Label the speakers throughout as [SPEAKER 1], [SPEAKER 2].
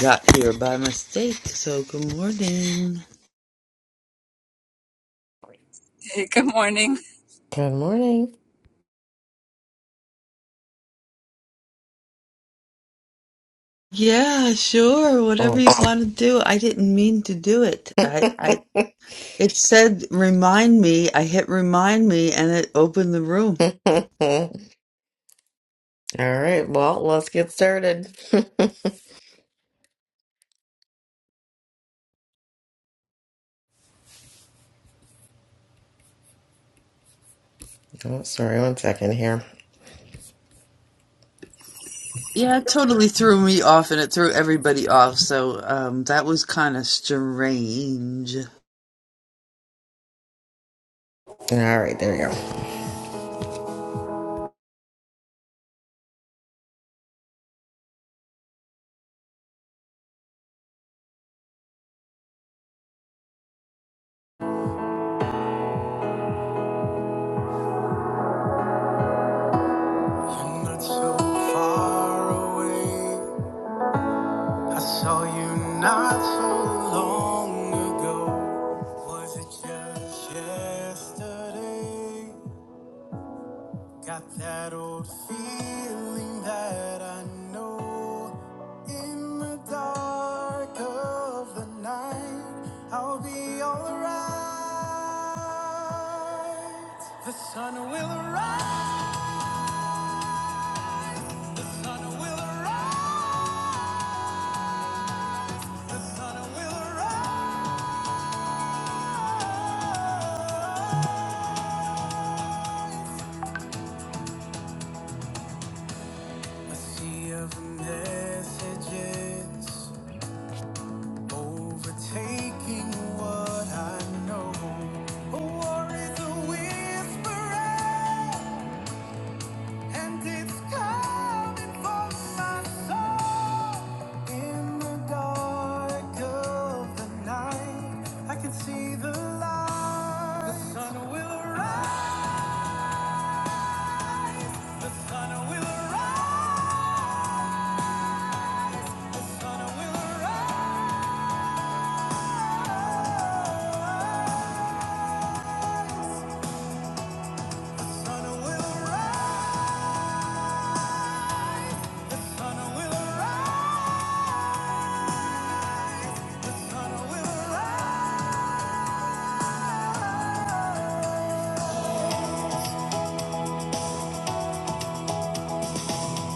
[SPEAKER 1] got here by mistake. So good morning.
[SPEAKER 2] Hey, good morning.
[SPEAKER 3] Good morning.
[SPEAKER 1] Yeah, sure. Whatever
[SPEAKER 3] Oh.
[SPEAKER 1] you want to do. I didn't mean to do it.
[SPEAKER 3] All
[SPEAKER 1] I, I it said remind me. I hit remind me and it opened the room.
[SPEAKER 3] right, well, let's get started. oh, sorry, one second here.
[SPEAKER 1] Yeah, it totally threw me off and it threw everybody off. So um that was kind of strange.
[SPEAKER 3] All right, there we go. You're not so far away. I saw you not so long ago. Was it just yesterday? Got that old feeling that I know in the dark of the night I'll be alright. The sun will rise, the sun will rise, the sun will rise. A sea of messages Overtaking what I know. A war is a whisper, and it's coming for my soul. In the dark of the night, I can see the light. The sun will rise. The sun will rise. The sun will rise.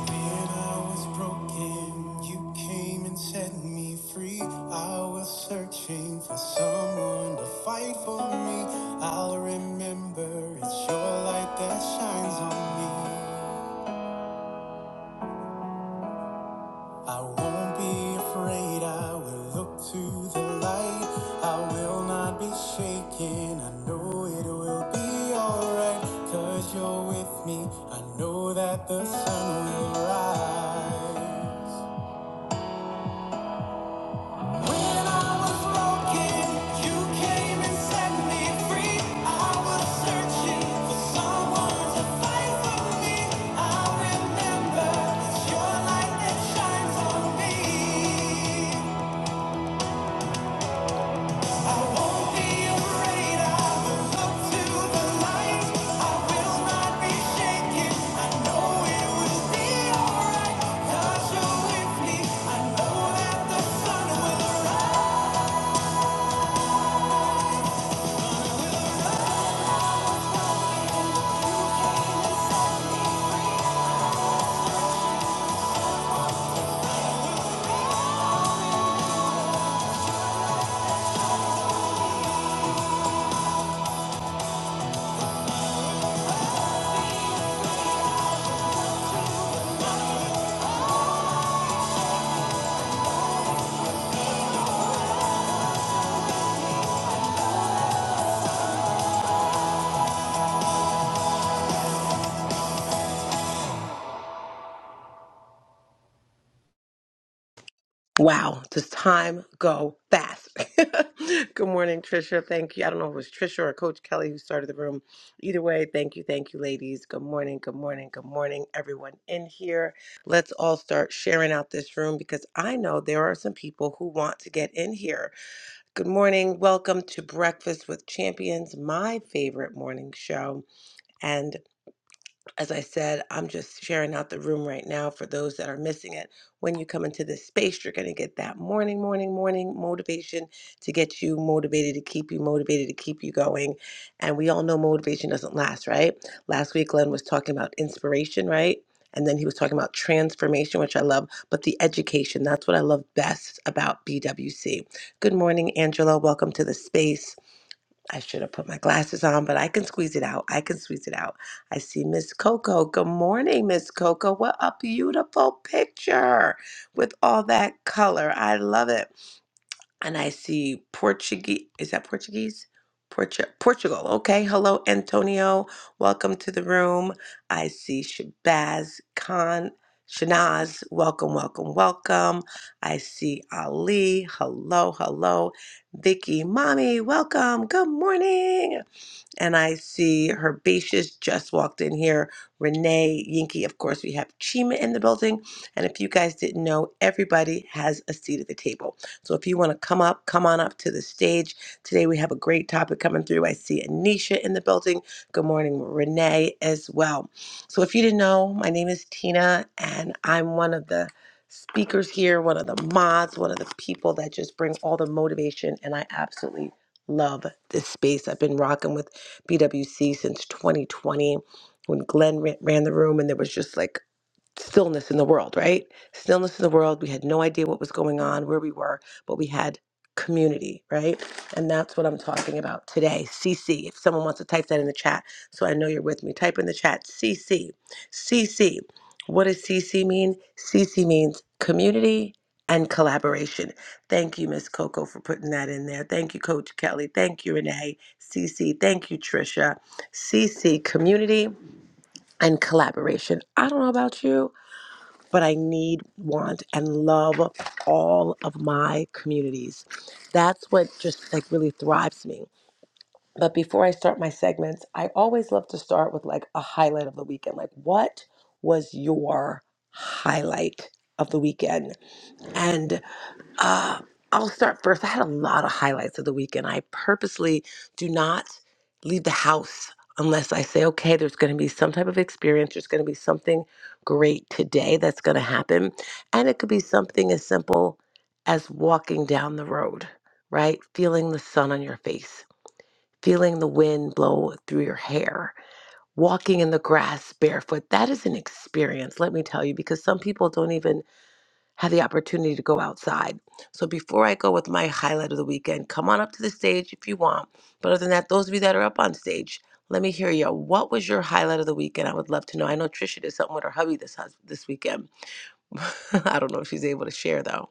[SPEAKER 3] When I was broken, you came and set me free. I was searching for someone to fight for me. I'll remember it's your light that shines on me. I won't be afraid, I will look to the light. I will not be shaken, I know it will be alright. Cause you're with me, I know that the sun will rise.
[SPEAKER 4] Wow, does time go fast? Good morning, Trisha. Thank you. I don't know if it was Trisha or Coach Kelly who started the room. Either way, thank you, thank you, ladies. Good morning, good morning, good morning, everyone in here. Let's all start sharing out this room because I know there are some people who want to get in here. Good morning. Welcome to Breakfast with Champions, my favorite morning show as I said, I'm just sharing out the room right now for those that are missing it. When you come into this space, you're going to get that morning, morning, morning motivation to get you motivated, to keep you motivated, to keep you going. And we all know motivation doesn't last, right? Last week, Glenn was talking about inspiration, right? And then he was talking about transformation, which I love, but the education, that's what I love best about BWC. Good morning, Angela. Welcome to the space. I should have put my glasses on, but I can squeeze it out. I can squeeze it out. I see Miss Coco. Good morning, Miss Coco. What a beautiful picture with all that color. I love it and I see Portuguese. Is that Portuguese? Portu- Portugal. Okay. Hello, Antonio. Welcome to the room. I see Shabazz Khan. Shanaz, welcome, welcome, welcome. I see Ali. Hello, hello. Vicky, mommy, welcome. Good morning and I see Herbaceous just walked in here. Renee, Yinky, of course, we have Chima in the building. And if you guys didn't know, everybody has a seat at the table. So if you want to come up, come on up to the stage. Today we have a great topic coming through. I see Anisha in the building. Good morning, Renee, as well. So if you didn't know, my name is Tina, and I'm one of the speakers here, one of the mods, one of the people that just bring all the motivation, and I absolutely love this space. I've been rocking with BWC since 2020 when Glenn ran the room and there was just like stillness in the world, right? Stillness in the world. We had no idea what was going on, where we were, but we had community, right? And that's what I'm talking about today. CC. If someone wants to type that in the chat, so I know you're with me, type in the chat CC. CC. What does CC mean? CC means community and collaboration. Thank you, Miss Coco, for putting that in there. Thank you, Coach Kelly. Thank you, Renee. CC. Thank you, Trisha. CC, community and collaboration. I don't know about you, but I need, want, and love all of my communities. That's what just like really thrives me. But before I start my segments, I always love to start with like a highlight of the weekend. Like, what was your highlight of the weekend? And. Uh, I'll start first. I had a lot of highlights of the weekend. I purposely do not leave the house unless I say, okay, there's going to be some type of experience. There's going to be something great today that's going to happen. And it could be something as simple as walking down the road, right? Feeling the sun on your face, feeling the wind blow through your hair. Walking in the grass barefoot, that is an experience, let me tell you, because some people don't even had the opportunity to go outside. So before I go with my highlight of the weekend, come on up to the stage if you want. But other than that, those of you that are up on stage, let me hear you. What was your highlight of the weekend? I would love to know. I know Trisha did something with her hubby this hus- this weekend. I don't know if she's able to share though.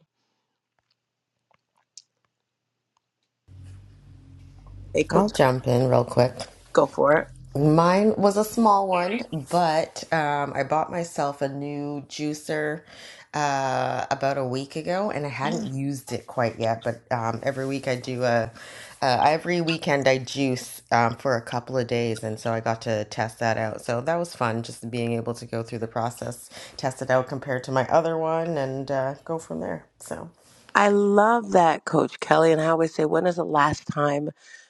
[SPEAKER 4] Hey,
[SPEAKER 3] I'll
[SPEAKER 4] coach,
[SPEAKER 3] jump in real quick.
[SPEAKER 4] go for it.
[SPEAKER 3] Mine was a small one, but um, I bought myself a new juicer uh, about a week ago, and I hadn't used it quite yet. But um, every week I do a, uh, every weekend I juice um, for a couple of days, and so I got to test that out. So that was fun, just being able to go through the process, test it out compared to my other one, and uh, go from there. So
[SPEAKER 4] I love that, Coach Kelly. And I always say, when is the last time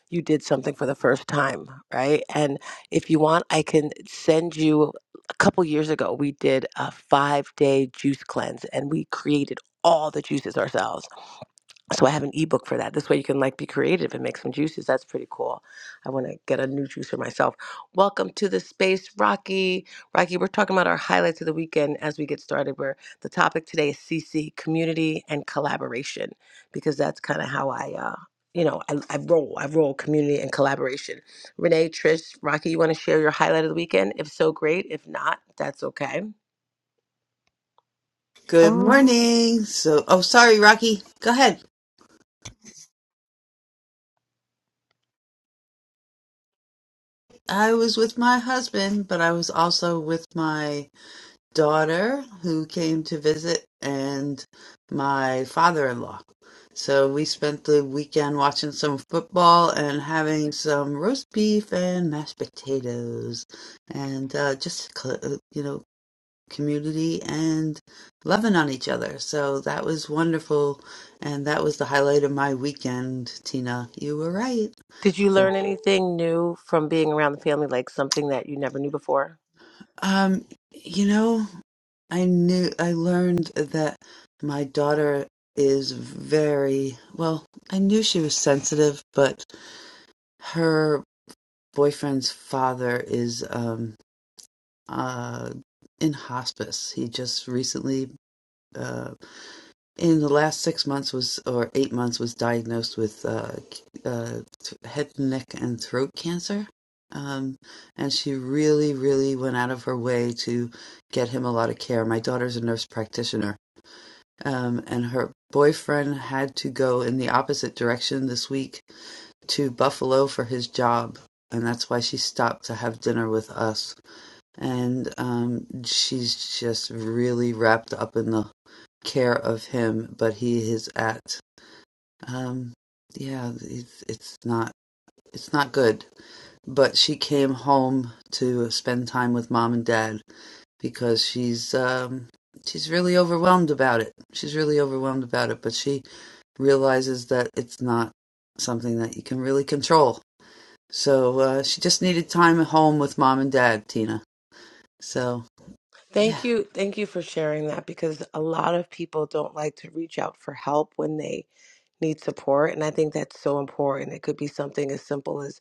[SPEAKER 4] you did something for the first time? Right. And if you want, I can send you a couple years ago, we did a five day juice cleanse and we created all the juices ourselves so I have an ebook for that. This way you can like be creative and make some juices. That's pretty cool. I want to get a new juicer myself. Welcome to the space, Rocky. Rocky, we're talking about our highlights of the weekend as we get started. Where the topic today is CC community and collaboration because that's kind of how I, uh, you know, I, I roll. I roll community and collaboration. Renee, Trish, Rocky, you want to share your highlight of the weekend? If so, great. If not, that's okay.
[SPEAKER 1] Good
[SPEAKER 5] Um,
[SPEAKER 1] morning. So oh sorry, Rocky. Go ahead. I was with my husband, but I was also with my daughter who came to visit and my father-in-law. So we spent the weekend watching some football and having some roast beef and mashed potatoes and uh, just, uh, you know, community and loving on each other. So that was wonderful. And that was the highlight of my weekend, Tina. You were right.
[SPEAKER 4] Did you learn anything new from being around the family, like something that you never knew before?
[SPEAKER 1] Um, you know, I knew I learned that my daughter is very well, I knew she was sensitive, but her boyfriend's father is um uh in hospice. He just recently uh in the last six months was or eight months was diagnosed with uh, uh, head neck and throat cancer um, and she really really went out of her way to get him a lot of care my daughter's a nurse practitioner um, and her boyfriend had to go in the opposite direction this week to buffalo for his job and that's why she stopped to have dinner with us and um, she's just really wrapped up in the care of him. But he is at, um, yeah, it's, it's not it's not good. But she came home to spend time with mom and dad because she's um, she's really overwhelmed about it. She's really overwhelmed about it, but she realizes that it's not something that you can really control. So uh, she just needed time at home with mom and dad, Tina. So yeah,
[SPEAKER 4] Thank you. Thank you for sharing that because a lot of people don't like to reach out for help when they need support. And I think that's so important. It could be something as simple as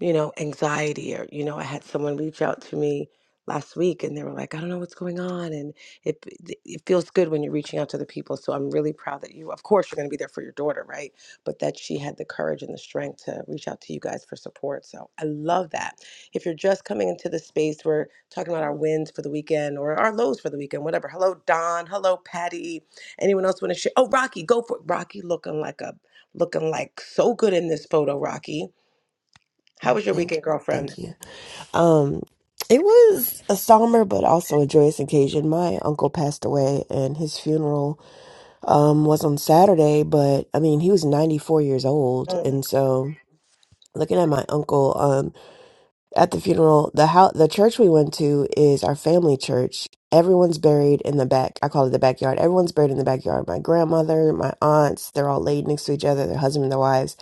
[SPEAKER 4] you know, anxiety or, you know, I had someone reach out to me last week and they were like, I don't know what's going on. And it, it feels good when you're reaching out to the people. So I'm really proud that you, of course, you're going to be there for your daughter, right? But that she had the courage and the strength to reach out to you guys for support. So I love that. If you're just coming into the space, we're talking about our wins for the weekend or our lows for the weekend, whatever. Hello, Don. Hello, Patty. Anyone else want to share? Oh, Rocky, go for it. Rocky looking like a, looking like so good in this photo, Rocky. How was your
[SPEAKER 5] thank
[SPEAKER 4] weekend, girlfriend?
[SPEAKER 5] thank you. Um, it was a somber but also a joyous occasion. My uncle passed away, and his funeral um was on Saturday. But I mean, he was ninety four years old,
[SPEAKER 4] Mm.
[SPEAKER 5] and so looking at my uncle, um, at the funeral the how the church we went to is our family church everyone's buried in the back i call it the backyard everyone's buried in the backyard my grandmother my aunts they're all laid next to each other their husband and their wives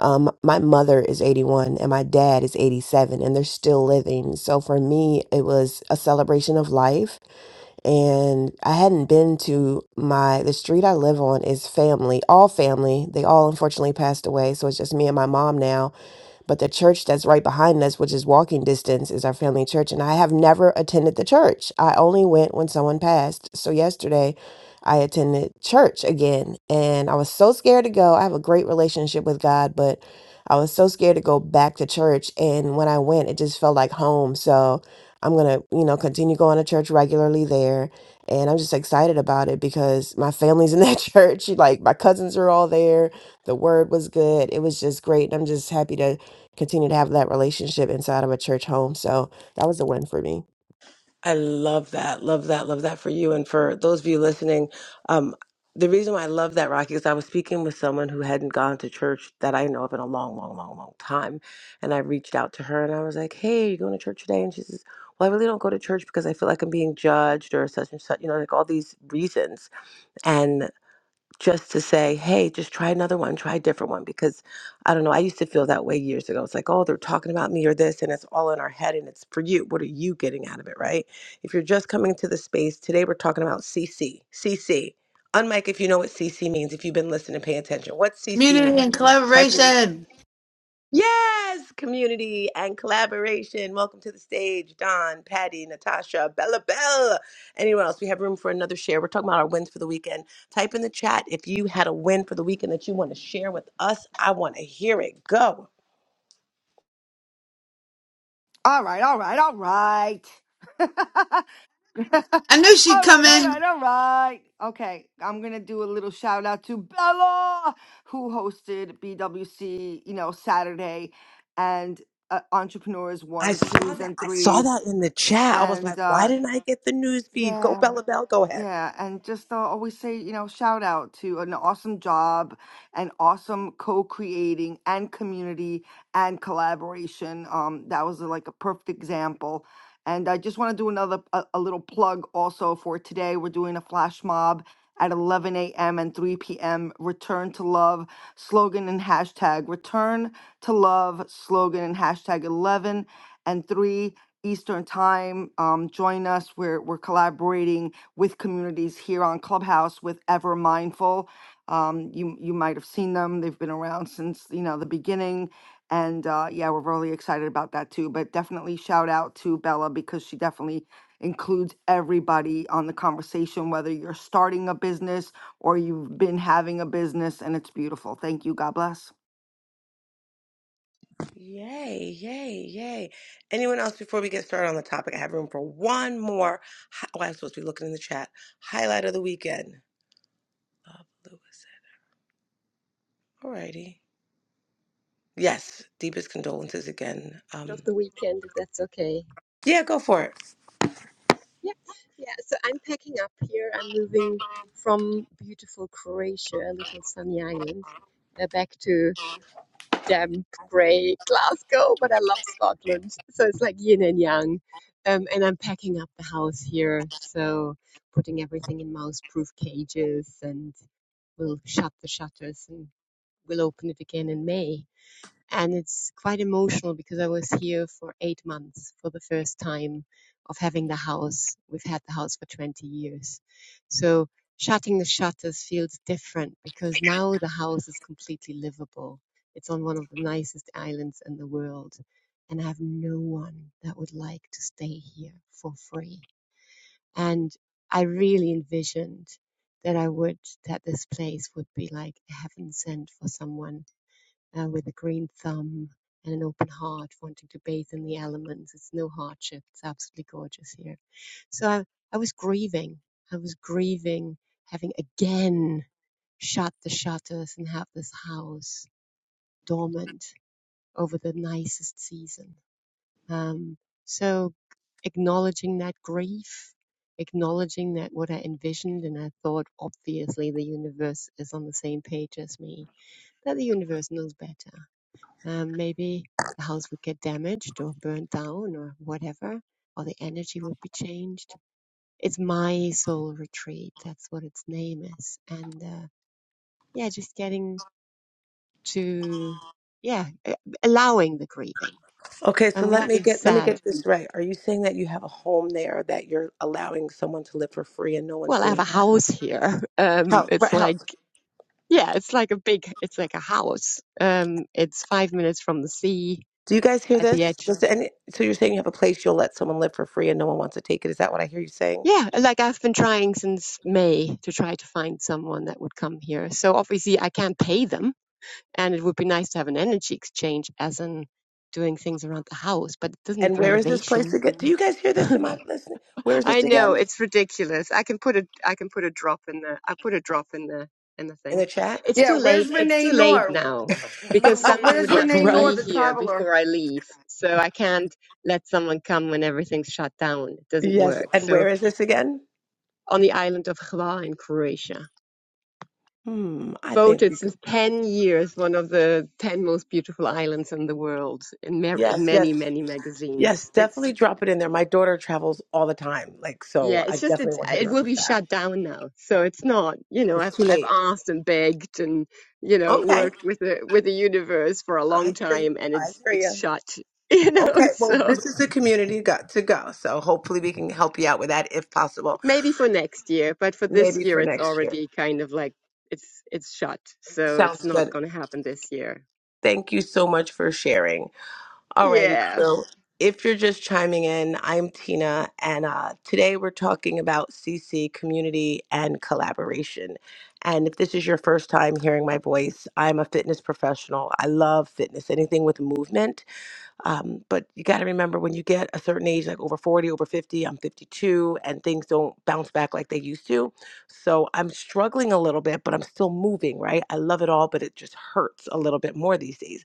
[SPEAKER 5] um my mother is 81 and my dad is 87 and they're still living so for me it was a celebration of life and I hadn't been to my the street I live on is family, all family. They all unfortunately passed away, so it's just me and my mom now. But the church that's right behind us, which is walking distance, is our family church, and I have never attended the church. I only went when someone passed. So yesterday, I attended church again, and I was so scared to go. I have a great relationship with God, but I was so scared to go back to church, and when I went, it just felt like home. So I'm going to, you know, continue going to church regularly there. And I'm just excited about it because my family's in that church. Like my cousins are all there. The word was good. It was just great. And I'm just happy to continue to have that relationship inside of a church home. So that was a win for me.
[SPEAKER 4] I love that. Love that. Love that for you. And for those of you listening, um, the reason why I love that, Rocky, is I was speaking with someone who hadn't gone to church that I know of in a long, long, long, long time. And I reached out to her and I was like, hey, you going to church today? And she says, well, I really don't go to church because I feel like I'm being judged or such and such, you know, like all these reasons. and just to say, hey, just try another one, try a different one. Because I don't know, I used to feel that way years ago. It's like, oh, they're talking about me or this, and it's all in our head and it's for you. What are you getting out of it, right? If you're just coming to the space, today we're talking about CC. CC. Unmic, if you know what CC means, if you've been listening, pay attention. What's CC
[SPEAKER 1] Community
[SPEAKER 4] mean?
[SPEAKER 1] and
[SPEAKER 4] Type it in.
[SPEAKER 1] collaboration.
[SPEAKER 4] Yes, community and collaboration. Welcome to the stage, Don, Patty, Natasha, Bella Bell. Anyone else? We have room for another share. We're talking about our wins for the weekend. Type in the chat if you had a win for the weekend that you want to share with us. I want to hear it. Go.
[SPEAKER 6] All right, all right, all right. all
[SPEAKER 1] I knew she'd come
[SPEAKER 6] right, all
[SPEAKER 1] in.
[SPEAKER 6] right, all right. Okay, I'm going to do a little shout out to Bella, who hosted BWC, you know, Saturday and uh, Entrepreneurs
[SPEAKER 4] I
[SPEAKER 6] One,
[SPEAKER 4] saw
[SPEAKER 6] Twos,
[SPEAKER 4] that.
[SPEAKER 6] and
[SPEAKER 4] I saw
[SPEAKER 6] Threes.
[SPEAKER 4] that in the chat. I was
[SPEAKER 6] And
[SPEAKER 4] like, why
[SPEAKER 6] uh,
[SPEAKER 4] didn't I get the news feed? Go,
[SPEAKER 6] yeah.
[SPEAKER 4] Bella Bell. Go ahead.
[SPEAKER 6] Yeah, and just uh, always say, you know, shout out to an awesome job and awesome co-creating and community and collaboration. Um, that was uh, like a perfect example. And I just want to do another a, a little plug also for today. We're doing a flash mob at 11 a.m. and 3 p.m. Return to love slogan and hashtag. Return to love slogan and hashtag 11 and 3 Eastern time. Um, join us. We're we're collaborating with communities here on Clubhouse with Ever Mindful. Um, you you might have seen them. They've been around since you know the beginning, and uh, yeah, we're really excited about that too. But definitely shout out to Bella because she definitely includes everybody on the conversation, whether you're starting a business or you've been having a business, and it's beautiful. Thank you. God bless.
[SPEAKER 4] Yay, yay, yay. Anyone else before we get started on the topic? I have room for one more. hi- Oh, I was supposed to be looking in the chat. Highlight of the weekend. Bob Lewis. Alrighty. Yes, deepest condolences again. Um,
[SPEAKER 7] of the weekend, if that's okay.
[SPEAKER 4] yeah, go for it.
[SPEAKER 7] Yeah, yeah. So I'm packing up here. I'm moving from beautiful Croatia, a little sunny island, uh, back to damp, grey Glasgow. But I love Scotland, so it's like yin and yang. Um, and I'm packing up the house here, so putting everything in mouse-proof cages, and we'll shut the shutters and we'll open it again in May. and it's quite emotional because I was here for eight months for the first time of having the house. We've had the house for 20 years. So shutting the shutters feels different because now the house is completely livable. It's on one of the nicest islands in the world. And I have no one that would like to stay here for free. And I really envisioned that I would, that this place would be like heaven sent for someone uh, with a green thumb and an open heart, wanting to bathe in the elements. It's no hardship. It's absolutely gorgeous here. So I, I was grieving. I was grieving having again shut the shutters and have this house dormant over the nicest season. Um, so acknowledging that grief, acknowledging that what I envisioned and I thought obviously the universe is on the same page as me, that the universe knows better um, maybe the house would get damaged or burnt down or whatever, or the energy would be changed. It's my soul retreat. That's what its name is. And uh, yeah, just getting to, yeah, a- allowing the grieving
[SPEAKER 4] Okay, so
[SPEAKER 7] and
[SPEAKER 4] let
[SPEAKER 7] without
[SPEAKER 4] me
[SPEAKER 7] being
[SPEAKER 4] get let me
[SPEAKER 7] sad.
[SPEAKER 4] get this right. Are you saying that you have a home there that you're allowing someone to live for free and no one's
[SPEAKER 7] Well, I have a
[SPEAKER 4] doing that?
[SPEAKER 7] house here. Um,
[SPEAKER 4] House, right,
[SPEAKER 7] it's like,
[SPEAKER 4] house.
[SPEAKER 7] yeah, it's like a big, it's like a house. Um, it's five minutes from the sea
[SPEAKER 4] Do you guys hear
[SPEAKER 7] at the
[SPEAKER 4] this?
[SPEAKER 7] edge
[SPEAKER 4] Does any, so you're saying you have a place you'll let someone live for free and no one wants to take it? Is that what I hear you saying?
[SPEAKER 7] Yeah, like I've been trying since May to try to find someone that would come here. So obviously I can't pay them, and it would be nice to have an energy exchange as in doing things around the house, but it doesn't need
[SPEAKER 4] And where is this place
[SPEAKER 7] renovation.
[SPEAKER 4] again? Do you guys hear this? Am I listening? Where is
[SPEAKER 7] I
[SPEAKER 4] this
[SPEAKER 7] know
[SPEAKER 4] again?
[SPEAKER 7] it's ridiculous. I can put a I can put a drop in the I put a drop in the in the
[SPEAKER 4] In the
[SPEAKER 7] thing.
[SPEAKER 4] chat?
[SPEAKER 7] It's
[SPEAKER 6] Yeah,
[SPEAKER 7] too
[SPEAKER 6] where's
[SPEAKER 7] late. It's too
[SPEAKER 6] Renee
[SPEAKER 7] late
[SPEAKER 6] Noor?
[SPEAKER 7] now
[SPEAKER 6] Wh-
[SPEAKER 7] because
[SPEAKER 6] wh-
[SPEAKER 7] someone would
[SPEAKER 6] Where's
[SPEAKER 7] have to
[SPEAKER 6] Renee Noor,
[SPEAKER 7] be
[SPEAKER 4] right?
[SPEAKER 6] the
[SPEAKER 7] here
[SPEAKER 6] traveler?
[SPEAKER 7] before I leave. So I can't let someone come when everything's shut down. It doesn't
[SPEAKER 4] Yes.
[SPEAKER 7] work.
[SPEAKER 4] And
[SPEAKER 7] So
[SPEAKER 4] where is this again?
[SPEAKER 7] on the island of Hvar in Croatia.
[SPEAKER 4] Hmm. I think
[SPEAKER 7] voted
[SPEAKER 4] we
[SPEAKER 7] since
[SPEAKER 4] could.
[SPEAKER 7] 10 years one of the 10 most beautiful islands in the world in, ma- in
[SPEAKER 4] Yes, yes,
[SPEAKER 7] many many
[SPEAKER 4] yes.
[SPEAKER 7] magazines it's
[SPEAKER 4] Definitely drop it in there. My daughter travels all the time. Like,
[SPEAKER 7] yeah
[SPEAKER 4] so I
[SPEAKER 7] it's just
[SPEAKER 4] definitely
[SPEAKER 7] it's
[SPEAKER 4] will hit
[SPEAKER 7] it
[SPEAKER 4] her up
[SPEAKER 7] will
[SPEAKER 4] with
[SPEAKER 7] be
[SPEAKER 4] that.
[SPEAKER 7] shut down now so it's not you know
[SPEAKER 4] It's
[SPEAKER 7] i've
[SPEAKER 4] too
[SPEAKER 7] i've
[SPEAKER 4] late.
[SPEAKER 7] asked and begged and you know
[SPEAKER 4] Okay.
[SPEAKER 7] worked with the with the universe for a
[SPEAKER 4] I
[SPEAKER 7] long
[SPEAKER 4] hear you.
[SPEAKER 7] time and
[SPEAKER 4] I
[SPEAKER 7] it's
[SPEAKER 4] hear
[SPEAKER 7] it's
[SPEAKER 4] you.
[SPEAKER 7] shut you
[SPEAKER 4] Okay.
[SPEAKER 7] know
[SPEAKER 4] Well,
[SPEAKER 7] so
[SPEAKER 4] this is the community got to go. So hopefully we can help you out with that if possible.
[SPEAKER 7] maybe for next year but for this
[SPEAKER 4] Maybe
[SPEAKER 7] year
[SPEAKER 4] for
[SPEAKER 7] it's
[SPEAKER 4] next year.
[SPEAKER 7] already kind of like it's it's shut so it's
[SPEAKER 4] Sounds
[SPEAKER 7] not
[SPEAKER 4] good.
[SPEAKER 7] going to happen this year
[SPEAKER 4] Thank you so much for sharing. Alrighty,
[SPEAKER 7] yeah
[SPEAKER 4] crew. If you're just chiming in, I'm Tina, and uh, today we're talking about CC community and collaboration. And if this is your first time hearing my voice, I'm a fitness professional. I love fitness, anything with movement. Um, but you got to remember when you get a certain age, like over 40, over 50, I'm 52, and things don't bounce back like they used to. So I'm struggling a little bit, but I'm still moving, right? I love it all, but it just hurts a little bit more these days.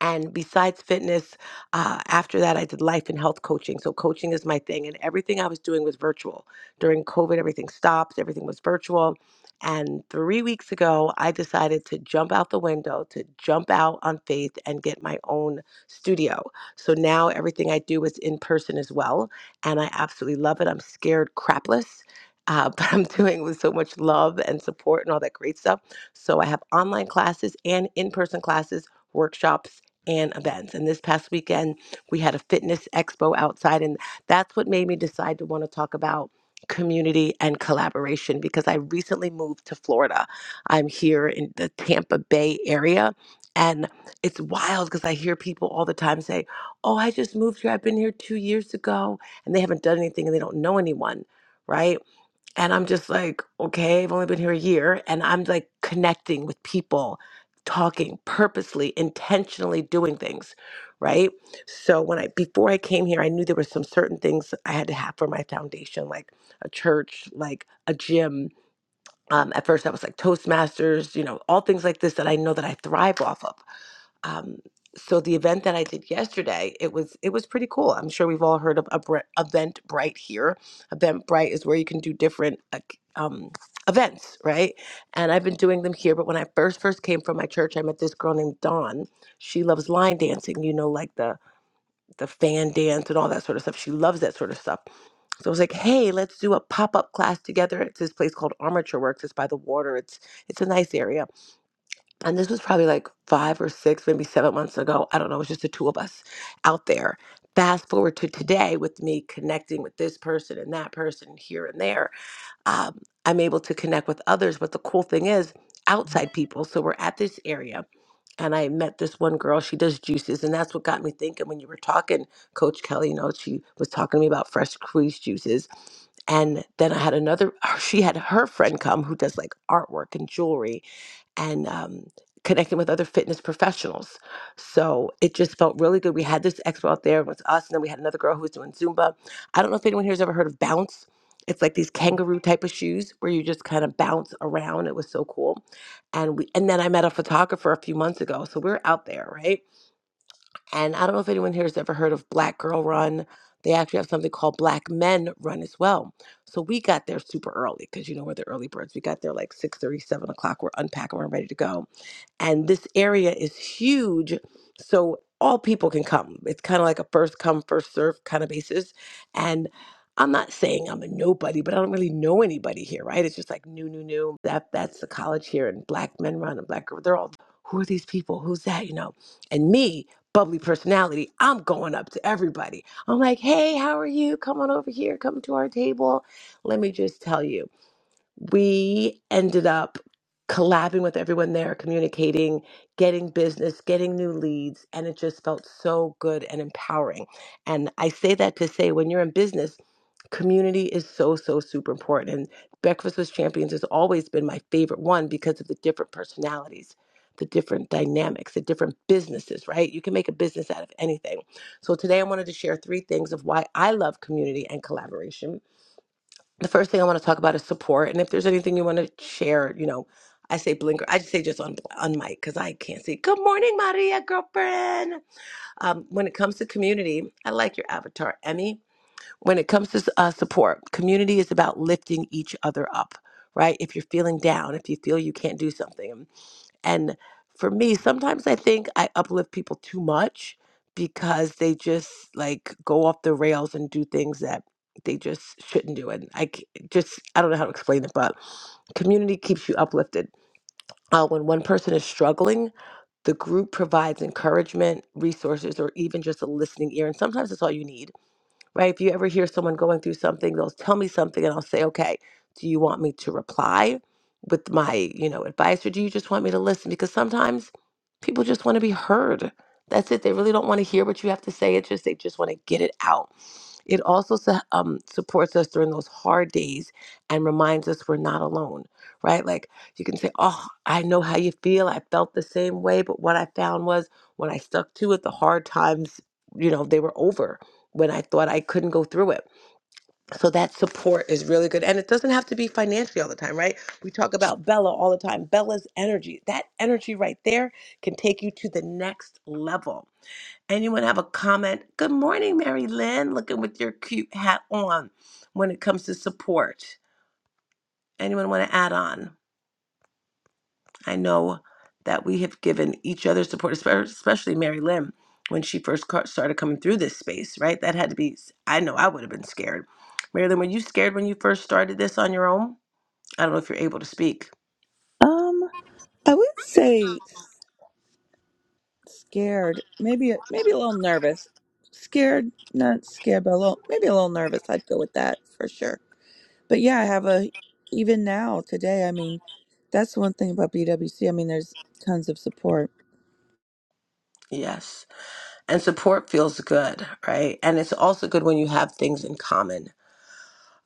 [SPEAKER 4] And besides fitness, uh, after that, I did life and health coaching. So, coaching is my thing. And everything I was doing was virtual. During COVID, everything stopped, everything was virtual. And three weeks ago, I decided to jump out the window, to jump out on faith and get my own studio. So now everything I do is in person as well. And I absolutely love it. I'm scared crapless. Uh, but I'm doing it with so much love and support and all that great stuff. So I have online classes and in person classes workshops and events. And this past weekend, we had a fitness expo outside, and that's what made me decide to want to talk about community and collaboration because I recently moved to Florida. I'm here in the Tampa Bay area. And it's wild because I hear people all the time say, Oh, I just moved here. I've been here two years ago. And they haven't done anything and they don't know anyone, right? And I'm just like, okay, I've only been here a year. And I'm like connecting with people, talking purposely, intentionally doing things, right? So when I, before I came here, I knew there were some certain things I had to have for my foundation, like a church, like a gym. Um, at first, I was like Toastmasters, you know, all things like this that I know that I thrive off of um, so the event that I did yesterday, it was it was pretty cool. I'm sure we've all heard of Event Eventbrite here. Eventbrite is where you can do different uh, um, events, right? And I've been doing them here. But when I first first came from my church, I met this girl named Dawn. She loves line dancing, you know, like the the fan dance and all that sort of stuff. She loves that sort of stuff. So I was like, hey, let's do a pop up class together. It's this place called Armature Works. It's by the water. It's it's a nice area and this was probably like five or six, maybe seven months ago. I don't know. It was just the two of us out there. Fast forward to today with me connecting with this person and that person here and there. Um, I'm able to connect with others. But the cool thing is, outside people. So we're at this area, and I met this one girl. She does juices, and that's what got me thinking when you were talking, Coach Kelly. You know, she was talking to me about fresh squeezed juices, and then I had another. She had her friend come who does like artwork and jewelry, and um, connecting with other fitness professionals. So it just felt really good. We had this expo out there with us, and then we had another girl who was doing Zumba. I don't know if anyone here has ever heard of Bounce. It's like these kangaroo type of shoes where you just kind of bounce around. It was so cool. And we and then I met a photographer a few months ago. So we are out there, right? And I don't know if anyone here has ever heard of Black Girl Run. They actually have something called Black Men Run as well. So we got there super early because you know we're the early birds. We got there like six thirty, seven o'clock. We're unpacking, we're ready to go and this area is huge so all people can come it's kind of like a first come first serve kind of basis and i'm not saying i'm a nobody but i don't really know anybody here right it's just like new new new that that's the college here and black men run and black girls. they're all who are these people who's that you know and me bubbly personality i'm going up to everybody i'm like hey how are you come on over here come to our table let me just tell you we ended up collabing with everyone there, communicating, getting business, getting new leads, and it just felt so good and empowering. And I say that to say when you're in business, community is so, so super important. And Breakfast with Champions has always been my favorite one because of the different personalities. The different dynamics, the different businesses, right? You can make a business out of anything. So, today I wanted to share three things of why I love community and collaboration the first thing I want to talk about is support. And if there's anything you want to share, you know, I say blinker. I just say just on on mic because I can't see. Good morning, Maria, girlfriend. Um, when it comes to community, I like your avatar, Emmy. When it comes to uh, support, community is about lifting each other up, right? If you're feeling down, if you feel you can't do something, and for me, sometimes I think I uplift people too much because they just like go off the rails and do things that they just shouldn't do. And I c- just, I don't know how to explain it, but community keeps you uplifted. Uh, when one person is struggling, the group provides encouragement, resources, or even just a listening ear. And sometimes that's all you need right? If you ever hear someone going through something, they'll tell me something and I'll say, okay, do you want me to reply with my, you know, advice or do you just want me to listen? Because sometimes people just want to be heard. That's it. They really don't want to hear what you have to say. It's just they just want to get it out. It also su- um, supports us during those hard days and reminds us we're not alone, right? Like you can say, Oh, I know how you feel. I felt the same way. But what I found was when I stuck to it, the hard times, you know, they were over when I thought I couldn't go through it. So that support is really good. And it doesn't have to be financially all the time, right? We talk about Bella all the time. Bella's energy, that energy right there can take you to the next level Anyone have a comment? Good morning, Mary Lynn, looking with your cute hat on when it comes to support. Anyone want to add on? I know that we have given each other support, espe- especially Mary Lynn when she first ca- started coming through this space, right? That had to be, I know I would have been scared. Mary Lynn, were you scared when you first started this on your own? I don't know if you're able to speak.
[SPEAKER 8] Um, I would say s- scared, maybe maybe a little nervous. Scared, not scared, but a little maybe a little nervous. I'd go with that for sure. But yeah, I have a even now today. I mean, that's one thing about BWC. I mean, there's tons of support.
[SPEAKER 4] Yes. And support feels good, right? And it's also good when you have things in common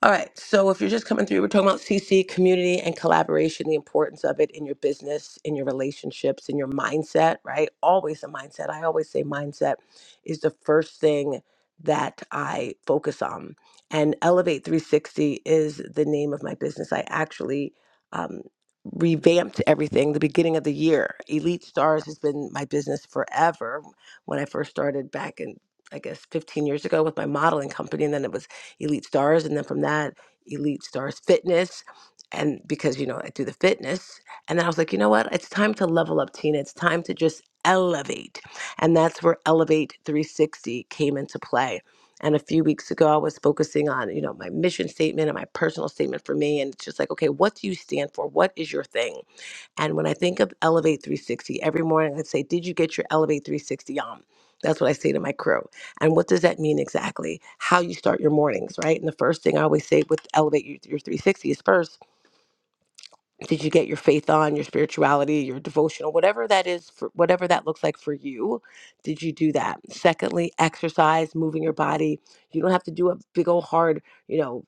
[SPEAKER 4] All right. So if you're just coming through, we're talking about CC, community, and collaboration, the importance of it in your business, in your relationships, in your mindset, right? Always the mindset. I always say mindset is the first thing that I focus on. And Elevate 360 is the name of my business. I actually um, revamped everything the beginning of the year. Elite Stars has been my business forever when I first started back in, I guess, 15 years ago with my modeling company. And then it was Elite Stars, and then from that, Elite Stars Fitness. And because, you know, I do the fitness. And then I was like, you know what? It's time to level up, Tina. It's time to just elevate. And that's where Elevate 360 came into play. And a few weeks ago, I was focusing on, you know, my mission statement and my personal statement for me. And it's just like, okay, what do you stand for? What is your thing? And when I think of Elevate 360, every morning I say, Did you get your Elevate 360 on? That's what I say to my crew. And what does that mean exactly? How you start your mornings, right? And the first thing I always say with Elevate your, your 360 is first, did you get your faith on, your spirituality, your devotional, whatever that is, for, whatever that looks like for you? Did you do that? Secondly, exercise, moving your body. You don't have to do a big old hard, you know,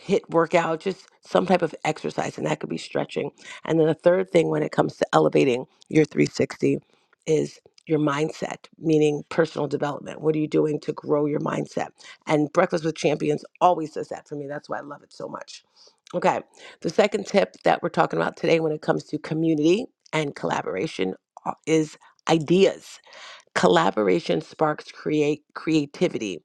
[SPEAKER 4] hit workout, just some type of exercise, and that could be stretching. And then the third thing when it comes to elevating your 360 is your mindset, meaning personal development. What are you doing to grow your mindset? And Breakfast with Champions always does that for me. That's why I love it so much. Okay, the second tip that we're talking about today when it comes to community and collaboration uh, is ideas. Collaboration sparks create creativity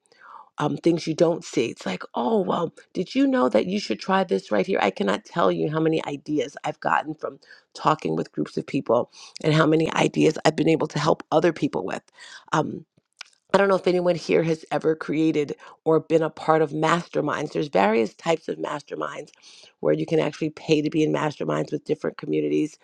[SPEAKER 4] um, things you don't see. It's like, oh, well, did you know that you should try this right here? I cannot tell you how many ideas I've gotten from talking with groups of people and how many ideas I've been able to help other people with. Um, I don't know if anyone here has ever created or been a part of masterminds. There's various types of masterminds where you can actually pay to be in masterminds with different communities,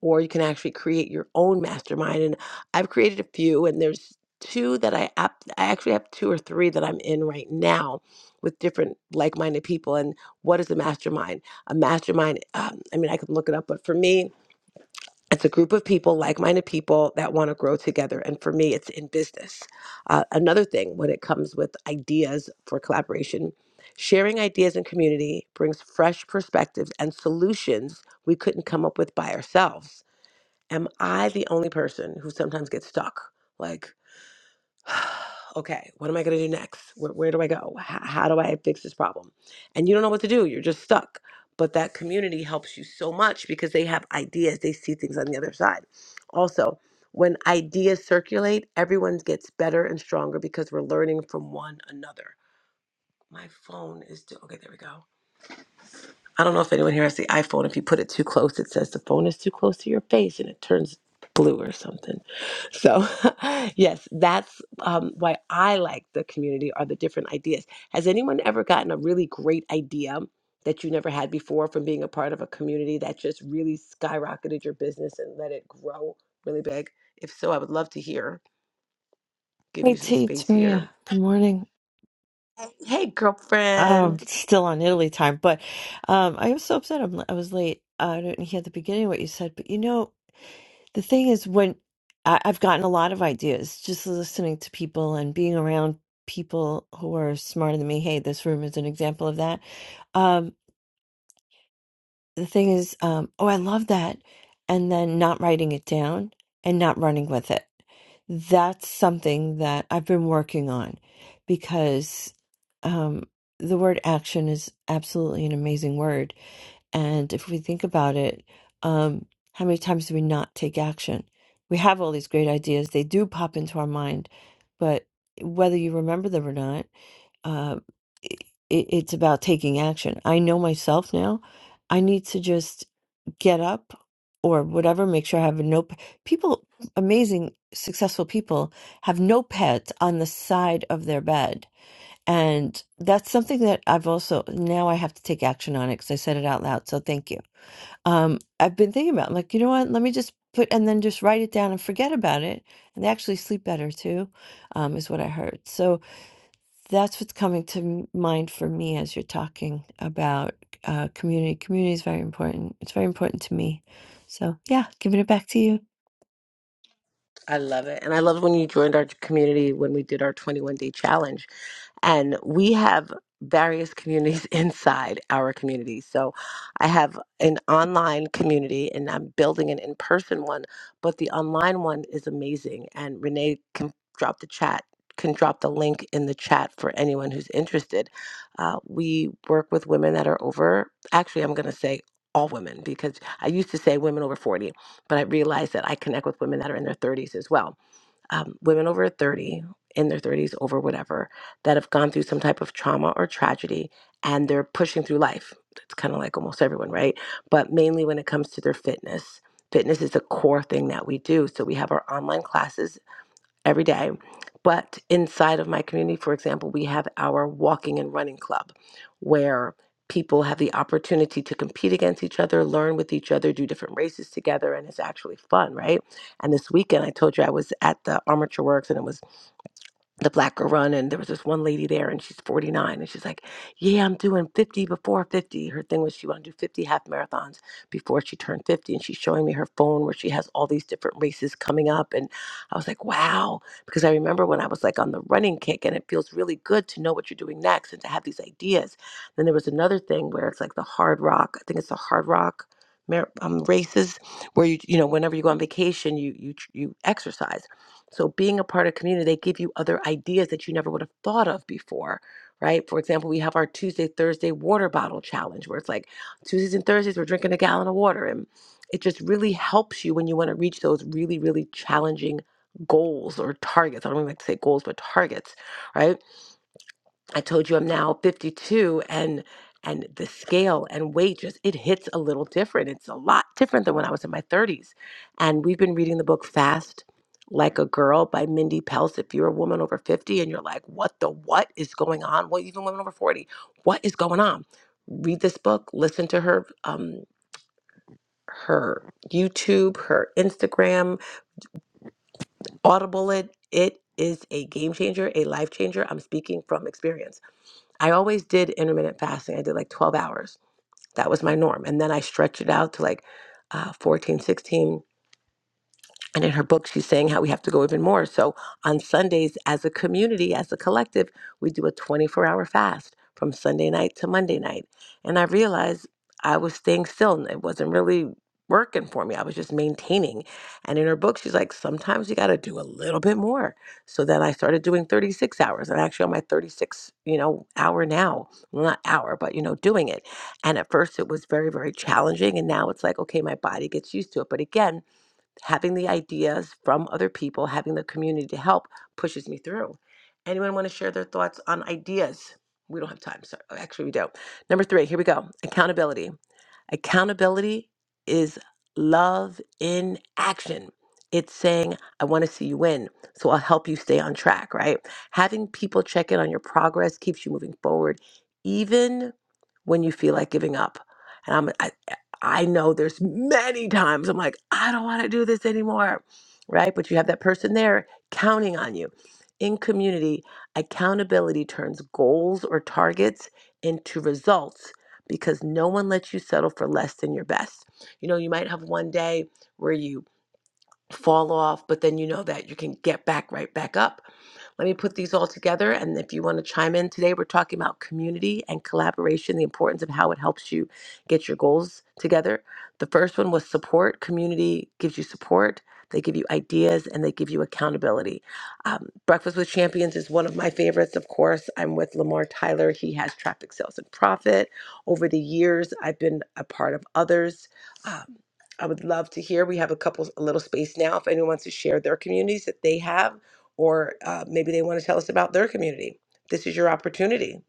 [SPEAKER 4] or you can actually create your own mastermind. And I've created a few, and there's two that I ap- I actually have two or three that I'm in right now with different like-minded people. And what is a mastermind? A mastermind. Um, I mean, I could look it up, but for me, it's a group of people like-minded people that want to grow together and for me it's in business uh, another thing when it comes with ideas for collaboration sharing ideas in community brings fresh perspectives and solutions we couldn't come up with by ourselves am i the only person who sometimes gets stuck like okay, what am I going to do next? Where, where do I go? How, how do I fix this problem? And you don't know what to do. You're just stuck. But that community helps you so much because they have ideas. They see things on the other side. Also, when ideas circulate, everyone gets better and stronger because we're learning from one another. My phone is still okay. There we go. I don't know if anyone here has the iPhone. If you put it too close, it says the phone is too close to your face and it turns blue or something. So, yes, that's um, why I like the community are the different ideas. Has anyone ever gotten a really great idea that you never had before from being a part of a community that just really skyrocketed your business and let it grow really big? If so, I would love to hear. Give
[SPEAKER 9] Hey,
[SPEAKER 4] you some
[SPEAKER 9] T, it's
[SPEAKER 4] space here.
[SPEAKER 9] Maria. Good morning.
[SPEAKER 4] Hey,
[SPEAKER 9] Um,
[SPEAKER 4] girlfriend.
[SPEAKER 9] it's still on Italy time, but um, I was so upset I'm, I was late. Uh, I didn't hear the beginning of what you said, but you know, the thing is, when I, I've gotten a lot of ideas just listening to people and being around people who are smarter than me. Hey, this room is an example of that. um, the thing is, um, oh, I love that. And then not writing it down and not running with it. That's something that I've been working on because um, the word action is absolutely an amazing word. And if we think about it, um, how many times do we not take action? We have all these great ideas, they do pop into our mind, but whether you remember them or not, uh, i i- it's about taking action. I know myself now. I need to just get up or whatever, make sure I have a note. People, amazing, successful people have notepads on the side of their bed. And that's something that I've also, now I have to take action on it because I said it out loud. So thank you. Um, I've been thinking about, like, you know what? Let me just put, and then just write it down and forget about it. And they actually sleep better too, um, is what I heard. So, that's what's coming to m- mind for me as you're talking about uh, community. Community is very important. It's very important to me. So, yeah, giving it back to you.
[SPEAKER 4] I love it. And I love when you joined our community when we did our 21 day challenge and we have various communities inside our community. So I have an online community and I'm building an in person one, but the online one is amazing. And Renee can drop the chat. Can drop the link in the chat for anyone who's interested. Uh, we work with women that are over, actually, I'm going to say all women because I used to say women over 40, but I realized that I connect with women that are in their 30s as well um, women over 30 in their 30s over whatever that have gone through some type of trauma or tragedy and they're pushing through life it's kind of like almost everyone right but mainly when it comes to their fitness fitness is a core thing that we do so we have our online classes every day. But inside of my community, for example, we have our walking and running club where people have the opportunity to compete against each other, learn with each other, do different races together, and it's actually fun, right? And this weekend, I told you I was at the Armature Works and it was the black girl run and there was this one lady there and she's 49 and she's like yeah i'm doing 50 before 50 her thing was she wanted to do 50 half marathons before she turned 50 and she's showing me her phone where she has all these different races coming up and i was like wow because i remember when i was like on the running kick and it feels really good to know what you're doing next and to have these ideas then there was another thing where it's like the hard rock i think it's the hard rock mar- um, races where you you know whenever you go on vacation you you tr- you exercise so being a part of community, they give you other ideas that you never would have thought of before, right? For example, we have our Tuesday, Thursday water bottle challenge where it's like Tuesdays and Thursdays, we're drinking a gallon of water. And it just really helps you when you want to reach those really, really challenging goals or targets. I don't even like to say goals, but targets, right? I told you I'm now 52 and and the scale and weight just it hits a little different. It's a lot different than when I was in my 30s. And we've been reading the book Fast Like a Girl by Mindy Pels. If you're a woman over 50 and you're like, what the what is going on? Well, even women over 40, what is going on? Read this book, listen to her um her YouTube, her Instagram, Audible it. It is a game changer, a life changer. I'm speaking from experience. I always did intermittent fasting. I did like 12 hours. That was my norm. And then I stretched it out to like uh, 14, 16. And in her book, she's saying how we have to go even more. So on Sundays, as a community, as a collective, we do a 24 hour fast from Sunday night to Monday night. And I realized I was staying still and it wasn't really working for me. I was just maintaining. And in her book, she's like, sometimes you got to do a little bit more. So then I started doing 36 hours. And actually on my 36, you know, hour now, well, not hour, but, you know, doing it. And at first it was very, very challenging. And now it's like, okay, my body gets used to it. But again, having the ideas from other people, having the community to help pushes me through. Anyone want to share their thoughts on ideas? We don't have time. Sorry. Actually, we don't. Number three, here we go accountability. Accountability is love in action. It's saying, I want to see you win, so I'll help you stay on track, right? Having people check in on your progress keeps you moving forward, even when you feel like giving up. And I'm, I, I know there's many times I'm like, I don't want to do this anymore, right? But you have that person there counting on you. In community, accountability turns goals or targets into results because no one lets you settle for less than your best. You know, you might have one day where you fall off, but then you know that you can get back right back up let me put these all together. And if you want to chime in today, we're talking about community and collaboration, the importance of how it helps you get your goals together. The first one was support. Community gives you support, they give you ideas, and they give you accountability. Um, Breakfast with Champions is one of my favorites, of course. I'm with Lamar Tyler. He has Traffic Sales and Profit. Over the years, I've been a part of others. Um, I would love to hear. We have a couple, a little space now. If anyone wants to share their communities that they have, or uh, maybe they want to tell us about their community. This is your opportunity.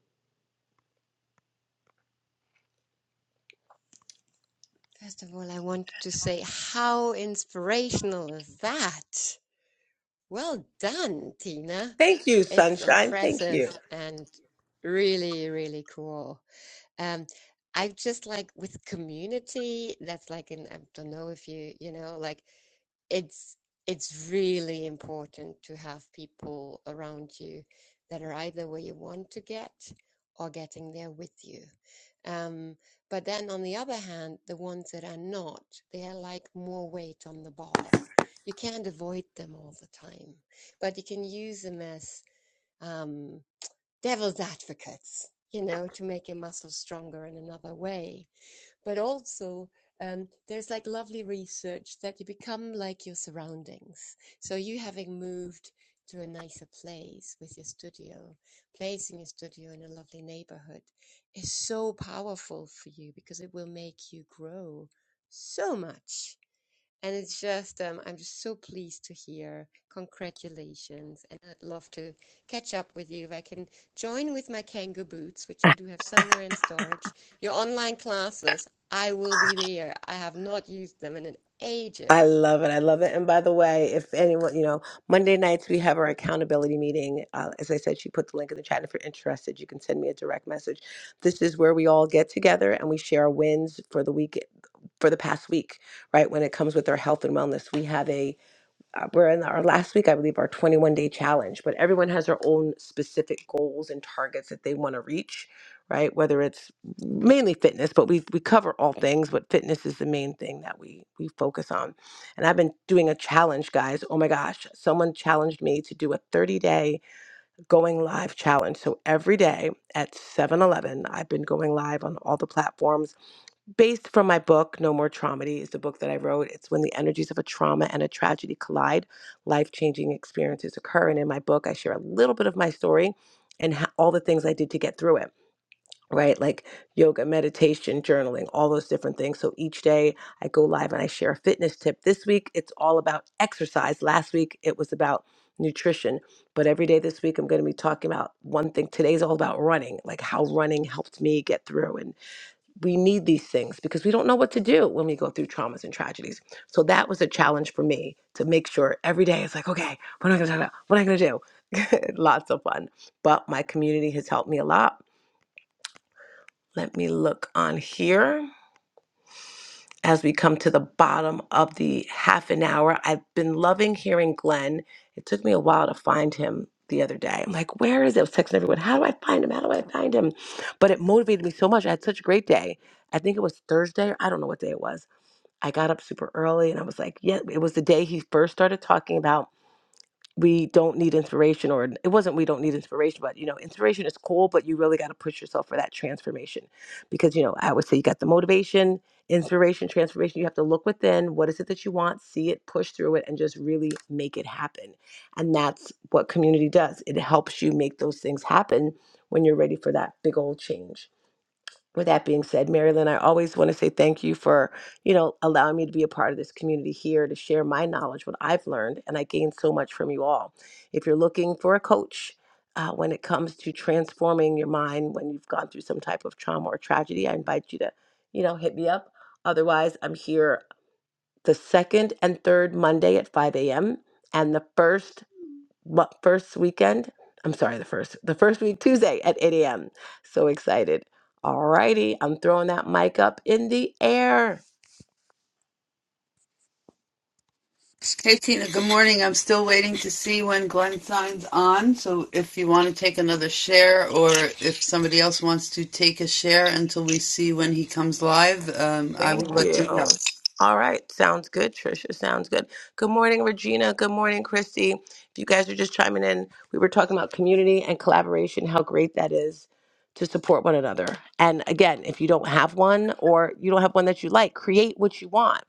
[SPEAKER 7] First of all, I wanted to say how inspirational is that? Well done, Tina.
[SPEAKER 4] Thank you,
[SPEAKER 7] It's
[SPEAKER 4] Sunshine. Thank
[SPEAKER 7] impressive
[SPEAKER 4] you.
[SPEAKER 7] and really, really cool. Um, I just like with community, that's like in, I don't know if you, you know, like it's it's really important to have people around you that are either where you want to get or getting there with you. Um, but then on the other hand, the ones that are not, they are like more weight on the bar. You can't avoid them all the time, but you can use them as um, devil's advocates, you know, to make your muscles stronger in another way. But also, um, there's like lovely research that you become like your surroundings. So you having moved to a nicer place with your studio, placing your studio in a lovely neighborhood is so powerful for you because it will make you grow so much and it's just, um, I'm just so pleased to hear. Congratulations. And I'd love to catch up with you. If I can join with my Kangoo boots, which I do have somewhere in storage, your online classes, I will be there. I have not used them in
[SPEAKER 4] I
[SPEAKER 7] ages.
[SPEAKER 4] love it. I love it. And by the way, if anyone, you know, Monday nights we have our accountability meeting. Uh, as I said, she put the link in the chat. If you're interested, you can send me a direct message. This is where we all get together and we share our wins for the week, for the past week, right? When it comes with our health and wellness, we have a uh, we're in our last week, I believe, our 21 day challenge, but everyone has their own specific goals and targets that they want to reach, right? Whether it's mainly fitness, but we, we cover all things, but fitness is the main thing that we, we focus on. And I've been doing a challenge, guys. Oh my gosh, someone challenged me to do a 30 day going live challenge. So every day at 7:11, i I've been going live on all the platforms based from my book, No More Traumedy, is the book that I wrote. It's when the energies of a trauma and a tragedy collide, life changing experiences occur. And in my book, I share a little bit of my story and ho- all the things I did to get through it, right? Like yoga, meditation, journaling, all those different things. So each day I go live and I share a fitness tip. This week, it's all about exercise. Last week, it was about nutrition. But every day this week, I'm going to be talking about one thing. Today's all about running, like how running helped me get through. and we need these things because we don't know what to do when we go through traumas and tragedies. So that was a challenge for me to make sure every day it's like, okay, what am I going to talk about? What am I going to do? Lots of fun. But my community has helped me a lot. Let me look on here as we come to the bottom of the half an hour. I've been loving hearing Glenn. It took me a while to find him the other day. I'm like, where is it? I was texting everyone, how do I find him? How do I find him? But it motivated me so much. I had such a great day. I think it was Thursday. I don't know what day it was I got up super early and I was like, yeah, it was the day he first started talking about we don't need inspiration or it wasn't we don't need inspiration but you know inspiration is cool but you really got to push yourself for that transformation because you know i would say you got the motivation inspiration transformation you have to look within what is it that you want see it push through it and just really make it happen and that's what community does it helps you make those things happen when you're ready for that big old change with that being said, Marilyn, I always want to say thank you for, you know, allowing me to be a part of this community here to share my knowledge, what I've learned, and I gained so much from you all. If you're looking for a coach uh, when it comes to transforming your mind when you've gone through some type of trauma or tragedy, I invite you to, you know, hit me up. Otherwise, I'm here the second and third Monday at 5 a.m. and the first mo- first weekend. I'm sorry, the first, the first week, Tuesday at 8 a.m. So excited. All righty. I'm throwing that mic up in the air.
[SPEAKER 1] Hey Tina, good morning. I'm still waiting to see when Glenn signs on. So if you want to take another share or if somebody else wants to take a share until we see when he comes live, um, I
[SPEAKER 4] Thank
[SPEAKER 1] will let you know.
[SPEAKER 4] you. All right. Sounds good, Trisha. Sounds good. Good morning, Regina. Good morning, Christy. If you guys are just chiming in, we were talking about community and collaboration, how great that is to support one another. And again, if you don't have one or you don't have one that you like, create what you want.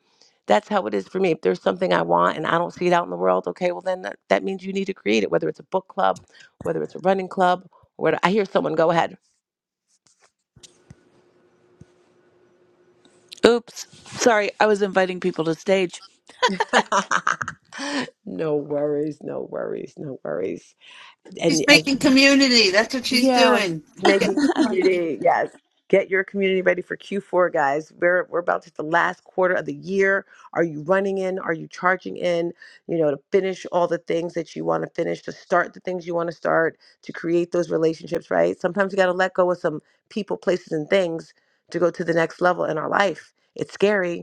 [SPEAKER 4] That's how it is for me. If there's something I want and I don't see it out in the world, okay, well, then that, that means you need to create it, whether it's a book club, whether it's a running club. Where I hear someone go ahead.
[SPEAKER 8] Oops. Sorry, I was inviting people to stage.
[SPEAKER 4] no worries, no worries, no worries.
[SPEAKER 1] She's
[SPEAKER 4] And uh,
[SPEAKER 1] making community. That's what she's
[SPEAKER 8] Yes,
[SPEAKER 1] doing.
[SPEAKER 4] making
[SPEAKER 1] Community.
[SPEAKER 4] community, yes. Get your community ready for Q4, guys. We're we're about to hit the last quarter of the year. Are you running in? Are you charging in? You know, to finish all the things that you want to finish, to start the things you want to start, to create those relationships, right? Sometimes you got to let go of some people, places, and things to go to the next level in our life. It's scary,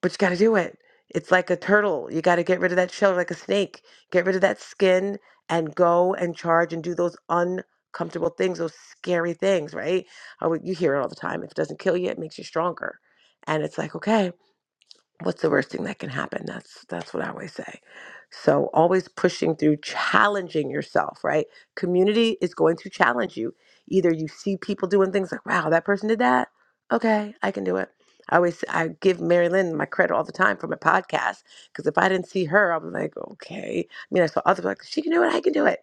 [SPEAKER 4] but you got to do it. It's like a turtle. You got to get rid of that shell like a snake. Get rid of that skin and go and charge and do those uncomfortable things, those scary things, right? Oh, you hear it all the time. If it doesn't kill you, it makes you stronger. And it's like, okay, what's the worst thing that can happen that's that's what i always say so always pushing through challenging yourself right community is going to challenge you either you see people doing things like wow that person did that okay i can do it i always i give mary lynn my credit all the time for my podcast because if i didn't see her i'm like okay i mean i saw others like she can do it i can do it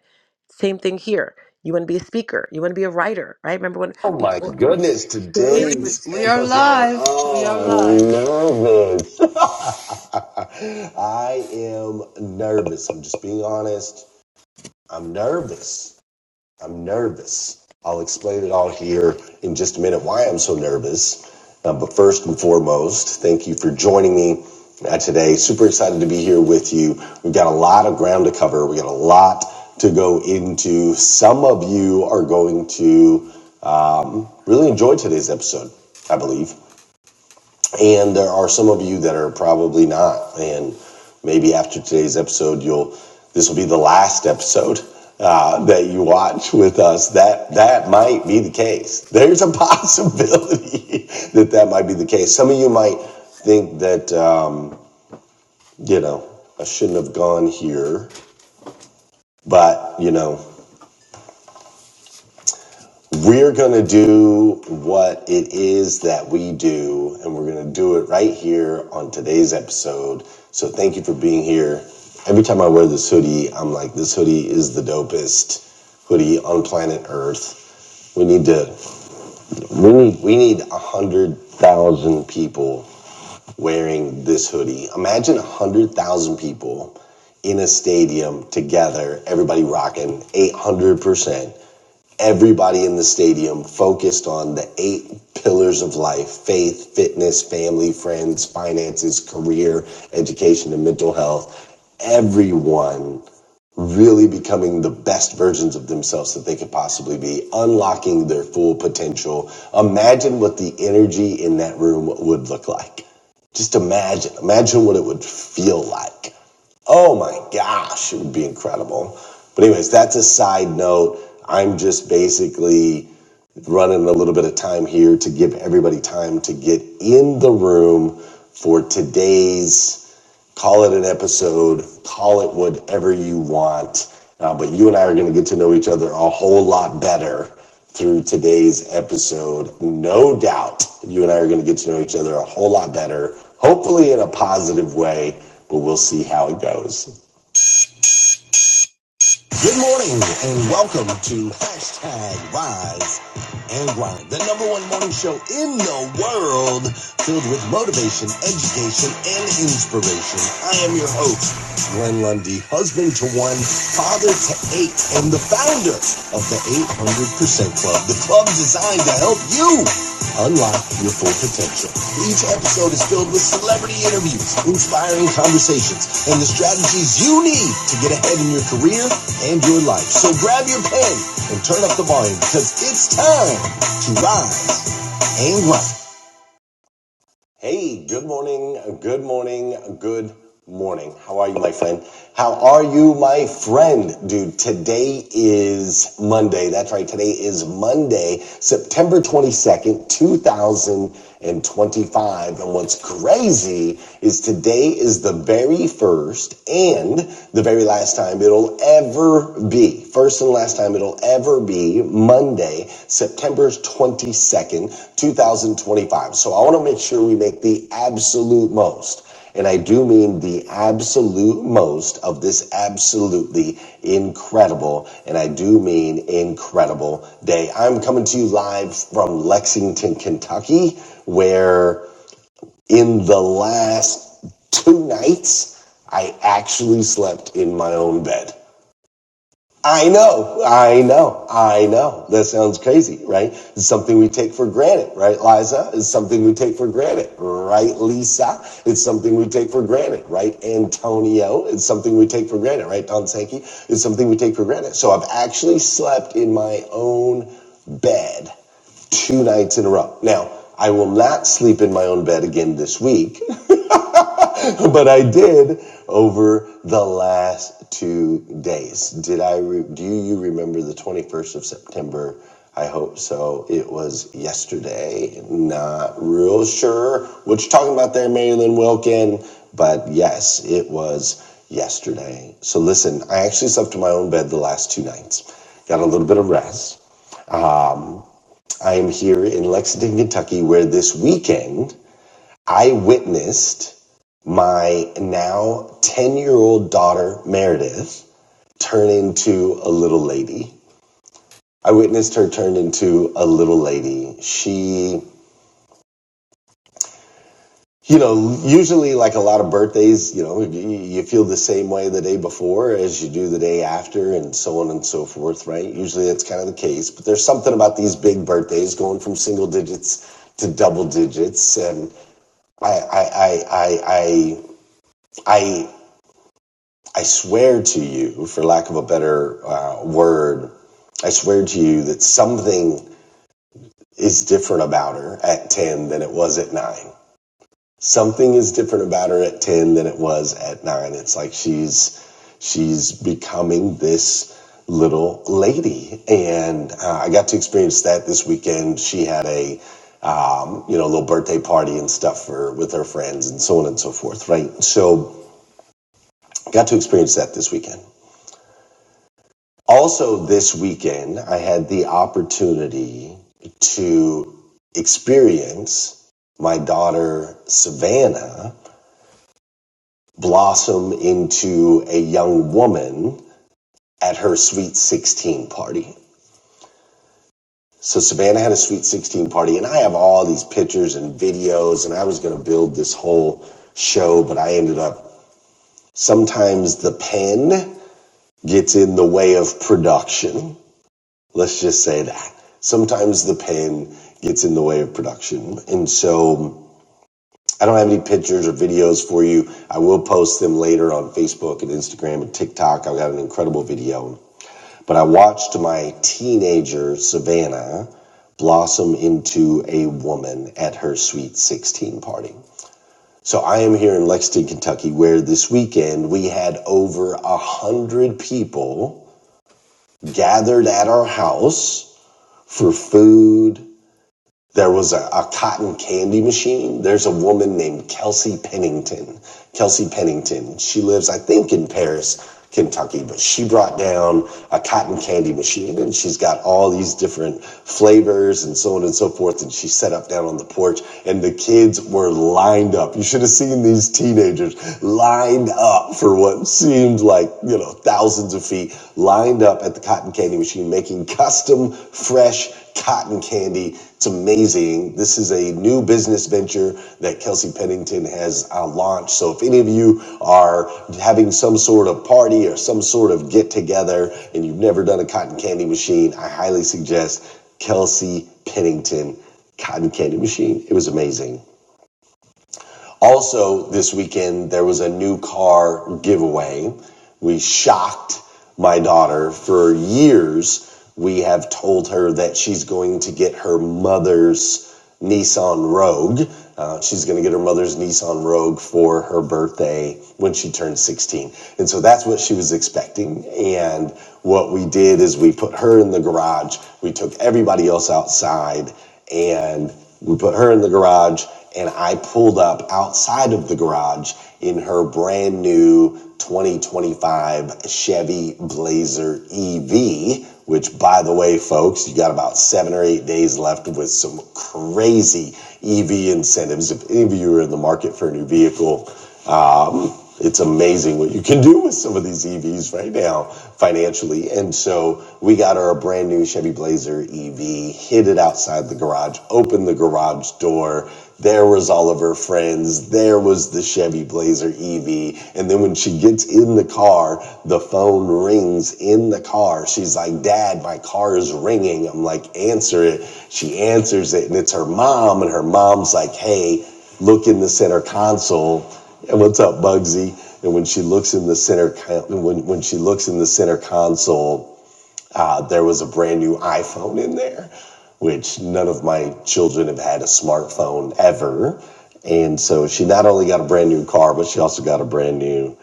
[SPEAKER 4] same thing here you want to be a speaker you want to be a writer right remember when
[SPEAKER 1] Oh my
[SPEAKER 4] before
[SPEAKER 1] goodness, today We are is are live. We are Oh, live. I'm live. nervous. I am nervous. I'm just being honest. I'm nervous. I'm nervous. I'll explain it all here in just a minute why I'm so nervous. Uh, but first and foremost, thank you for joining me uh, today. Super excited to be here with you. We've got a lot of ground to cover. We got a lot to go into. Some of you are going to um, really enjoy today's episode, I believe. And there are some of you that are probably not. And maybe after today's episode, you'll this will be the last episode uh, that you watch with us. That that might be the case. There's a possibility that that might be the case. Some of you might think that um, you know I shouldn't have gone here, but you know We're going to do what it is that we do, and we're going to do it right here on today's episode. So, thank you for being here. Every time I wear this hoodie, I'm like, this hoodie is the dopest hoodie on planet Earth. We need to, we need, we need a hundred thousand people wearing this hoodie. Imagine a hundred thousand people in a stadium together, everybody rocking 800% everybody in the stadium focused on the eight pillars of life faith, fitness, family, friends, finances, career, education, and mental health. Everyone really becoming the best versions of themselves that they could possibly be, unlocking their full potential. Imagine what the energy in that room would look like. Just imagine, imagine what it would feel like. Oh my gosh, it would be incredible. But anyways, that's a side note. I'm just basically running a little bit of time here to give everybody time to get in the room for today's call it an episode, call it whatever you want. Uh, but you and I are going to get to know each other a whole lot better through today's episode. No doubt you and I are going to get to know each other a whole lot better, hopefully in a positive way, but we'll see how it goes. Good morning and welcome to hashtag Rise and Grind, the number one morning show in the world filled with motivation, education, and inspiration. I am your host, Glenn Lundy, husband to one, father to eight, and the founder of the 800% Club, the club designed to help you unlock your full potential. Each episode is filled with celebrity interviews, inspiring conversations, and the strategies you need to get ahead in your career and your life. So grab your pen and turn up the volume because it's time to rise and grind. Hey, good morning, good morning, good morning. How are you, my friend? How are you, my friend? Dude, today is Monday. That's right, today is Monday, September 22nd, 2025. And what's crazy is today is the very first and the very last time it'll ever be First and last time it'll ever be Monday, September 22nd, 2025. So I want to make sure we make the absolute most. And I do mean the absolute most of this absolutely incredible, and I do mean incredible day. I'm coming to you live from Lexington, Kentucky, where in the last two nights, I actually slept in my own bed. I know, I know, I know. That sounds crazy, right? It's something we take for granted, right, Liza? It's something we take for granted, right, Lisa? It's something we take for granted, right, Antonio? It's something we take for granted, right, Don Sankey? It's something we take for granted. So I've actually slept in my own bed two nights in a row. Now, I will not sleep in my own bed again this week but I did over the last two days. Did I? Re- do you remember the 21st of September? I hope so. It was yesterday. Not real sure what you're talking about there, Marilyn Wilkin. But yes, it was yesterday. So listen, I actually slept in my own bed the last two nights. Got a little bit of rest. I am here in Lexington, Kentucky, where this weekend I witnessed my now 10 year old daughter, Meredith, turn into a little lady. I witnessed her turn into a little lady. She, you know, usually like a lot of birthdays, you know, you feel the same way the day before as you do the day after and so on and so forth, right? Usually that's kind of the case, but there's something about these big birthdays going from single digits to double digits. And I, I, I, I, I, I I swear to you, for lack of a better uh, word, I swear to you that something is different about her at 10 than it was at 9. Something is different about her at 10 than it was at 9. It's like she's she's becoming this little lady and uh, I got to experience that this weekend. She had a um, you know, little birthday party and stuff for with her friends and so on and so forth, right? So got to experience that this weekend. Also, this weekend, I had the opportunity to experience my daughter Savannah blossom into a young woman at her Sweet 16 party. So, Savannah had a Sweet 16 party, and I have all these pictures and videos, and I was going to build this whole show, but I ended up sometimes the pen gets in the way of production. Let's just say that. Sometimes the pain gets in the way of production. And so I don't have any pictures or videos for you. I will post them later on Facebook and Instagram and TikTok. I've got an incredible video. But I watched my teenager, Savannah, blossom into a woman at her sweet 16 party. So I am here in Lexington, Kentucky, where this weekend we had over a hundred people gathered at our house for food, There was a, a cotton candy machine. There's a woman named Kelsey Pennington. Kelsey Pennington. She lives, I think, in Paris, Kentucky, but she brought down a cotton candy machine and she's got all these different flavors and so on and so forth. And she set up down on the porch and the kids were lined up. You should have seen these teenagers lined up for what seemed like, you know, thousands of feet lined up at the cotton candy machine making custom fresh cotton candy. It's amazing. This is a new business venture that Kelsey Pennington has uh, launched. So if any of you are having some sort of party or some sort of get together and you've never done a cotton candy machine, I highly suggest Kelsey Pennington Cotton Candy Machine. It was amazing. Also, this weekend, there was a new car giveaway. We shocked my daughter for years. We have told her that she's going to get her mother's Nissan Rogue. Uh, she's going to get her mother's Nissan Rogue for her birthday when she turns 16. And so that's what she was expecting. And what we did is we put her in the garage, we took everybody else outside, and we put her in the garage and i pulled up outside of the garage in her brand new 2025 chevy blazer ev which by the way folks you got about seven or eight days left with some crazy ev incentives if any of you are in the market for a new vehicle um, it's amazing what you can do with some of these EVs right now financially. And so we got our brand new Chevy Blazer EV, hid it outside the garage, opened the garage door. There was all of her friends. There was the Chevy Blazer EV. And then when she gets in the car, the phone rings in the car. She's like, Dad, my car is ringing. I'm like, answer it. She answers it, and it's her mom. And her mom's like, Hey, look in the center console and what's up, Bugsy? And when she looks in the center, con- when when she looks in the center console, uh, there was a brand new iPhone in there, which none of my children have had a smartphone ever. And so she not only got a brand new car, but she also got a brand new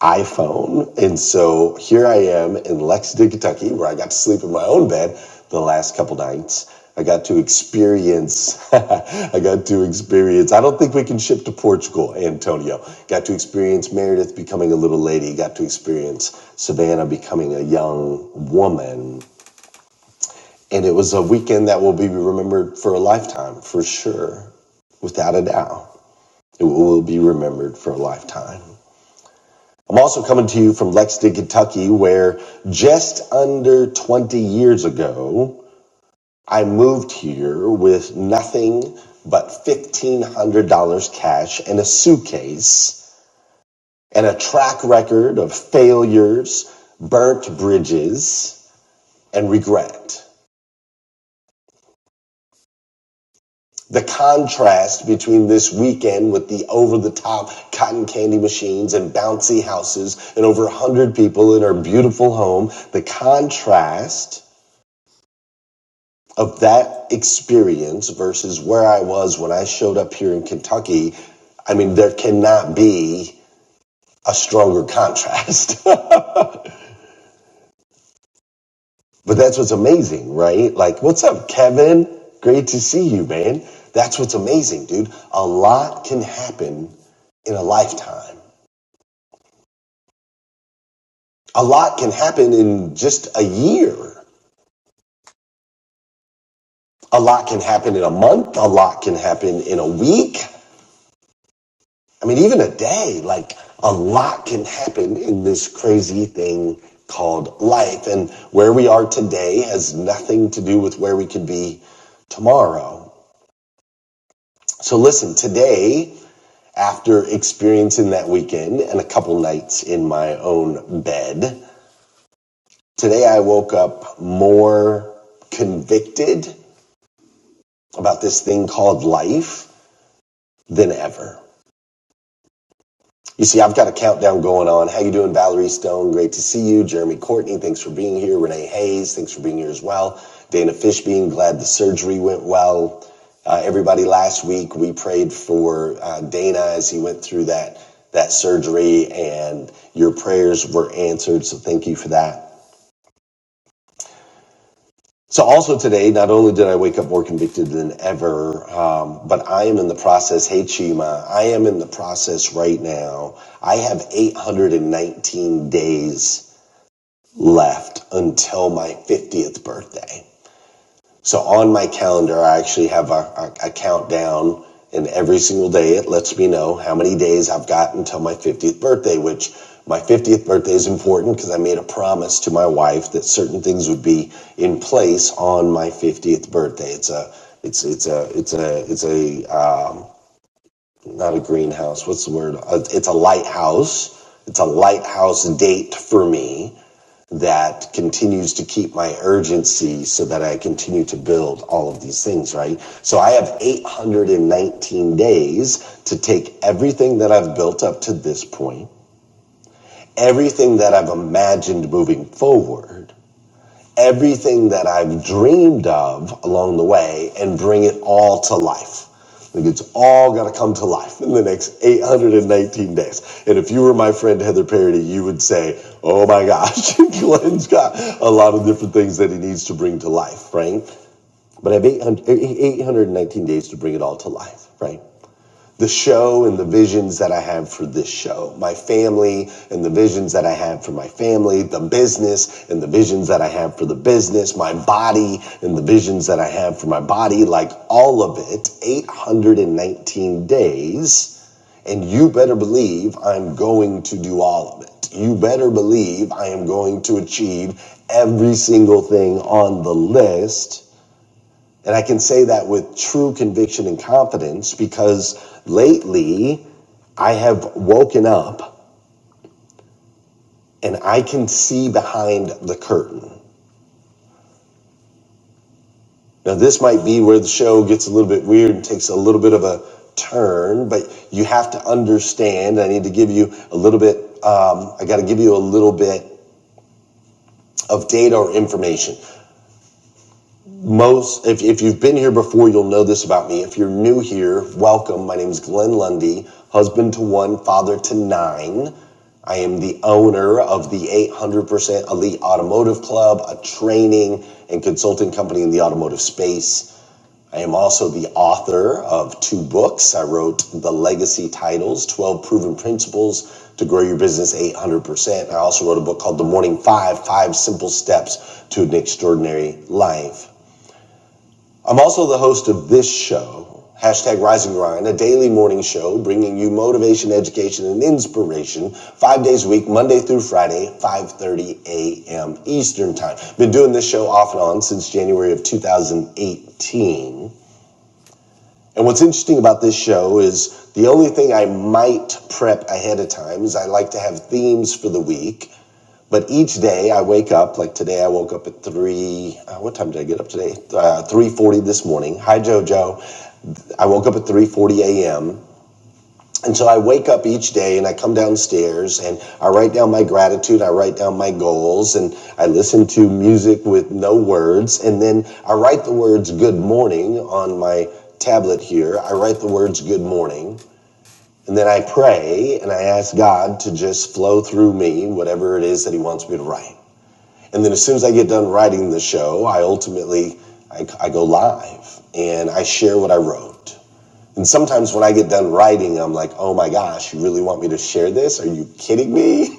[SPEAKER 1] iPhone. And so here I am in Lexington, Kentucky, where I got to sleep in my own bed the last couple nights. I got to experience, I got to experience, I don't think we can ship to Portugal, Antonio. Got to experience Meredith becoming a little lady, got to experience Savannah becoming a young woman. And it was a weekend that will be remembered for a lifetime, for sure, without a doubt. It will be remembered for a lifetime. I'm also coming to you from Lexington, Kentucky, where just under 20 years ago, I moved here with nothing but $1,500 cash and a suitcase and a track record of failures, burnt bridges, and regret. The contrast between this weekend with the over the top cotton candy machines and bouncy houses and over 100 people in our beautiful home, the contrast of that experience versus where I was when I showed up here in Kentucky, I mean, there cannot be a stronger contrast. but that's what's amazing, right? Like, what's up, Kevin? Great to see you, man. That's what's amazing, dude. A lot can happen in a lifetime. A lot can happen in just a year. A lot can happen in a month. A lot can happen in a week. I mean, even a day, like a lot can happen in this crazy thing called life. And where we are today has nothing to do with where we could be tomorrow. So listen, today, after experiencing that weekend and a couple nights in my own bed, today I woke up more convicted about this thing called life than ever. You see, I've got a countdown going on. How you doing, Valerie Stone? Great to see you. Jeremy Courtney, thanks for being here. Renee Hayes, thanks for being here as well. Dana Fishbein, glad the surgery went well. Uh, everybody, last week we prayed for uh, Dana as he went through that that surgery, and your prayers were answered. So thank you for that. So also today, not only did I wake up more convicted than ever, um, but I am in the process. Hey, Chima, I am in the process right now. I have 819 days left until my 50th birthday. So on my calendar, I actually have a, a, a countdown, and every single day it lets me know how many days I've got until my 50th birthday, which my 50th birthday is important because I made a promise to my wife that certain things would be in place on my 50th birthday. It's a it's it's a it's a it's a um, not a greenhouse. What's the word? Uh, It's a lighthouse. It's a lighthouse date for me that continues to keep my urgency so that I continue to build all of these things, right? So I have 819 days to take everything that I've built up to this point, everything that I've imagined moving forward, everything that I've dreamed of along the way and bring it all to life. Like it's all going to come to life in the next 819 days. And if you were my friend Heather Parody, you would say, oh my gosh, Glenn's got a lot of different things that he needs to bring to life, right? But I have 800, 819 days to bring it all to life, right? the show and the visions that I have for this show, my family and the visions that I have for my family, the business and the visions that I have for the business, my body and the visions that I have for my body, like all of it, 819 days. And you better believe I'm going to do all of it. You better believe I am going to achieve every single thing on the list and I can say that with true conviction and confidence because lately I have woken up and I can see behind the curtain. Now, this might be where the show gets a little bit weird and takes a little bit of a turn, but you have to understand. I need to give you a little bit, um, I got to give you a little bit of data or information. Most, if, if you've been here before, you'll know this about me. If you're new here, welcome. My name is Glenn Lundy, husband to one, father to nine. I am the owner of the 800% Elite Automotive Club, a training and consulting company in the automotive space. I am also the author of two books. I wrote The Legacy Titles 12 Proven Principles to Grow Your Business 800%. I also wrote a book called The Morning Five Five Simple Steps to an Extraordinary Life. I'm also the host of this show, hashtag Rise and Grind, a daily morning show bringing you motivation, education, and inspiration five days a week, Monday through Friday, 5.30 a.m. Eastern Time. Been doing this show off and on since January of 2018. And what's interesting about this show is the only thing I might prep ahead of time is I like to have themes for the week. But each day I wake up, like today I woke up at three. Uh, what time did I get up today? Uh, three forty this morning. Hi Jojo. I woke up at 3:40 a.m. And so I wake up each day and I come downstairs and I write down my gratitude, I write down my goals, and I listen to music with no words. And then I write the words good morning on my tablet here. I write the words good morning. And then I pray and I ask God to just flow through me whatever it is that He wants me to write. And then as soon as I get done writing the show, I ultimately I, I go live and I share what I wrote. And sometimes when I get done writing, I'm like, oh my gosh, you really want me to share this? Are you kidding me?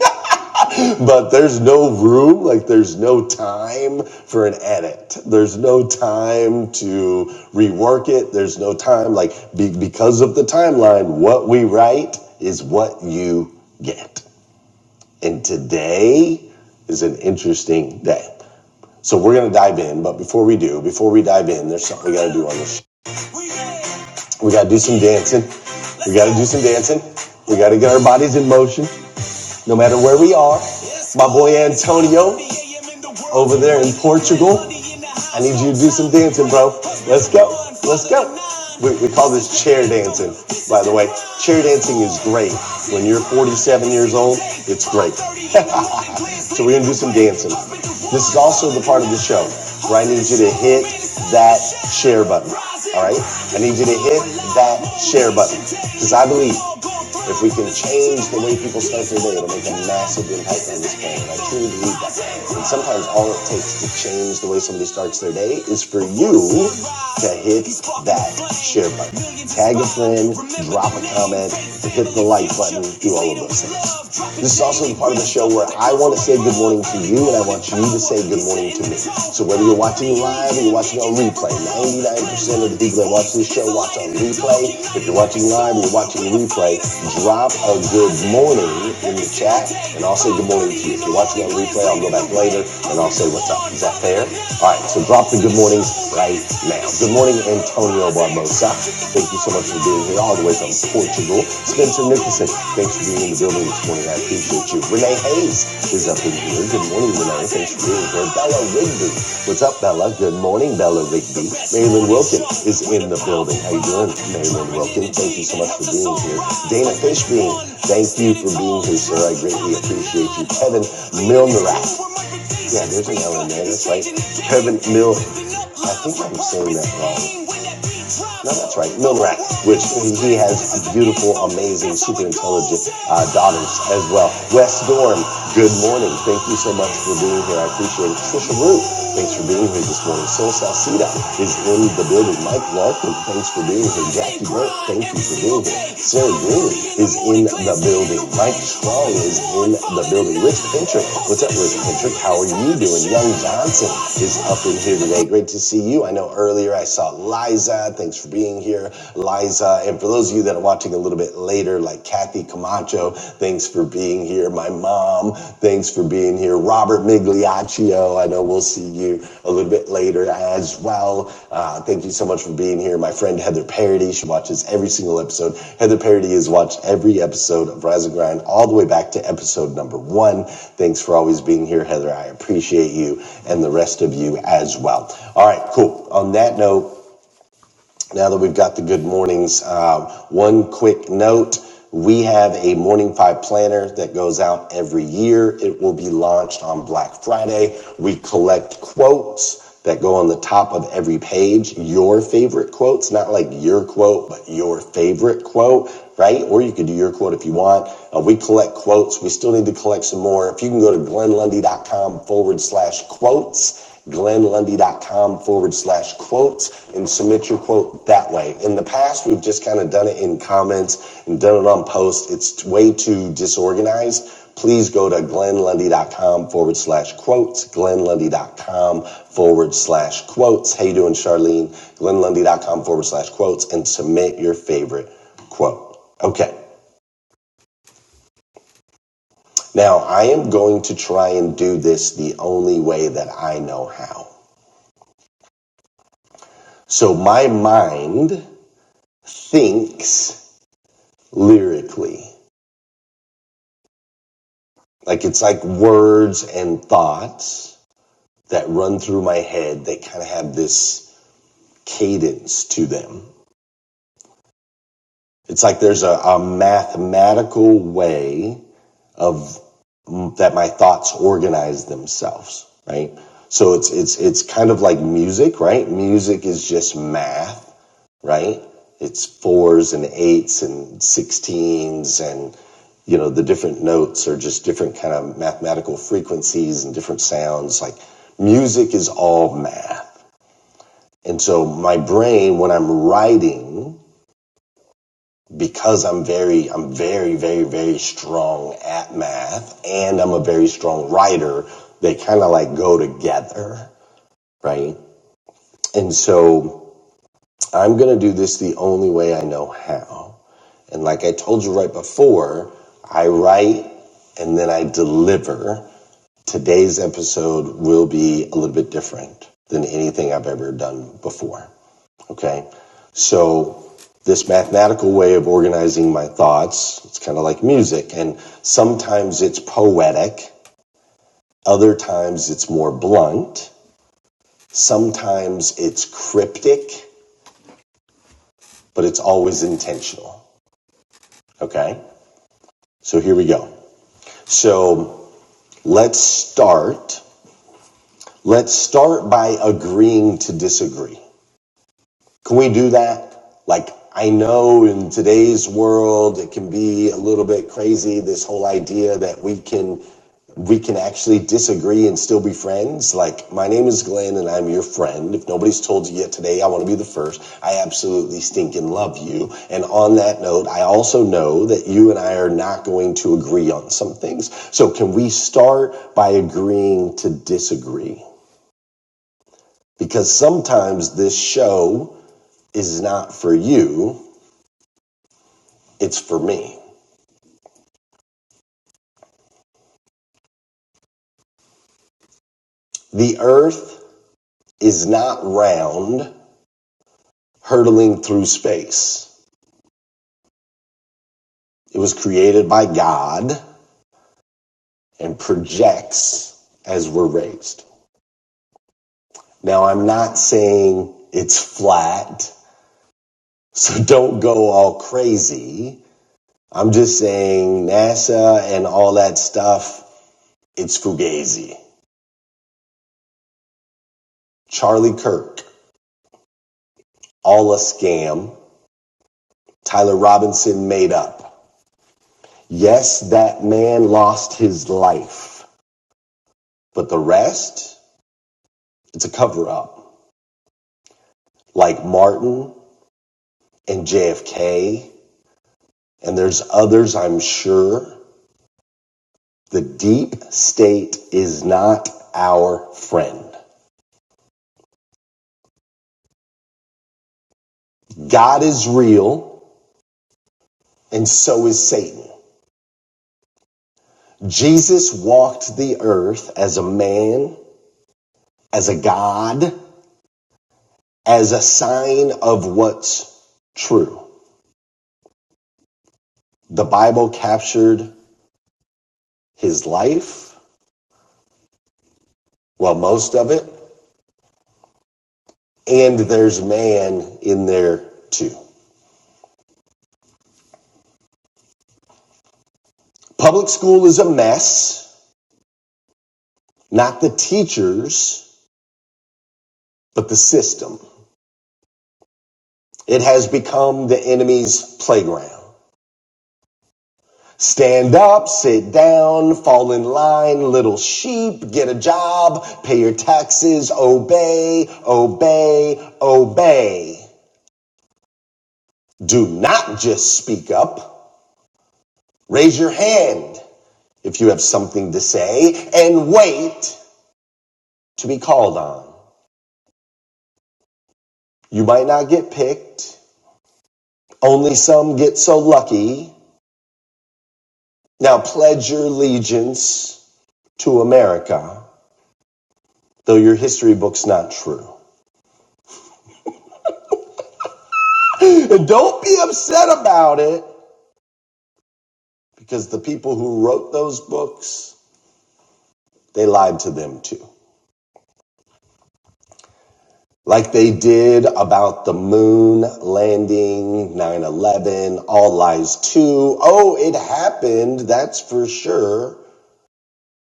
[SPEAKER 1] but there's no room, like, there's no time for an edit. There's no time to rework it. There's no time, like, be- because of the timeline, what we write is what you get. And today is an interesting day. So we're going to dive in. But before we do, before we dive in, there's something we got to do on the show. We got to do some dancing. We got to do some dancing. We got to get our bodies in motion, no matter where we are. My boy Antonio over there in Portugal, I need you to do some dancing, bro. Let's go. Let's go. We, we call this chair dancing, by the way. Chair dancing is great. When you're 47 years old, it's great. so we're going to do some dancing. This is also the part of the show where I need you to hit that share button. All right? I need you to hit that share button because I believe. If we can change the way people start their day, it'll make a massive impact on this planet. I truly believe that. And sometimes all it takes to change the way somebody starts their day is for you to hit that share button. Tag a friend, drop a comment, hit the like button, do all of those things. This is also the part of the show where I want to say good morning to you and I want you to say good morning to me. So whether you're watching live or you're watching on replay, 99% of the people that watch this show watch on replay. If you're watching live or you're watching replay, drop a good morning in the chat and I'll say good morning to you. If you're watching on replay, I'll go back later and I'll say what's up. Is that fair? All right, so drop the good mornings right now. Good morning, Antonio Barr. Barbosa. Thank you so much for being here all the way from Portugal. Spencer Nicholson, thanks for being in the building this morning. I appreciate you. Renee Hayes is up in here. Good morning, Renee. Thanks for being here. Bella Rigby. What's up, Bella? Good morning, Bella Rigby. Maylin Wilkin is in the building. How you doing, Maylin Wilkin? Thank you so much for being here. Dana Fishbein, thank you for being here, sir. I greatly appreciate you. Kevin Milnerat. Yeah, there's an L in there. That's right. Kevin Mil. I think I'm saying that wrong. No, that's right, Milrat, which he has beautiful, amazing, super intelligent uh, daughters as well. Wes Dorn, good morning. Thank you so much for being here. I appreciate it. Trisha Root, thanks for being here this morning. Sol Salcida is in the building. Mike Larkin, thanks for being here. Jackie Burke, thank you for being here. Sarah Green is in the building. Mike Strong is in the building. Rich Pintrick, what's up, Rich Pintrick? How are you doing? Young Johnson is up in here today. Great to see you. I know earlier I saw Liza. Azad. Thanks for being here, Liza. And for those of you that are watching a little bit later, like Kathy Camacho, thanks for being here. My mom, thanks for being here. Robert Migliaccio, I know we'll see you a little bit later as well. Uh, thank you so much for being here. My friend Heather Parody, she watches every single episode. Heather Parody has watched every episode of Rise and Grind all the way back to episode number one. Thanks for always being here, Heather. I appreciate you and the rest of you as well. All right, cool. On that note, now that we've got the good mornings, uh, one quick note. We have a morning five planner that goes out every year. It will be launched on Black Friday. We collect quotes that go on the top of every page, your favorite quotes, not like your quote, but your favorite quote, right? Or you could do your quote if you want. Uh, we collect quotes. We still need to collect some more. If you can go to glenlundy.com forward slash quotes glenlundy.com forward slash quotes and submit your quote that way. In the past, we've just kind of done it in comments and done it on posts. It's way too disorganized. Please go to glenlundy.com forward slash quotes, glenlundy.com forward slash quotes. How you doing, Charlene? glenlundy.com forward slash quotes and submit your favorite quote. Okay. Now I am going to try and do this the only way that I know how. So my mind thinks lyrically. Like it's like words and thoughts that run through my head They kind of have this cadence to them. It's like there's a, a mathematical way of that my thoughts organize themselves, right? So it's it's it's kind of like music, right? Music is just math right? It's fours and eights and sixteens and you know the different notes are just different kind of mathematical frequencies and different sounds like music is all math and so my brain when i'm writing because i'm very i'm very very very strong at math and i'm a very strong writer they kind of like go together right and so i'm going to do this the only way i know how And like I told you right before, I write and then I deliver. Today's episode will be a little bit different than anything I've ever done before. Okay. So this mathematical way of organizing my thoughts, it's kind of like music and sometimes it's poetic. Other times it's more blunt. Sometimes it's cryptic, but it's always intentional. Okay. So here we go. So Let's start. Let's start by agreeing to disagree. Can we do that? Like, I know in today's world, it can be a little bit crazy, this whole idea that we can we can actually disagree and still be friends. Like, my name is Glenn and I'm your friend. If nobody's told you yet today, I want to be the first. I absolutely stink and love you. And on that note, I also know that you and I are not going to agree on some things. So can we start by agreeing to disagree? Because sometimes this show is not for you, it's for me. The earth is not round, hurtling through space. It was created by God and projects as we're raised. Now, I'm not saying it's flat, so don't go all crazy. I'm just saying NASA and all that stuff, it's fugazi. Charlie Kirk, all a scam. Tyler Robinson made up. Yes, that man lost his life, but the rest, it's a cover up. Like Martin and JFK, and there's others I'm sure The deep state is not our friend. God is real, and so is Satan. Jesus walked the earth as a man, as a God, as a sign of what's true. The Bible captured his life, well, most of it, and there's man in there too. Public school is a mess, not the teachers, but the system. It has become the enemy's playground. Stand up, sit down, fall in line, little sheep, get a job, pay your taxes, obey, obey, obey. Do not just speak up. Raise your hand if you have something to say and wait to be called on. You might not get picked. Only some get so lucky. Now pledge your allegiance to America though your history book's not true. And don't be upset about it because the people who wrote those books, they lied to them too. Like they did about the moon landing, nine eleven, all lies too. Oh, it happened. That's for sure.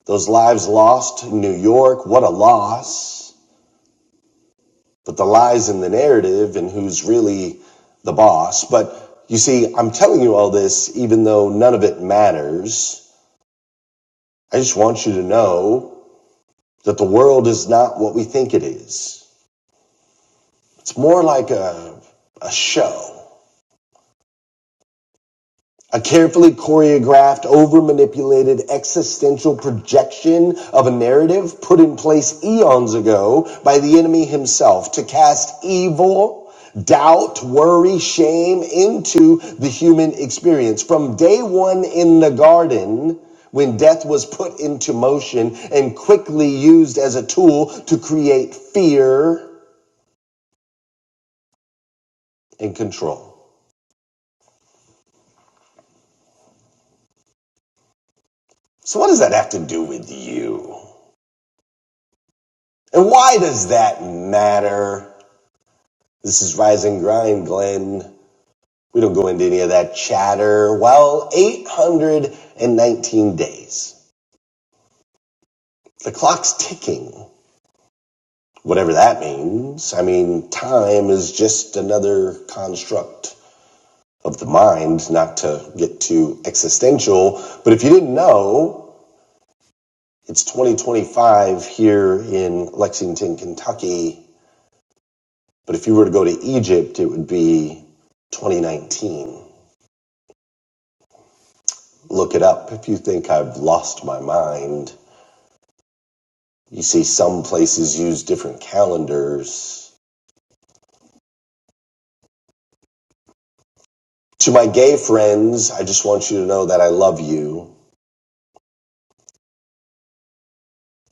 [SPEAKER 1] Those lives lost in New York. What a loss. But the lies in the narrative and who's really the boss. But you see, I'm telling you all this, even though none of it matters I just want you to know that the world is not what we think it is. It's more like a, a show. A carefully choreographed, over manipulated existential projection of a narrative put in place eons ago by the enemy himself to cast evil, doubt, worry, shame into the human experience. From day one in the garden, when death was put into motion and quickly used as a tool to create fear and control. So, what does that have to do with you? And why does that matter? This is Rise and Grind, Glenn. We don't go into any of that chatter. Well, 819 days. The clock's ticking. Whatever that means. I mean, time is just another construct of the mind, not to get too existential. But if you didn't know, it's 2025 here in Lexington, Kentucky. But if you were to go to Egypt, it would be 2019. Look it up if you think I've lost my mind. You see, some places use different calendars. To my gay friends, I just want you to know that I love you.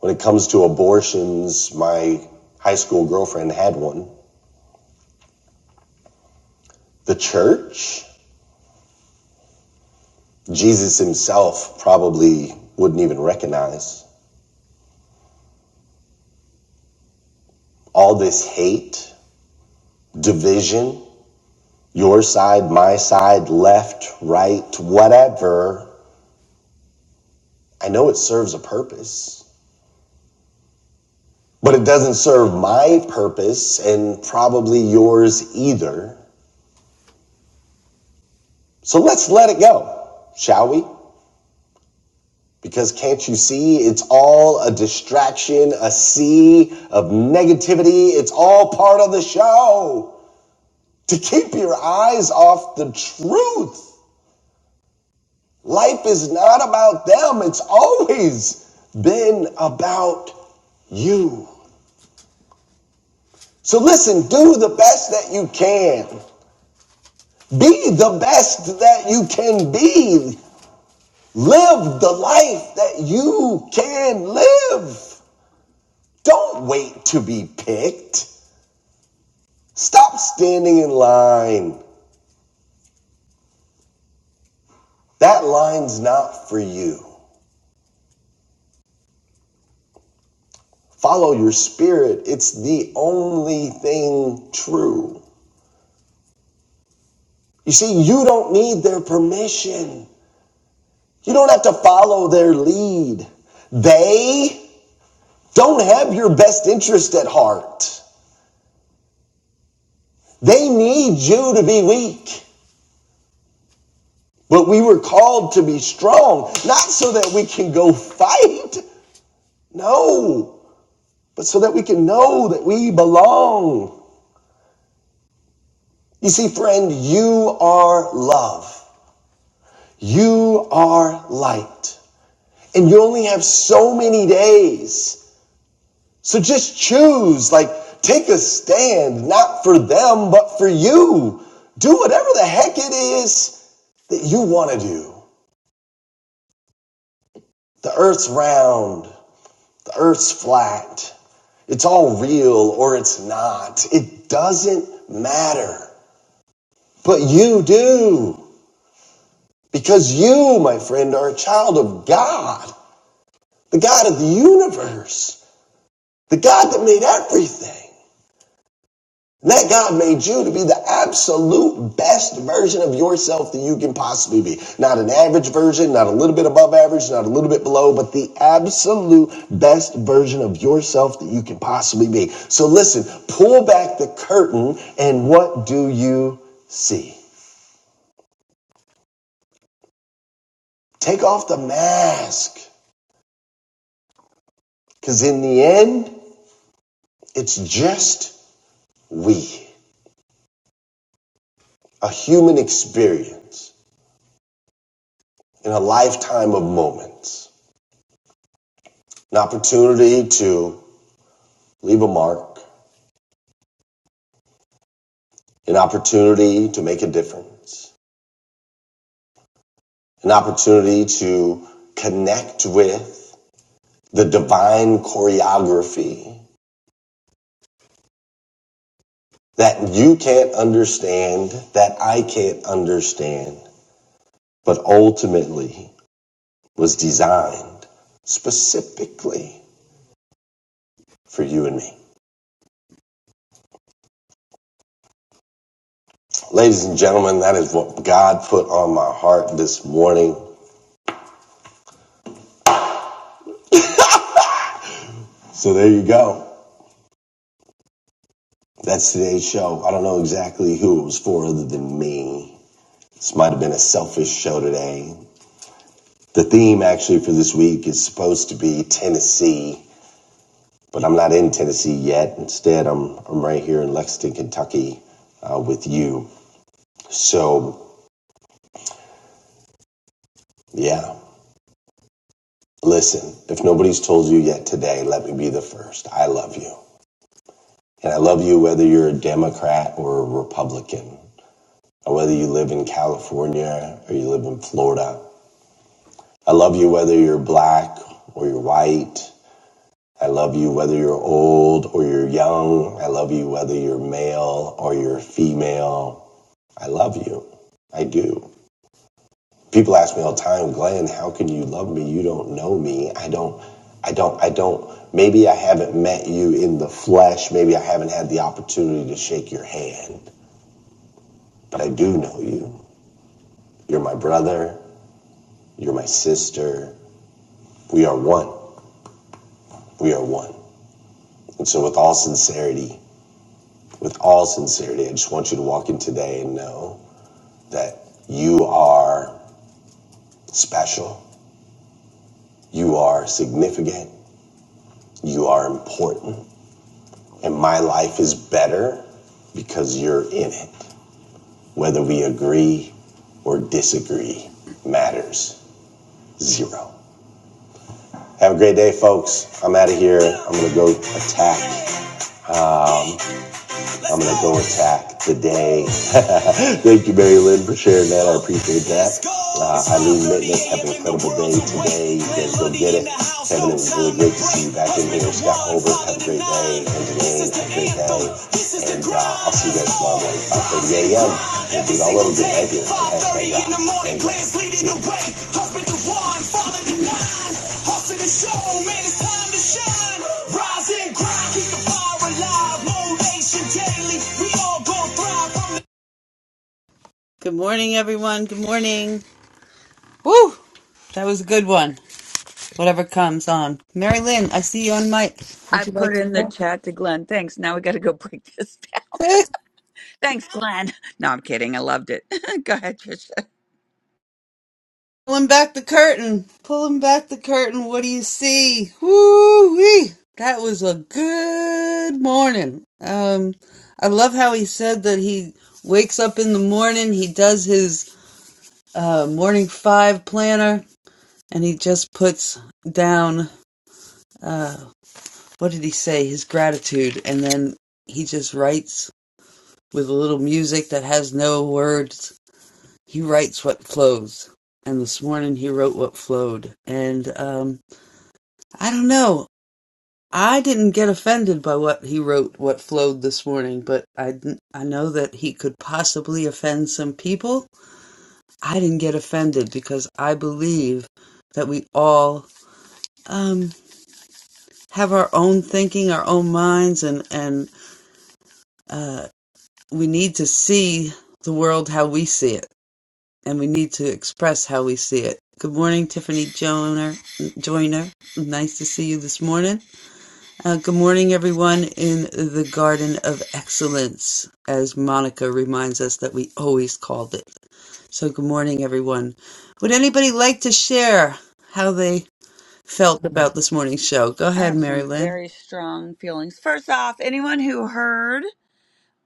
[SPEAKER 1] When it comes to abortions, my high school girlfriend had one. The church? Jesus himself probably wouldn't even recognize. All this hate, division, your side, my side, left, right, whatever. I know it serves a purpose. but it doesn't serve my purpose and probably yours either. So let's let it go, shall we? Because can't you see it's all a distraction, a sea of negativity? It's all part of the show. To keep your eyes off the truth. Life is not about them, it's always been about you. So listen, do the best that you can. Be the best that you can be. Live the life that you can live. Don't wait to be picked. Stop standing in line. That line's not for you. Follow your spirit. It's the only thing true. You see, you don't need their permission. You don't have to follow their lead. They don't have your best interest at heart. They need you to be weak. But we were called to be strong, not so that we can go fight. No, but so that we can know that we belong. You see, friend, you are love. You are light. And you only have so many days. So just choose, like, take a stand, not for them, but for you. Do whatever the heck it is that you want to do. The earth's round, the earth's flat. It's all real or it's not. It doesn't matter. But you do. Because you, my friend, are a child of God. The God of the universe. The God that made everything. That God made you to be the absolute best version of yourself that you can possibly be. Not an average version, not a little bit above average, not a little bit below, but the absolute best version of yourself that you can possibly be. So listen, pull back the curtain and what do you see? Take off the mask. Cause in the end, it's just we. A human experience in a lifetime of moments. An opportunity to leave a mark, an opportunity to make a difference, an opportunity to connect with the divine choreography that you can't understand, that I can't understand, but ultimately was designed specifically for you and me. Ladies and gentlemen, that is what God put on my heart this morning. So there you go. That's today's show. I don't know exactly who it was for other than me. This might have been a selfish show today. The theme actually for this week is supposed to be Tennessee, but I'm not in Tennessee yet. Instead, I'm, I'm right here in Lexington, Kentucky uh, with you. So, yeah, listen, if nobody's told you yet today, let me be the first. I love you. And I love you whether you're a Democrat or a Republican, or whether you live in California or you live in Florida. I love you whether you're black or you're white I love you whether you're old or you're young. I love you whether you're male or you're female. I love you. I do. People ask me all the time, Glenn, how can you love me? You don't know me. I don't, I don't, I don't. Maybe I haven't met you in the flesh. Maybe I haven't had the opportunity to shake your hand, but I do know you. You're my brother. You're my sister. We are one. We are one. And so, with all sincerity, with all sincerity, I just want you to walk in today and know that you are special, you are significant, you are important, and my life is better because you're in it. Whether we agree or disagree matters zero. Have a great day, folks. I'm out of here. I'm going to go attack. I'm gonna go attack today. Thank you, Mary Lynn, for sharing that. I appreciate that. Uh, Eileen Mitnick, have an incredible day today. You guys go get it. Kevin, it was really great to see you back in here. Scott Holbert, have a great day. Angeline, have a great day. And uh, I'll see you guys tomorrow morning, 5.30 a.m. We'll be all over good ideas. Hashtag God. Thank you. Hustle the show, man, it's time to shine. Rise and grind, keep the fire alive. Good morning, everyone. Good morning. Woo! That was a good one. Whatever comes on. Mary Lynn, I see you on mic.
[SPEAKER 8] I
[SPEAKER 1] Would you like
[SPEAKER 8] put
[SPEAKER 1] to
[SPEAKER 8] in the
[SPEAKER 1] go?
[SPEAKER 8] chat to Glenn. Thanks. Now we got to go break this down. Thanks, Glenn. No, I'm kidding. I loved it. go ahead, Trish.
[SPEAKER 1] Pulling back the curtain. Pulling back the curtain. What do you see? Woo wee! That was a good morning. Um, I love how he said that he wakes up in the morning, he does his uh, morning five planner, and he just puts down uh, what did he say? His gratitude, and then he just writes with a little music that has no words. He writes what flows. And this morning he wrote what flowed. And um, I don't know. I didn't get offended by what he wrote, what flowed this morning, but I, I know that he could possibly offend some people. I didn't get offended because I believe that we all um, have our own thinking, our own minds, and, and uh, we need to see the world how we see it, and we need to express how we see it. Good morning, Tiffany Joiner. Joyner, nice to see you this morning. Uh, good morning, everyone in the Garden of Excellence, as Monica reminds us that we always called it. So, good morning, everyone. Would anybody like to share how they felt about this morning's show? Go
[SPEAKER 8] I
[SPEAKER 1] ahead,
[SPEAKER 8] have
[SPEAKER 1] Mary
[SPEAKER 8] some
[SPEAKER 1] Lynn.
[SPEAKER 8] very strong feelings. First off, anyone who heard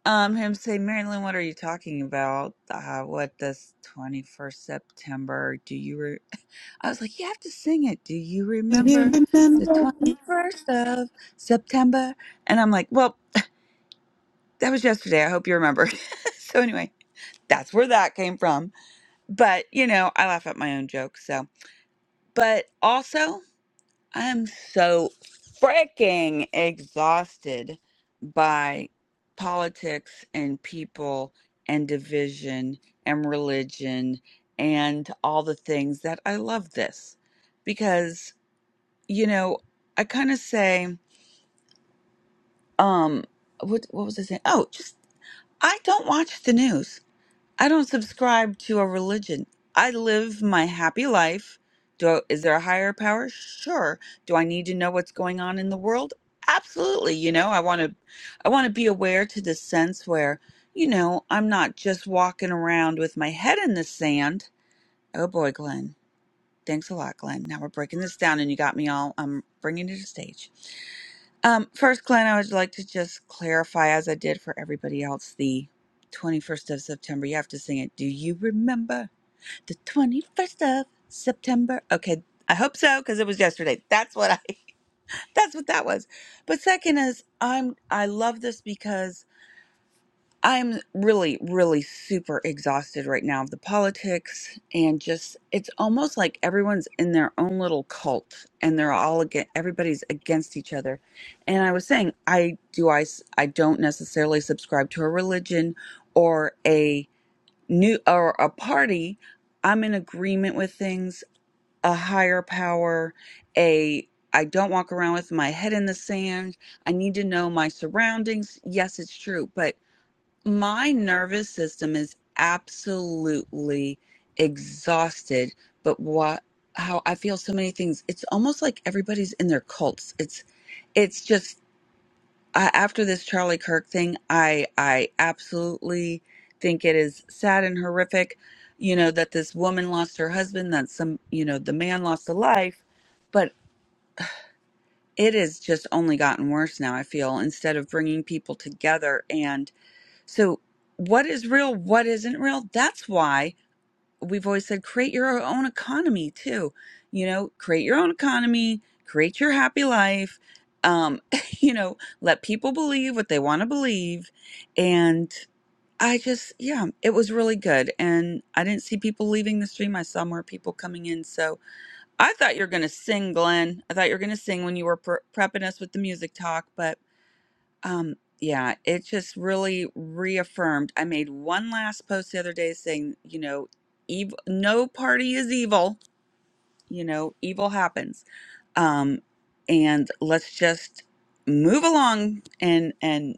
[SPEAKER 8] um him say, Marilyn, what are you talking about? Uh, what this 21st September? Do you? Re-? I was like, you have to sing it. Do you
[SPEAKER 1] Do you
[SPEAKER 8] remember the
[SPEAKER 1] remember?
[SPEAKER 8] 21st of September? And I'm like, well, that was yesterday. I hope you remember. so anyway, that's where that came from. But you know, I laugh at my own jokes. So, but also. I'm so freaking exhausted by politics and people and division and religion and all the things that I love this because you know I kind of say um what what was I saying oh just I don't watch the news I don't subscribe to a religion. I live my happy life. Do I, is there a higher power? Sure. Do I need to know what's going on in the world? Absolutely. You know, I want to I want to be aware to the sense where, you know, I'm not just walking around with my head in the sand. Oh boy, Glenn. Thanks a lot, Glenn. Now we're breaking this down and you got me all I'm bringing you to the stage. Um, first, Glenn, I would like to just clarify, as I did for everybody else, the 21st of September. You have to sing it. Do you remember the 21st of September? Okay, I hope so because it was yesterday. That's what I. That's what that was. But second is, I'm. I love this because I'm really, really super exhausted right now of the politics and just it's almost like everyone's in their own little cult and they're all again everybody's against each other. And I was saying I do I s- I don't necessarily subscribe to a religion or a new or a party. I'm in agreement with things, a higher power, a I don't walk around with my head in the sand. I need to know my surroundings. Yes, it's true, but my nervous system is absolutely exhausted, but what how I feel so many things. It's almost like everybody's in their cults. It's it's just I, after this Charlie Kirk thing, I I absolutely think it is sad and horrific, you know, that this woman lost her husband, that some, you know, the man lost a life, but it has just only gotten worse now, I feel, instead of bringing people together so, what is real, what isn't real? That's why we've always said create your own economy too. You know, create your own economy, create your happy life. Um, you know, let people believe what they want to believe. And I just, yeah, it was really good. And I didn't see people leaving the stream. I saw more people coming in. So I thought you were going to sing, Glenn. I thought you were going to sing when you were pre- prepping us with the music talk, but um, yeah, it just really reaffirmed. I made one last post the other day saying, you know, evil, no party is evil. You know, evil happens. Um, and let's just move along and and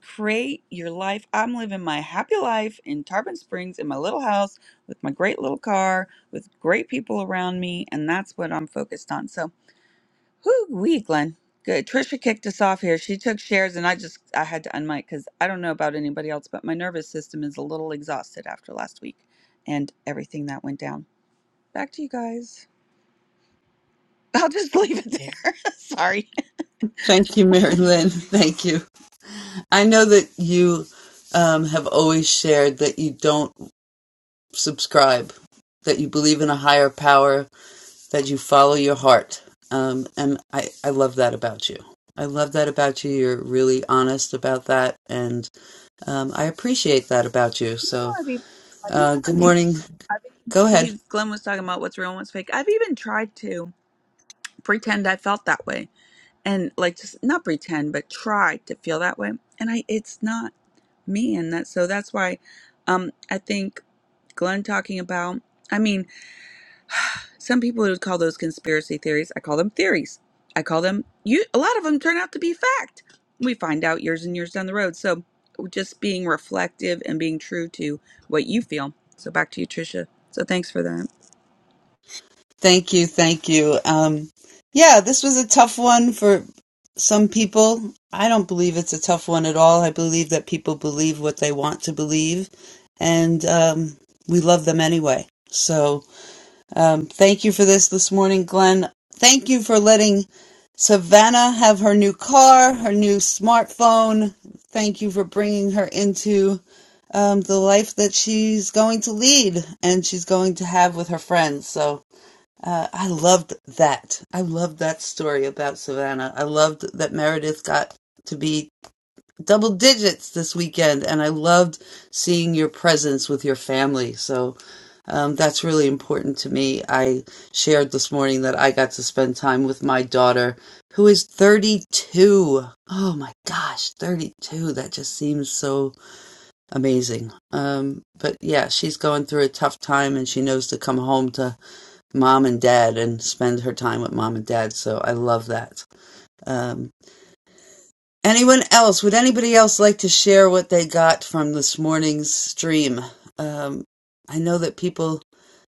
[SPEAKER 8] create your life. I'm living my happy life in Tarpon Springs in my little house with my great little car with great people around me, and that's what I'm focused on. So Whew, wee, Glenn. Good. Trisha kicked us off here. She took shares, and I just I had to unmic because I don't know about anybody else, but my nervous system is a little exhausted after last week and everything that went down. Back to you guys. I'll just leave it there. Sorry.
[SPEAKER 1] Thank you, Mary Lynn. Thank you. I know that you um, have always shared that you don't subscribe, that you believe in a higher power, that you follow your heart. Um, and I, I love that about you. I love that about you. You're really honest about that. And um, I appreciate that about you.
[SPEAKER 8] You
[SPEAKER 1] So,
[SPEAKER 8] know, I've even,
[SPEAKER 1] uh, good morning.
[SPEAKER 8] I've even
[SPEAKER 1] Go
[SPEAKER 8] tr-
[SPEAKER 1] ahead.
[SPEAKER 8] he's Glenn was talking about what's real and what's fake. I've even tried to pretend I felt that way, and like just not pretend, but try to feel that way, and I it's not me, and that so that's why, um, I think Glenn talking about. I mean. Some people would call those conspiracy theories. I call them theories. I call them you a lot of them turn out to be fact. We find out years and years down the road. So just being reflective and being true to what you feel. So back to you, Tricia. So thanks for that.
[SPEAKER 1] Thank you, thank you. Um, yeah, this was a tough one for some people. I don't believe it's a tough one at all. I believe that people believe what they want to believe, and um, we love them anyway. So, um, thank you for this this morning, Glenn. Thank you for letting Savannah have her new car, her new smartphone. Thank you for bringing her into um, the life that she's going to lead and she's going to have with her friends. So, uh, I loved that. I loved that story about Savannah. I loved that Meredith got to be double digits this weekend, and I loved seeing your presence with your family. So um, that's really important to me. I shared this morning that I got to spend time with my daughter, who is 32. Oh my gosh, 32. That just seems so amazing. Um, but yeah, she's going through a tough time, and she knows to come home to mom and dad and spend her time with mom and dad. So I love that. Um, anyone else? Would anybody else like to share what they got from this morning's stream? Um, I know that people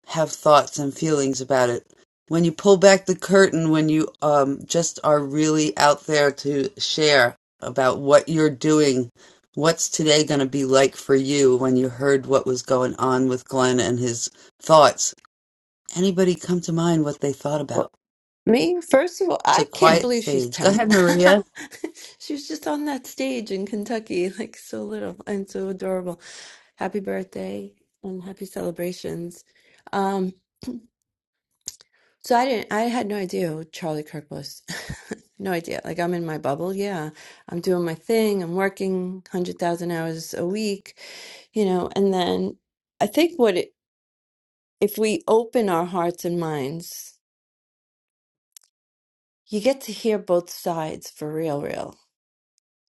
[SPEAKER 1] have thoughts and feelings about it. When you pull back the curtain, when you um, just are really out there to share about what you're doing, what's today going to be like for you when you heard what was going on with Glenn and his thoughts? Anybody come to mind what they thought about?
[SPEAKER 9] Well, me, first of all,
[SPEAKER 1] It's a
[SPEAKER 9] I can't
[SPEAKER 1] quiet
[SPEAKER 9] believe she's
[SPEAKER 1] stage. Go
[SPEAKER 9] 10.
[SPEAKER 1] ahead, Maria.
[SPEAKER 9] She was just on that stage in Kentucky, like so little and so adorable. Happy birthday and happy celebrations. Um, So I didn't I had no idea who Charlie Kirk was. no idea. Like I'm in my bubble. Yeah. I'm doing my thing. I'm working 100,000 hours a week, you know, and then I think what it, if we open our hearts and minds, you get to hear both sides for real real.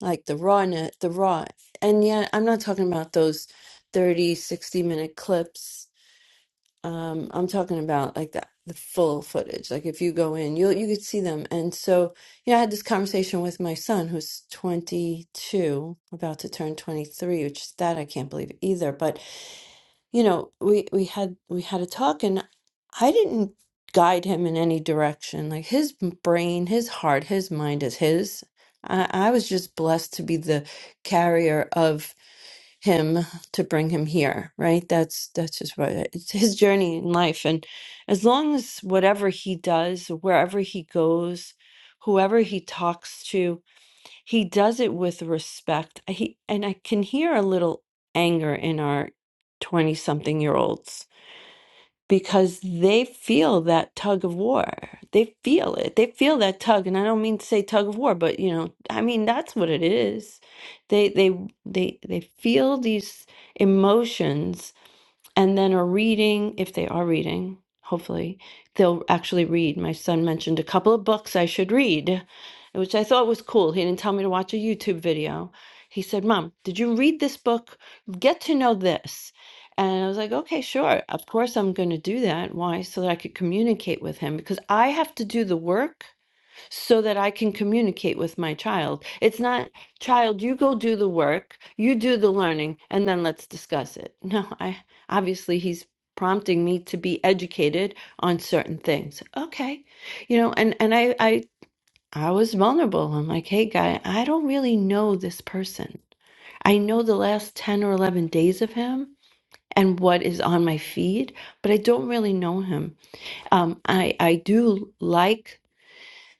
[SPEAKER 9] Like the rawness, the raw. And yet I'm not talking about those 30, 60 minute clips Um, I'm talking about like the the full footage. Like if you go in, you you could see them. And so, you know, I had this conversation with my son who's 22, about to turn 23, which is that I can't believe either. But, you know, we we had we had a talk and I didn't guide him in any direction. Like his brain, his heart, his mind is his. I, I was just blessed to be the carrier him to bring him here right that's that's just what it's his journey in life and as long as whatever he does wherever he goes whoever he talks to he does it with respect he and i can hear a little anger in our 20 something year olds because they feel that tug of war. They feel it. They feel that tug, and I don't mean to say tug of war, but you know, I mean that's what it is. They they they they feel these emotions and then are reading if they are reading hopefully they'll actually read my son mentioned a couple of books i should read which i thought was cool he didn't tell me to watch a youtube video he said mom did you read this book get to know this and i was like okay sure of course i'm going to do that why so that i could communicate with him because i have to do the work so that I can communicate with my child. It's not, child, you go do the work, you do the learning, and then let's discuss it. No, I obviously he's prompting me to be educated on certain things. Okay. You know, and and I I I was vulnerable. I'm like, "Hey guy, I don't really know this person. I know the last 10 or 11 days of him and what is on my feed, but I don't really know him. Um I I do like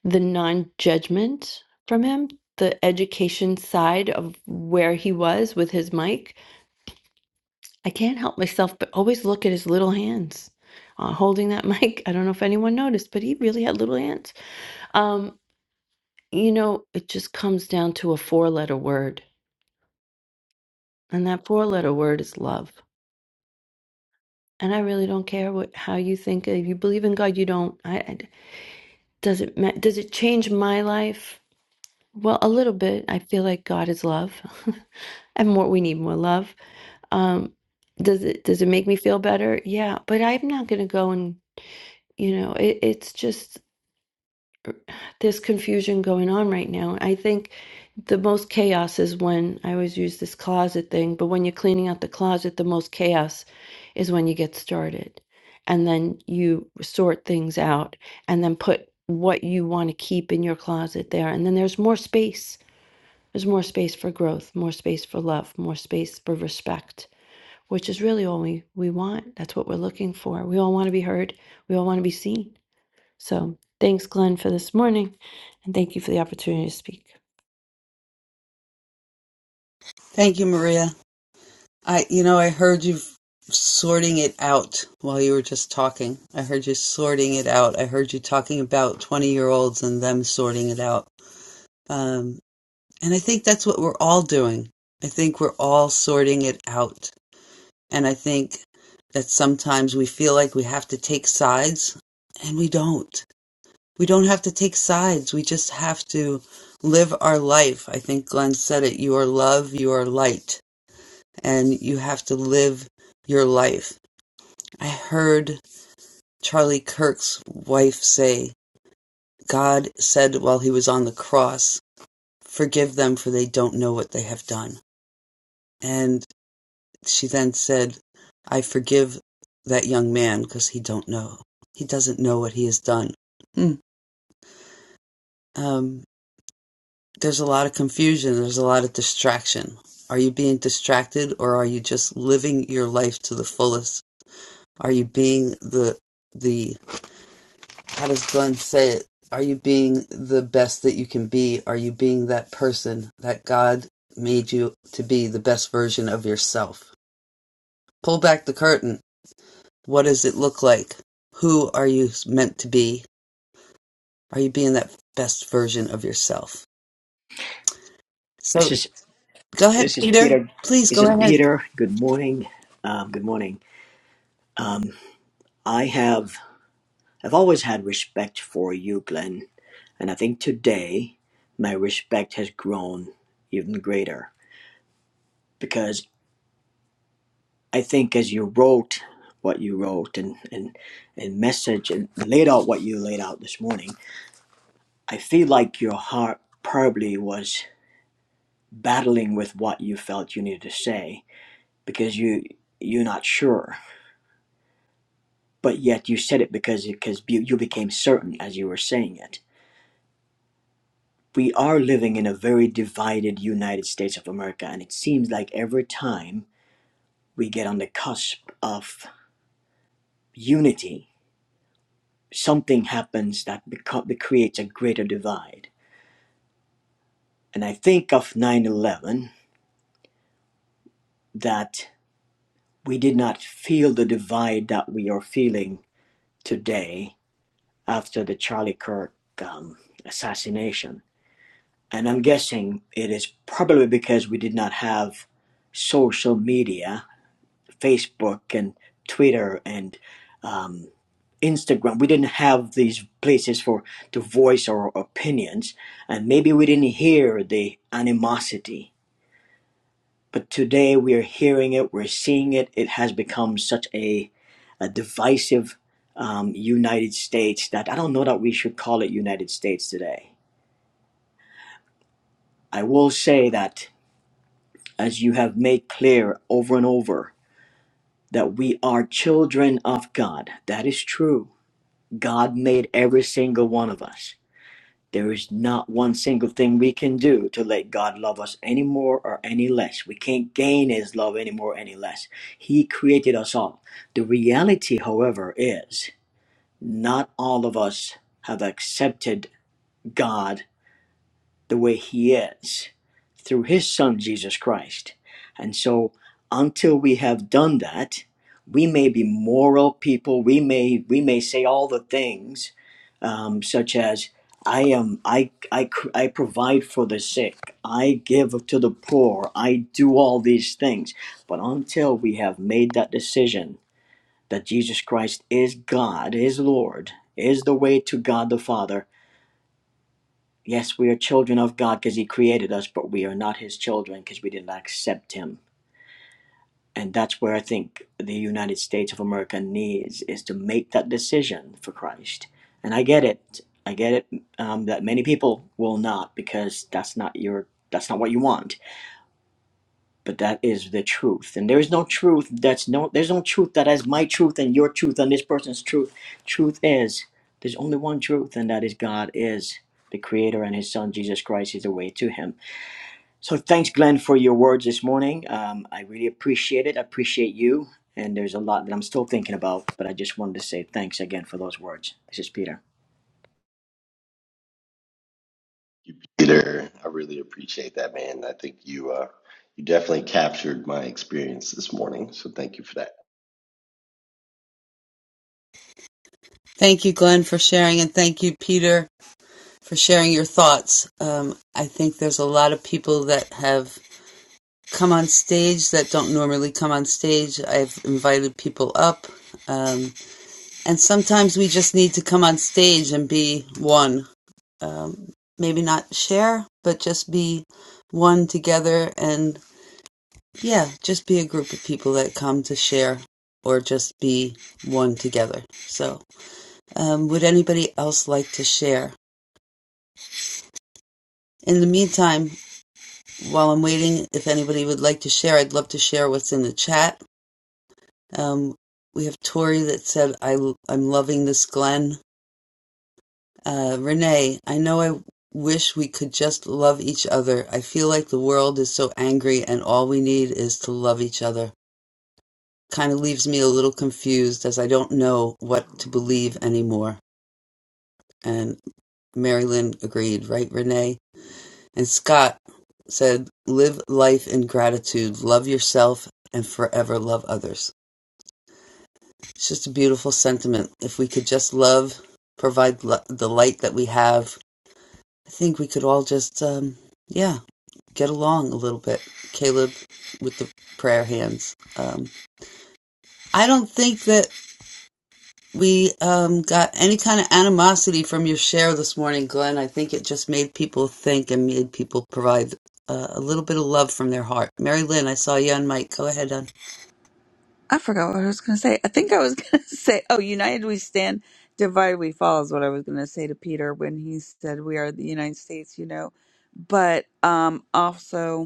[SPEAKER 9] the non judgment from him, the education side of where he was with his mic, I can't help myself but always look at his little hands uh, holding that mic. I don't know if anyone noticed, but he really had little hands. Um, you know, it just comes down to a four letter word, and that four letter word is love. And I really don't care what how you think. If you believe in God, you don't. I, I does it ma- does it change my life? Well, a little bit. I feel like God is love, and more we need more love. Um, does it does it make me feel better? Yeah, but I'm not going to go and you know it, it's just there's confusion going on right now. I think the most chaos is when I always use this closet thing, but when you're cleaning out the closet, the most chaos is when you get started, and then you sort things out, and then put what you want to keep in your closet there, and then there's more space there's more space for growth, more space for love, more space for respect, which is really all we, we want. That's what we're looking for. We all want to be heard, we all want to be seen. So thanks, Glenn, for this morning, and thank you for the opportunity to speak.
[SPEAKER 1] Thank you, Maria. I, you know, I heard you sorting it out while you were just talking. I heard you sorting it out. I heard you talking about 20 year olds and them sorting it out. Um, and I think that's what we're all doing. I think we're all sorting it out. And I think that sometimes we feel like we have to take sides and we don't. We don't have to take sides. We just have to live our life. I think Glenn said it. You are love, you are light, and you have to live your life. I heard Charlie Kirk's wife say, God said while he was on the cross, forgive them for they don't know what they have done. And she then said, I forgive that young man because he don't know. He doesn't know what he has done. Hmm. Um, There's a lot of confusion, there's a lot of distraction. Are you being distracted or are you just living your life to the fullest? Are you being the the how does Glenn say it? Are you being the best that you can be? Are you being that person that God made you to be the best version of yourself? Pull back the curtain. What does it look like? Who are you meant to be? Are you being that best version of yourself?
[SPEAKER 10] This
[SPEAKER 1] So
[SPEAKER 10] is
[SPEAKER 1] go ahead,
[SPEAKER 10] this is
[SPEAKER 1] Peter.
[SPEAKER 10] Peter.
[SPEAKER 1] Please
[SPEAKER 10] This
[SPEAKER 1] go
[SPEAKER 10] is
[SPEAKER 1] ahead.
[SPEAKER 10] Peter. Good morning. Um, good morning. I have I've always had respect for you, Glenn, and I think today my respect has grown even greater because I think as you wrote what you wrote and and and message and laid out what you laid out this morning, I feel like your heart probably was battling with what you felt you needed to say because you you're not sure but yet you said it because because you, became certain as you were saying it. We are living in a very divided United States of America, and it seems like every time we get on the cusp of unity, something happens that, beco- that creates a greater divide. And I think of 9 11 that we did not feel the divide that we are feeling today after the Charlie Kirk um, assassination And I'm guessing it is probably because we did not have social media, Facebook and Twitter and um, Instagram. We didn't have these places for to voice our opinions, and maybe we didn't hear the animosity. But today we are hearing it, we're seeing it. It has become such a, a divisive um, United States that I don't know that we should call it United States today. I will say that as you have made clear over and over, that we are children of God. That is true. God made every single one of us. There is not one single thing we can do to let God love us any more or any less. We can't gain His love any more or any less. He created us all. The reality, however, is not all of us have accepted God the way He is through His Son, Jesus Christ. And so, until we have done that, we may be moral people. We may we may say all the things, um, such as I am I, I I provide for the sick. I give to the poor. I do all these things. But until we have made that decision that Jesus Christ is God, is Lord, is the way to God the Father, Yes, we are children of God because He created us, but we are not His children because we did not accept Him. And that's where I think the United States of America needs is to make that decision for Christ. And I get it. I get it um, that many people will not because that's not your that's not what you want. But that is the truth. And there is no truth that's no there's no truth that is my truth and your truth and this person's truth. Truth is there's only one truth and that is God is the creator and his son Jesus Christ is the way to him So thanks, Glenn, for your words this morning. Um, I really appreciate it. I appreciate you. And there's a lot that I'm still thinking about, but I just wanted to say thanks again for those words. This is Peter.
[SPEAKER 11] you, Peter. I really appreciate that, man. I think you uh, you definitely captured my experience this morning. So thank you for that.
[SPEAKER 1] Thank you, Glenn, for sharing, and thank you, Peter, for sharing your thoughts. Um, I think there's a lot of people that have come on stage that don't normally come on stage. I've invited people up, um, and sometimes we just need to come on stage and be one. Um, maybe not share, but just be one together, and yeah, just be a group of people that come to share or just be one together. So, um, would anybody else like to share? In the meantime, while I'm waiting, if anybody would like to share, I'd love to share what's in the chat. Um, we have Tori that said, I, i am loving this Glenn. Uh, Renee, I know I wish we could just love each other. I feel like the world is so angry and all we need is to love each other. Kind of leaves me a little confused as I don't know what to believe anymore. And Mary Lynn agreed, right, Renee? And Scott said, live life in gratitude, love yourself, and forever love others. It's just a beautiful sentiment. If we could just love, provide l- the light that we have, I think we could all just, um, yeah, get along a little bit. Caleb with the prayer hands. Um, I don't think that We um, got any kind of animosity from your share this morning, Glenn. I think it just made people think and made people provide uh, a little bit of love from their heart. Mary Lynn, I saw you on mic. Go ahead, on.
[SPEAKER 8] I forgot what I was gonna say. I think I was gonna say, oh, united we stand, divided we fall is what I was gonna say to Peter when he said we are the United States, you know. But um also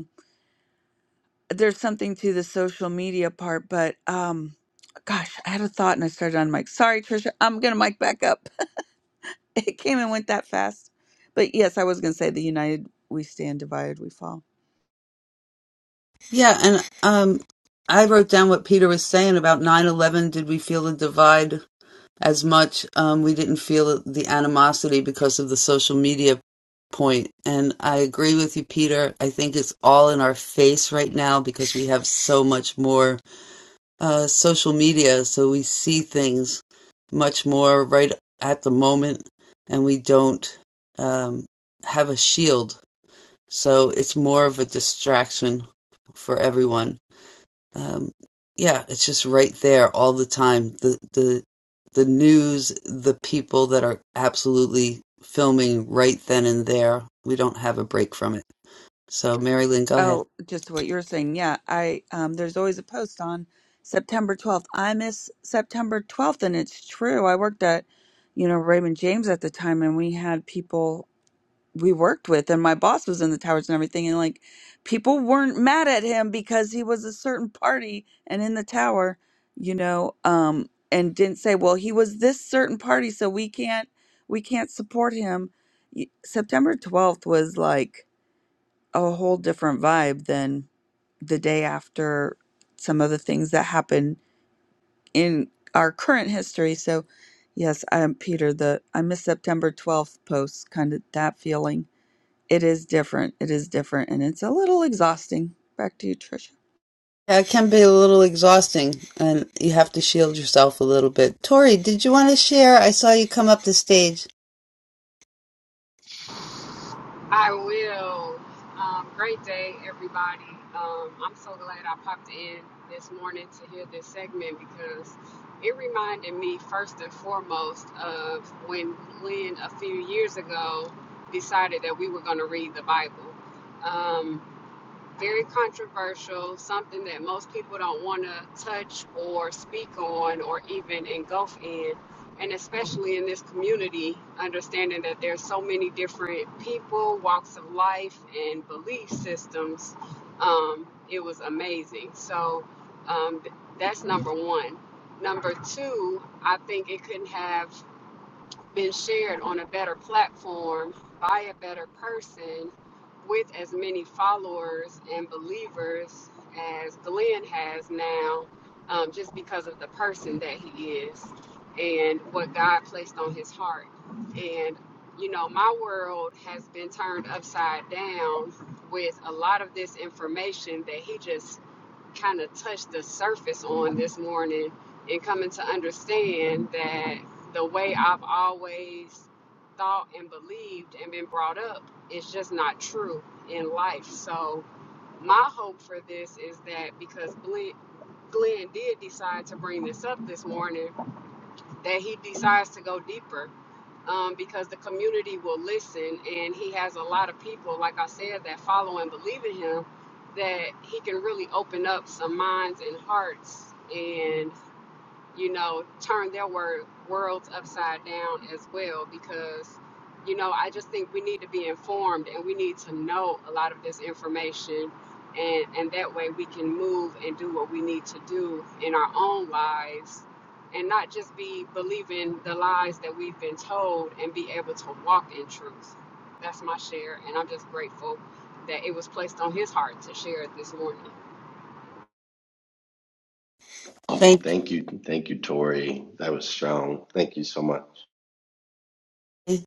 [SPEAKER 8] there's something to the social media part, but um, gosh, I had a thought and I started on mic. Sorry, Trisha, I'm gonna mic back up. it came and went that fast. But yes, I was gonna say the united we stand, divided we fall.
[SPEAKER 1] Yeah, and um, I wrote down what Peter was saying about nine eleven. Did we feel the divide as much? Um, we didn't feel the animosity because of the social media point. And I agree with you, Peter. I think it's all in our face right now because we have so much more. uh, social media, so we see things much more right at the moment, and we don't um, have a shield. So it's more of a distraction for everyone. Um, yeah, it's just right there all the time. The the the news, the people that are absolutely filming right then and there. We don't have a break from it. So, Mary Lynn, go ahead.
[SPEAKER 8] Oh, just what you're saying, yeah. I um, there's always a post on September 12th. I miss September 12th, and it's true. I worked at you know Raymond James at the time, and we had people. we worked with and my boss was in the towers and everything and like people weren't mad at him because he was a certain party and in the tower you know um and didn't say well he was this certain party so we can't we can't support him Y- september 12th was like a whole different vibe than the day after some of the things that happened in our current history so yes i'm peter the i miss september 12th posts, kind of that feeling it is different. It is different, and it's a little exhausting. Back to you, Trisha.
[SPEAKER 1] Yeah, it can be a little exhausting, and you have to shield yourself a little bit. Tori, did you want to share? I saw you come up the stage.
[SPEAKER 12] I will. Um, great day, everybody. Um, I'm so glad I popped in this morning to hear this segment because it reminded me, first and foremost, of when Glenn a few years ago decided that we were going to read the Bible. Um, very controversial, something that most people don't want to touch or speak on or even engulf in. And especially in this community, understanding that there's so many different people, walks of life, and belief systems, um, it was amazing. So um, th- that's number one. Number two, I think it couldn't have been shared on a better platform by a better person with as many followers and believers as Glenn has now, um, just because of the person that he is and what God placed on his heart. And, you know, my world has been turned upside down with a lot of this information that he just kind of touched the surface on this morning and coming to understand that the way I've always thought and believed and been brought up is just not true in life. So, my hope for this is that because Glenn, Glenn did decide to bring this up this morning, that he decides to go deeper um, because the community will listen. And he has a lot of people, like I said, that follow and believe in him, that he can really open up some minds and hearts. And you know, turn their word worlds upside down as well because you know, I just think we need to be informed and we need to know a lot of this information and and that way we can move and do what we need to do in our own lives and not just be believing the lies that we've been told and be able to walk in truth. That's my share and I'm just grateful that it was placed on his heart to share it this morning.
[SPEAKER 11] Oh,
[SPEAKER 1] Thank
[SPEAKER 11] Thank you, thank you, Tori. That was strong. Thank you so much.
[SPEAKER 1] you.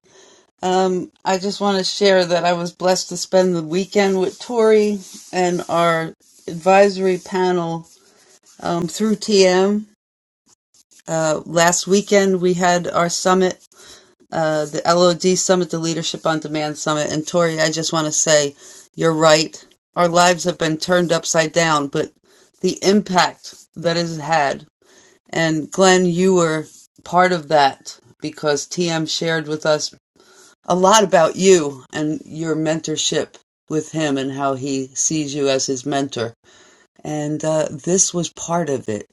[SPEAKER 1] Um, I just want to share that I was blessed to spend the weekend with Tori and our advisory panel um, through TM. Uh, last weekend, we had our summit uh, the LOD Summit, the Leadership on Demand Summit. And Tori, I just want to say you're right. Our lives have been turned upside down, but the impact that it had. And Glenn, you were part of that because TM shared with us a lot about you and your mentorship with him and how he sees you as his mentor. And uh, this was part of it.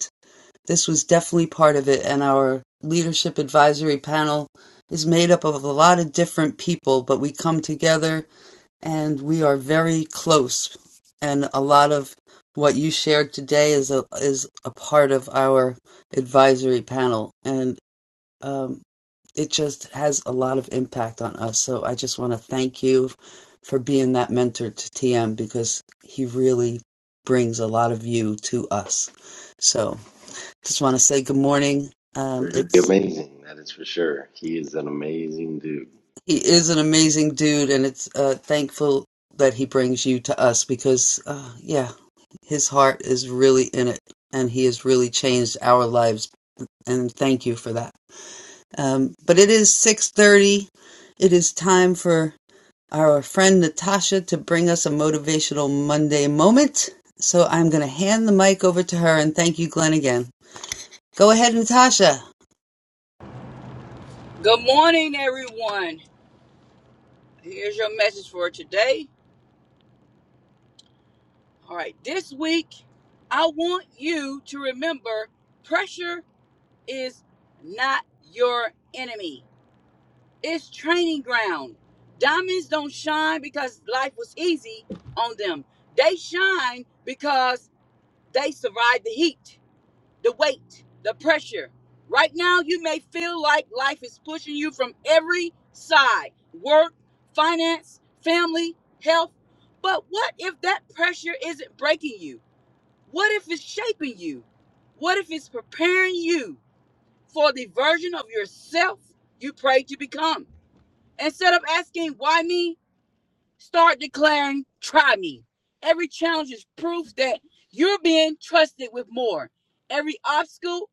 [SPEAKER 1] This was definitely part of it, and our leadership advisory panel is made up of a lot of different people, but we come together and we are very close. And a lot of what you shared today is a is a part of our advisory panel, and um, it just has a lot of impact on us. So I just want to thank you for being that mentor to TM because he really brings a lot of you to us. So. Just want to say good morning. Um,
[SPEAKER 11] Pretty
[SPEAKER 1] it's
[SPEAKER 11] amazing, that is for sure. He is an amazing dude.
[SPEAKER 1] he is an amazing dude, and it's uh, thankful that he brings you to us because, uh, yeah, his heart is really in it, and he has really changed our lives. And thank you for that. Um, but it is six thirty. It is time for our friend Natasha to bring us a motivational Monday moment. So I'm going to hand the mic over to her, and thank you, Glenn, again. Go ahead, Natasha.
[SPEAKER 13] Good morning, everyone. Here's your message for today. All right, this week, I want you to remember pressure is not your enemy, it's training ground. Diamonds don't shine because life was easy on them, they shine because they survived the heat. the weight, the pressure. Right now, you may feel like life is pushing you from every side work, finance, family, health. But what if that pressure isn't breaking you? What if it's shaping you? What if it's preparing you for the version of yourself you prayed to become? Instead of asking, why me? Start declaring, try me. Every challenge is proof that you're being trusted with more. Every obstacle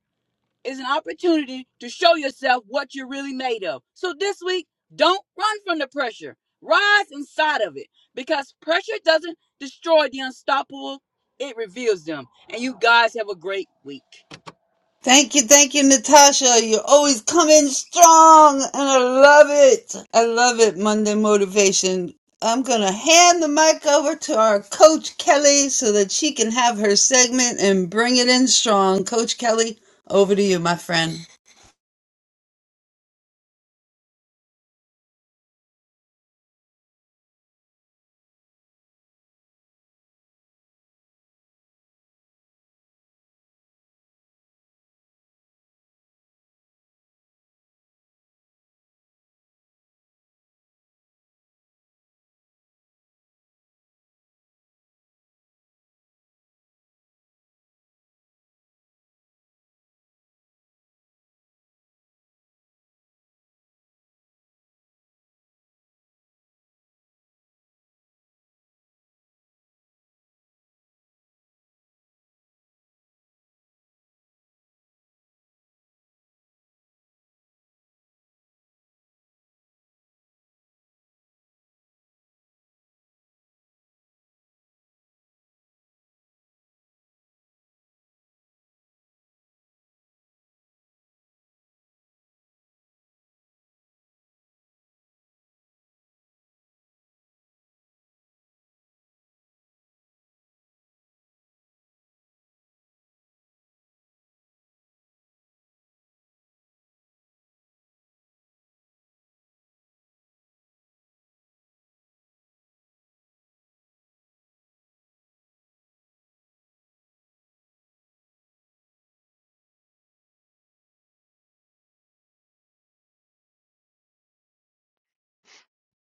[SPEAKER 13] is an opportunity to show yourself what you're really made of. So this week, don't run from the pressure. Rise inside of it because pressure doesn't destroy the unstoppable, it reveals them. And you guys have a great week.
[SPEAKER 1] Thank you, thank you, Natasha. You always come in strong, and I love it. I love it, Monday Motivation. I'm going to hand the mic over to our Coach Kelly so that she can have her segment and bring it in strong. Coach Kelly, over to you, my friend.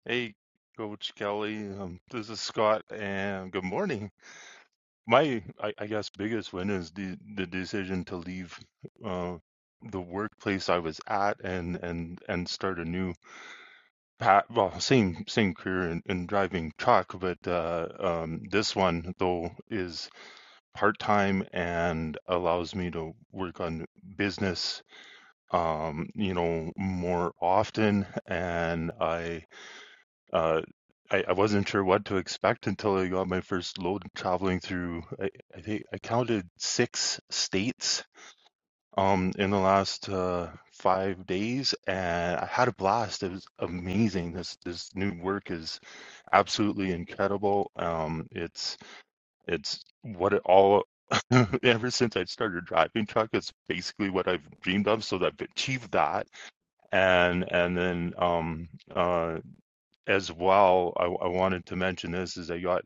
[SPEAKER 14] Hey, Coach Kelly. Um, this is Scott, and good morning. My, I, I guess, biggest win is the the decision to leave uh, the workplace I was at and and and start a new path. Well, same same career in, in driving truck, but uh, um, this one though is part time and allows me to work on business. Um, you know, more often, and I Uh, I, I wasn't sure what to expect until I got my first load traveling through. I, I think I counted six states um, in the last uh, five days, and I had a blast. It was amazing. This this new work is absolutely incredible. Um, it's it's what it all. Ever since I started driving truck, it's basically what I've dreamed of. So I've achieved that, and and then um uh as well, I, I wanted to mention this is I got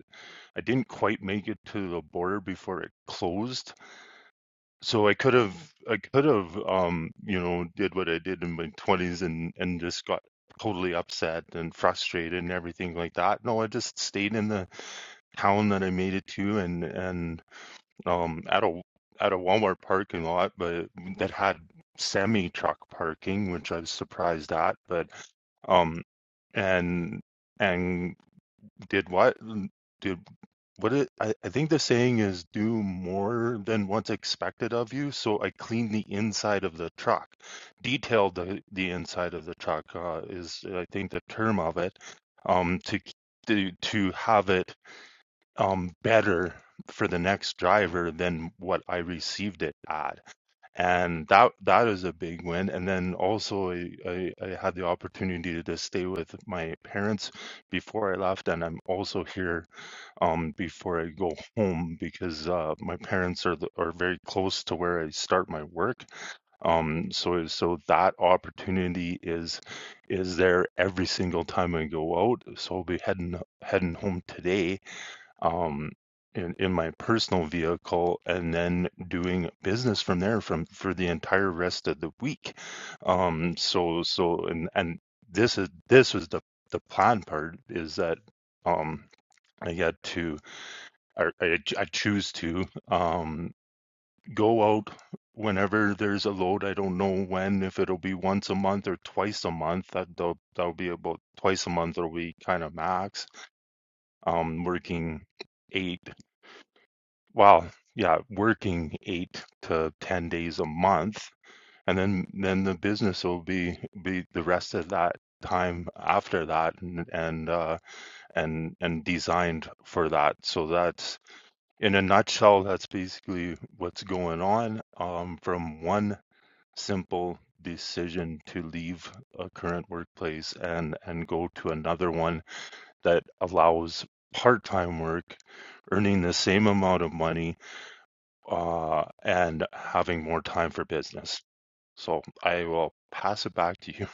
[SPEAKER 14] I didn't quite make it to the border before it closed. So I could have I could have um you know did what I did in my twenties and and just got totally upset and frustrated and everything like that. No, I just stayed in the town that I made it to and and um at a at a Walmart parking lot, but that had semi truck parking, which I was surprised at, but um and and did what? Did what? It, I I think the saying is do more than what's expected of you. So I cleaned the inside of the truck, detailed the the inside of the truck uh, is I think the term of it, um to to to have it um better for the next driver than what I received it at and that that is a big win and then also I, I i had the opportunity to stay with my parents before i left and i'm also here um before i go home because uh my parents are the, are very close to where i start my work um so so that opportunity is is there every single time i go out so i'll be heading heading home today um, in, in my personal vehicle and then doing business from there from for the entire rest of the week. Um, so so and and this is this was the the plan part is that um, I get to I, I, ch- I choose to um, go out whenever there's a load. I don't know when if it'll be once a month or twice a month. That that'll, that'll be about twice a month. It'll be kind of max. Um, working eight Well, yeah, working 8 to 10 days a month, and then then the business will be be the rest of that time after that and and uh, and and designed for that. So that's in a nutshell, that's basically what's going on um, from one simple decision to leave a current workplace and and go to another one that allows part-time work, earning the same amount of money uh, and having more time for business. So I will pass it back to you.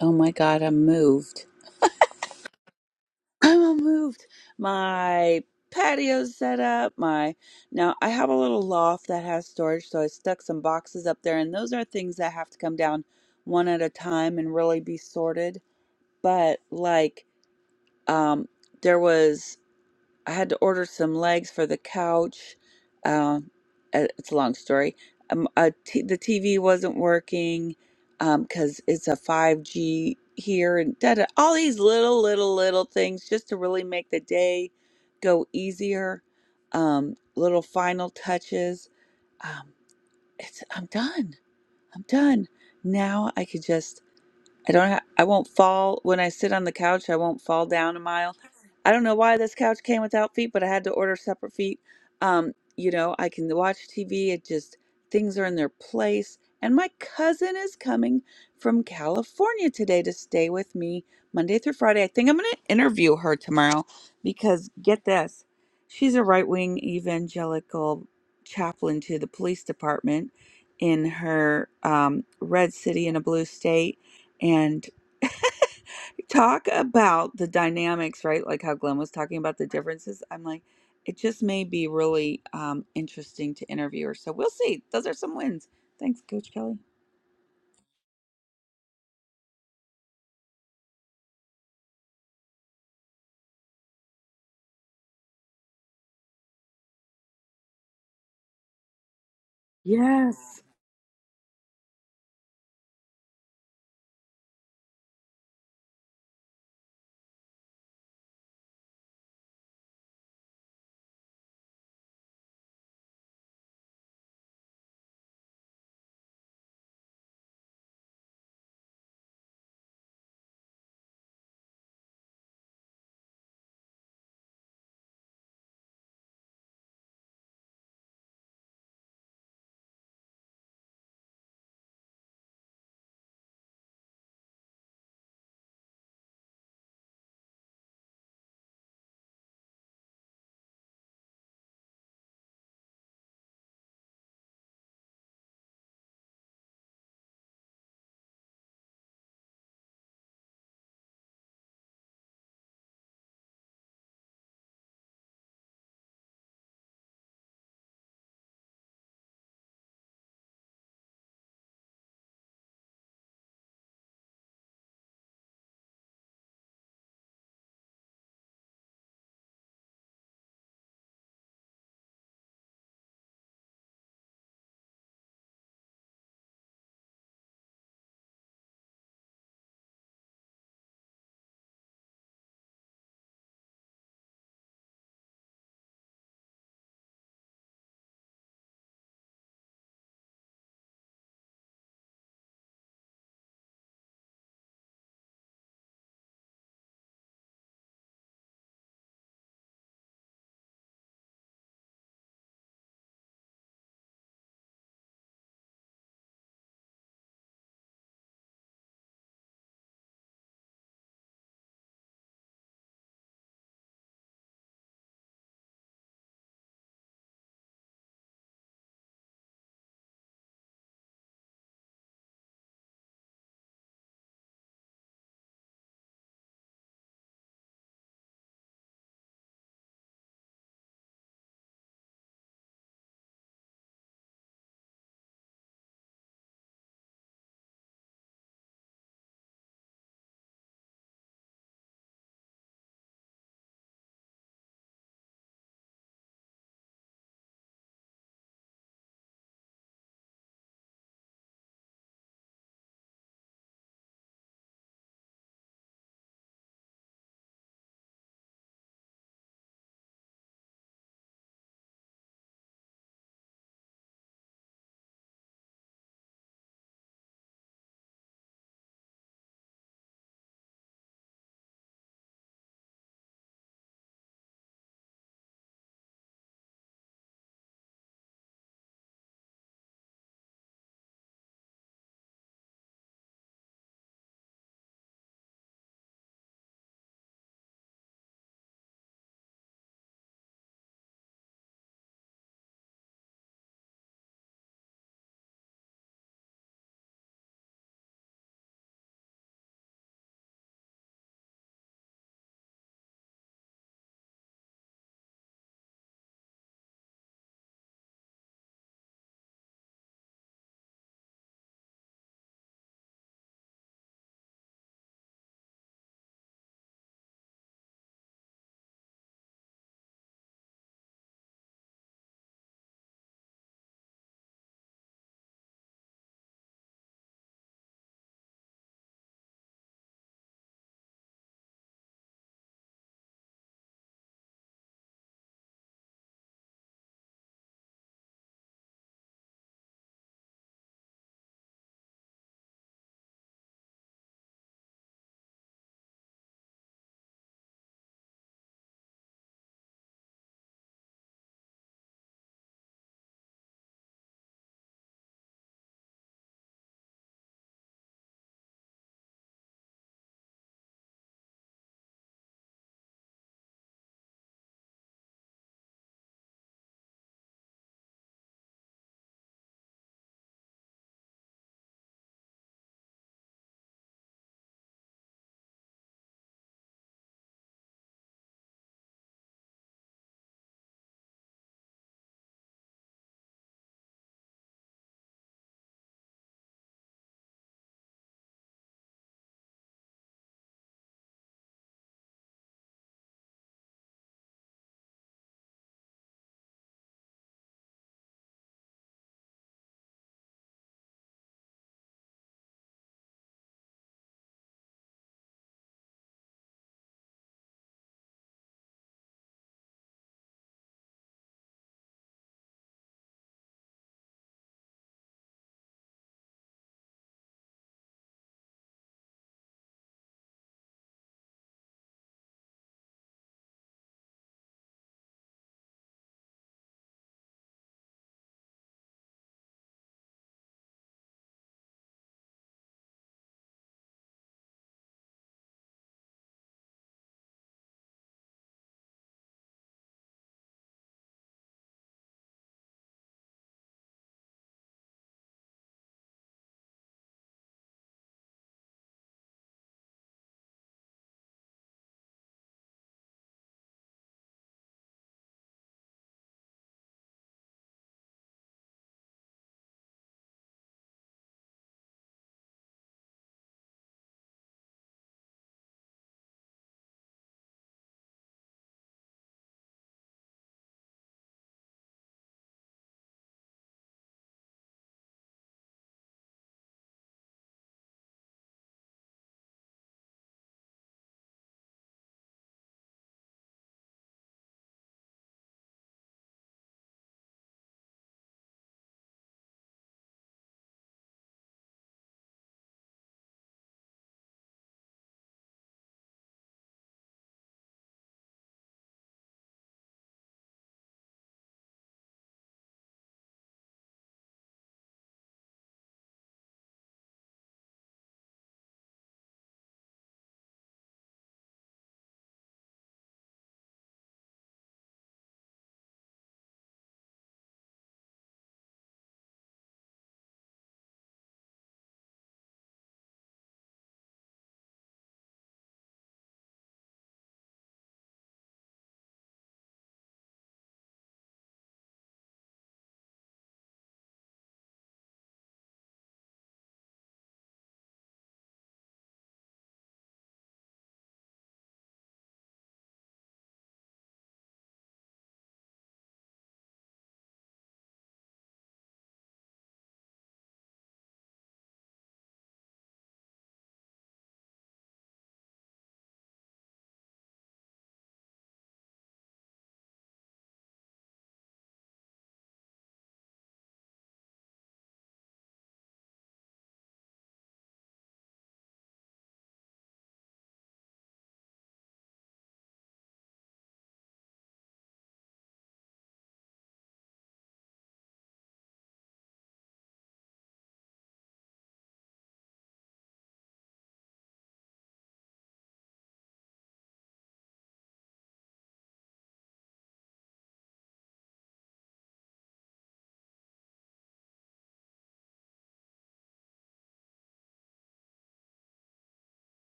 [SPEAKER 8] Oh my God, I'm moved. I'm all moved. My patio's set up. My now I have a little loft that has storage, so I stuck some boxes up there, and those are things that have to come down one at a time and really be sorted. But like, um, there was. I had to order some legs for the couch. Um, uh, it's a long story. Um, a t- the TV wasn't working because it's a 5G here and da da. All these little, little, little things just to really make the day go easier. Um, little final touches. Um, it's I'm done. I'm done. Now I could just I don't. Ha- I won't fall when I sit on the couch. I won't fall down a mile. I don't know why this couch came without feet, but I had to order separate feet. Um, you know, I can watch TV. It just things are in their place. And my cousin is coming from California today to stay with me Monday through Friday. I think I'm going to interview her tomorrow because get this, she's a right wing evangelical chaplain to the police department in her um, red city in a blue state and talk about the dynamics, right? Like how Glenn was talking about the differences. I'm like, it just may be really um, interesting to interviewers. So we'll see. Those are some wins. Thanks, Coach Kelly. Yes.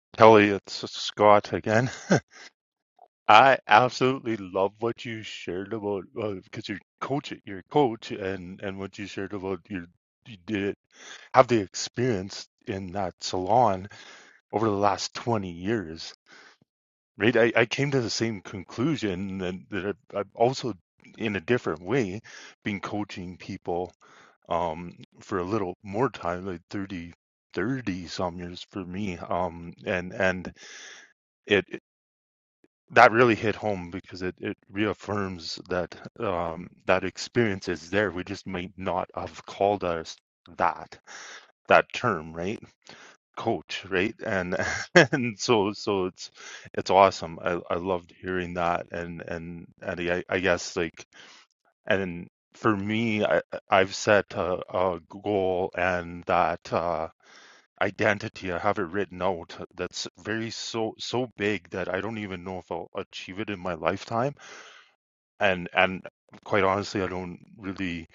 [SPEAKER 14] Kelly, it's Scott again. I absolutely love what you shared about well, because you're coach, you're a coach, and and what you shared about your you did have the experience in that salon over the last 20 years right? I, I came to the same conclusion that, that I've also, in a different way, been coaching people um, for a little more time, like 30, 30 some years for me. Um, and and it it- that really hit home because it, it reaffirms that um, that experience is there. We just might not have called us that that term, right? coach, right? And and so so it's it's awesome. I I loved hearing that, and and Eddie, I, I guess like and for me, I I've set a, a goal and that uh, identity. I have it written out. That's very so so big that I don't even know if I'll achieve it in my lifetime. And and quite honestly, I don't really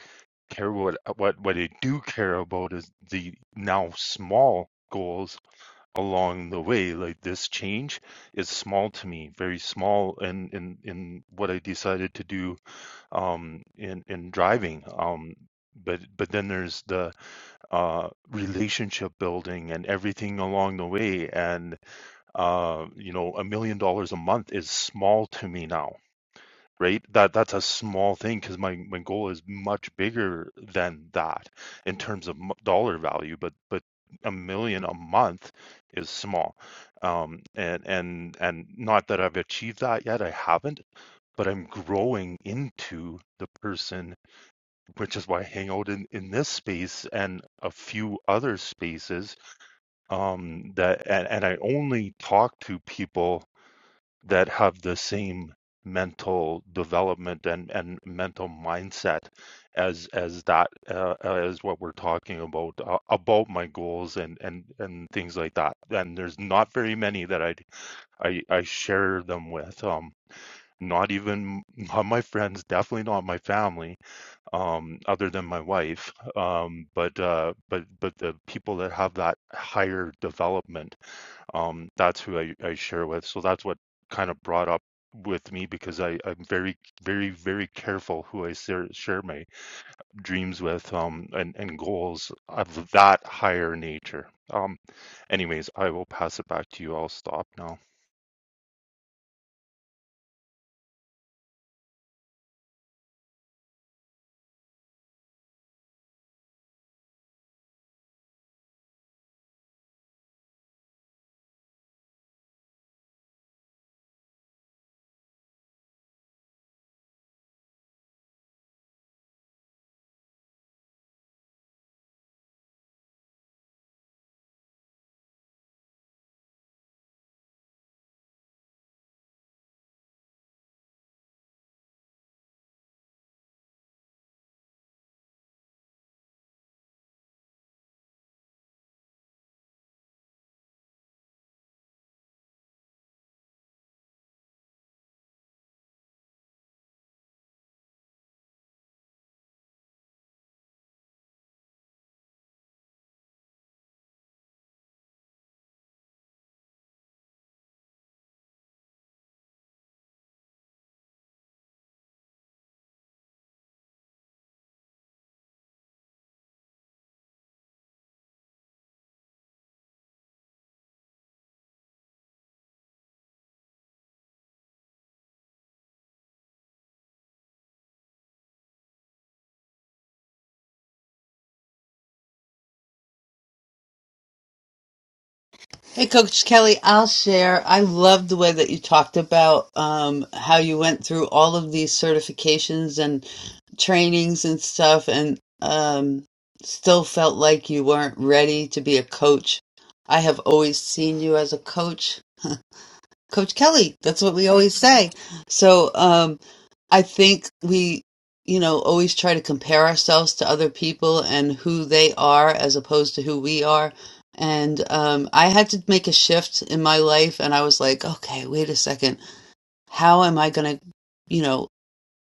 [SPEAKER 14] care what what what I do care about is the now small goals along the way like this change is small to me very small in in, in what i decided to do um in in driving um but but then there's the uh relationship building and everything along the way and uh you know a million dollars a month is small to me now right? That that's a small thing because my my goal is much bigger than that in terms of dollar value, but but a million a month is small, um, and and and not that I've achieved that yet. I haven't, but I'm growing into the person, which is why I hang out in in this space and a few other spaces um, that and, and I only talk to people that have the same mental development and, and mental mindset as as that uh, uh, as what we're talking about uh, about my goals and and and things like that and there's not very many that i i i share them with um not even not my friends definitely not my family um other than my wife um but uh but but the people that have that higher development um, that's who I, I share with. So that's what kind of brought up with me because I, I'm very, very, very careful who I share, share my dreams with um, and, and goals of that higher nature. Um, anyways, I will pass it back to you. I'll stop now.
[SPEAKER 1] Hey, Coach Kelly, I'll share. I love the way that you talked about um, how you went through all of these certifications and. trainings and stuff and um, still felt like you weren't ready to be a coach. I have always seen you as a coach, Coach Kelly. That's what we always say. So um, I think we, you know, always try to compare ourselves to other people and who they are as opposed to who we are. And um, I had to make a shift in my life, and I was like, okay, wait a second. How am I going to? you know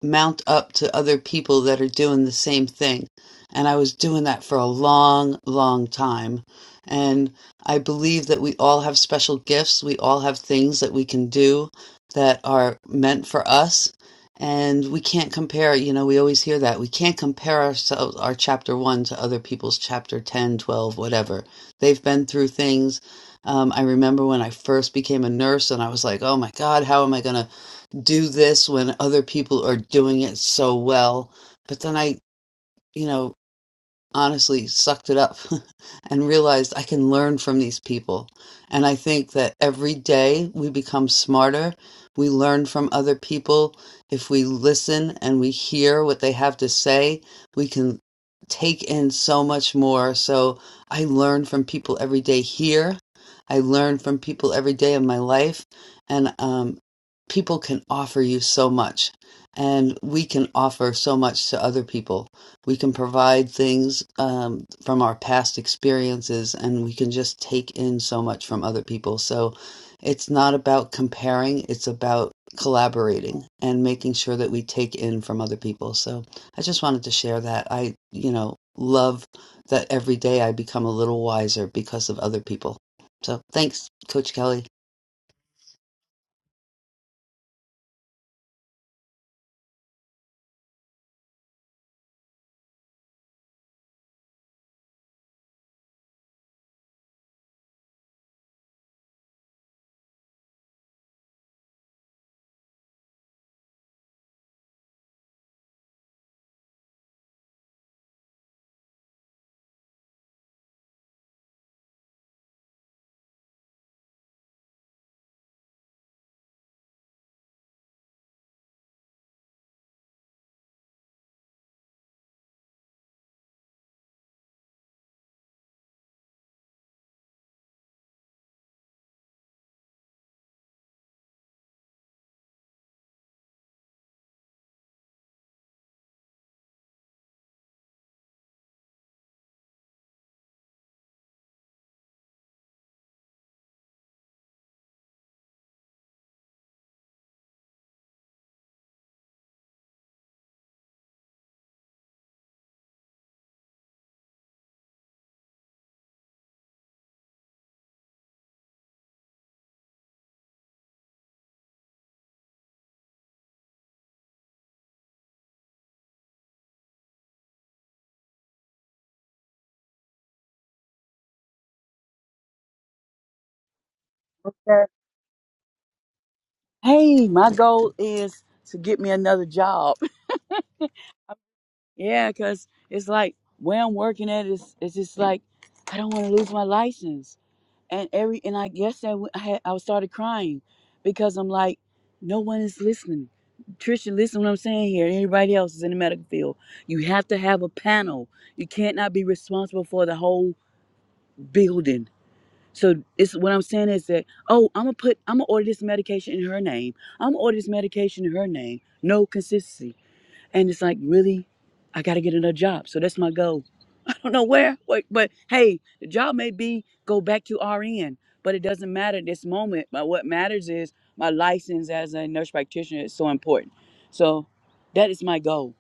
[SPEAKER 1] mount up to other people that are doing the same thing. And I was doing that for a long, long time. And I believe that we all have special gifts. We all have things that we can do that are meant for us. And we can't compare, you know, we always hear that. We can't compare ourselves, our chapter one to other people's chapter 10, 12, whatever. They've been through things. Um, I remember when I first became a nurse and I was like, oh my God, how am I going to? do this when other people are doing it so well. But then I, you know, honestly sucked it up and realized I can learn from these people. And I think that every day we become smarter. We learn from other people. If we listen and we hear what they have to say, we can take in so much more. So I learn from people every day here. I learn from people every day of my life. And um, people can offer you so much. And we can offer so much to other people. We can provide things um, from our past experiences, and we can just take in so much from other people. So it's not about comparing, it's about collaborating and making sure that we take in from other people. So I just wanted to share that. I, you know, love that every day I become a little wiser because of other people. So thanks, Coach Kelly.
[SPEAKER 13] hey, my goal is to get me another job. Yeah, because it's like where I'm working at is it's just like I don't want to lose my license. and every and I guess I, w- I had I started crying because I'm like, no one is listening. Trisha, listen what I'm saying here. Everybody else is in the medical field. You have to have a panel. You can't not be responsible for the whole building. So it's what I'm saying is that, oh, I'm gonna put I'm gonna order this medication in her name. I'm gonna order this medication in her name. No consistency. And it's like, really? I gotta get another job. So that's my goal don't know where, what, but hey, the job may be go back to RN, but it doesn't matter at this moment. But what matters is my license as a nurse practitioner is so important. So that is my goal,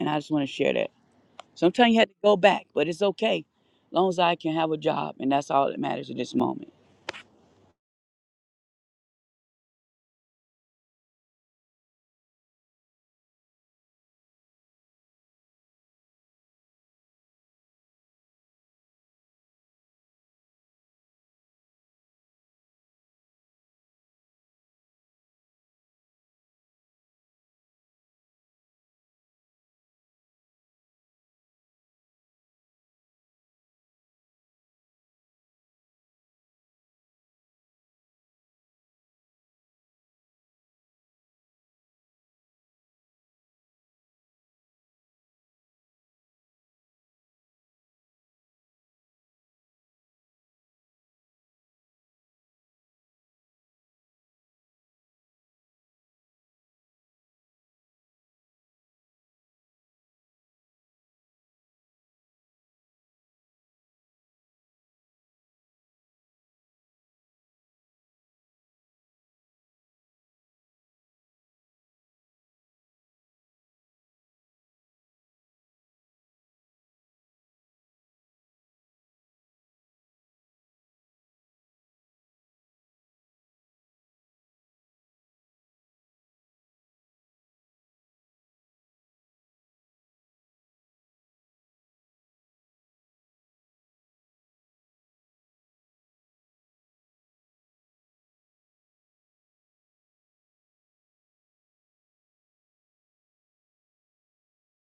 [SPEAKER 13] and I just want to share that. Sometimes you have to go back, but it's okay, as long as I can have a job, and that's all that matters at this moment.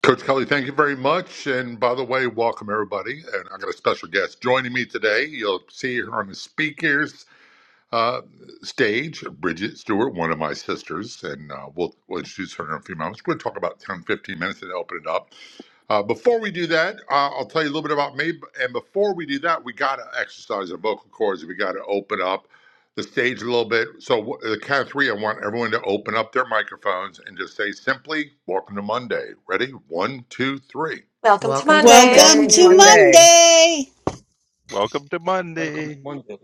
[SPEAKER 15] Coach Kelly, thank you very much. And by the way, welcome everybody. And I got a special guest joining me today. You'll see her on the speakers uh, stage, Bridget Stewart, one of my sisters, and uh, we'll, we'll introduce her in a few moments. We're going to talk about 10 15 minutes and open it up. Uh, before we do that, uh, I'll tell you a little bit about me. And before we do that, we got to exercise our vocal cords. We got to open up the stage a little bit. So, wh- the count of three, I want everyone to open up their microphones and just say simply, Welcome to Monday. Ready? One, two, three.
[SPEAKER 16] Welcome to
[SPEAKER 3] welcome to
[SPEAKER 16] Monday.
[SPEAKER 1] Welcome
[SPEAKER 17] Welcome to
[SPEAKER 1] to
[SPEAKER 3] Monday.
[SPEAKER 17] Monday.
[SPEAKER 1] Monday.
[SPEAKER 14] Welcome to
[SPEAKER 18] Welcome to
[SPEAKER 14] Monday.
[SPEAKER 18] Monday.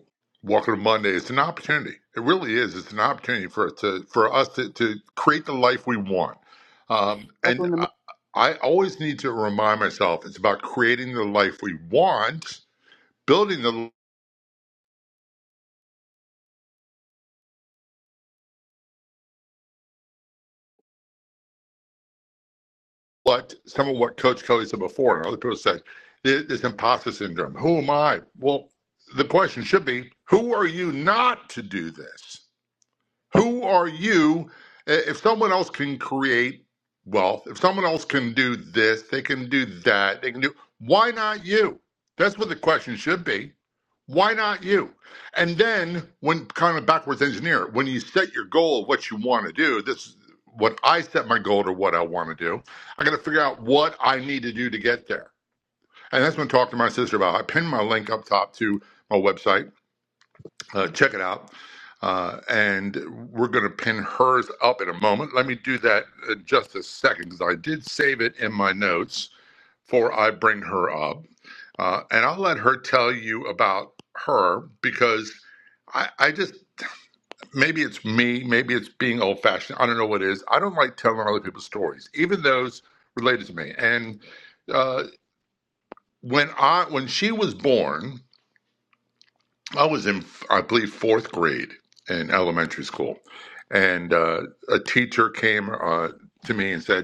[SPEAKER 15] Walking on Monday. It's an opportunity. It really is. It's an opportunity for it to for us to, to create the life we want. Um, and
[SPEAKER 13] Welcome to
[SPEAKER 15] I, I always need to remind myself it's about creating the life we want, building the what some of what Coach Kelly said before, and other people said "It- imposter syndrome. Who am I? Well, the question should be, who are you not to do this? Who are you? If someone else can create wealth, if someone else can do this, they can do that, they can do, why not you? That's what the question should be. Why not you? And then, when kind of backwards engineer, when you set your goal of what you want to do, this is what I set my goal to what I want to do. I got to figure out what I need to do to get there. And that's when I talked to my sister about. I pinned my link up top to my website uh, check it out. Uh, and we're going to pin hers up in a moment. Let me do that in just a second because I did save it in my notes for I bring her up. Uh, and I'll let her tell you about her because I, I just, maybe it's me, maybe it's being old fashioned. I don't know what it is. I don't like telling other people's stories, even those related to me. And uh, when I, when she was born, I was in, I believe, fourth grade in elementary school, and uh, a teacher came uh, to me and said,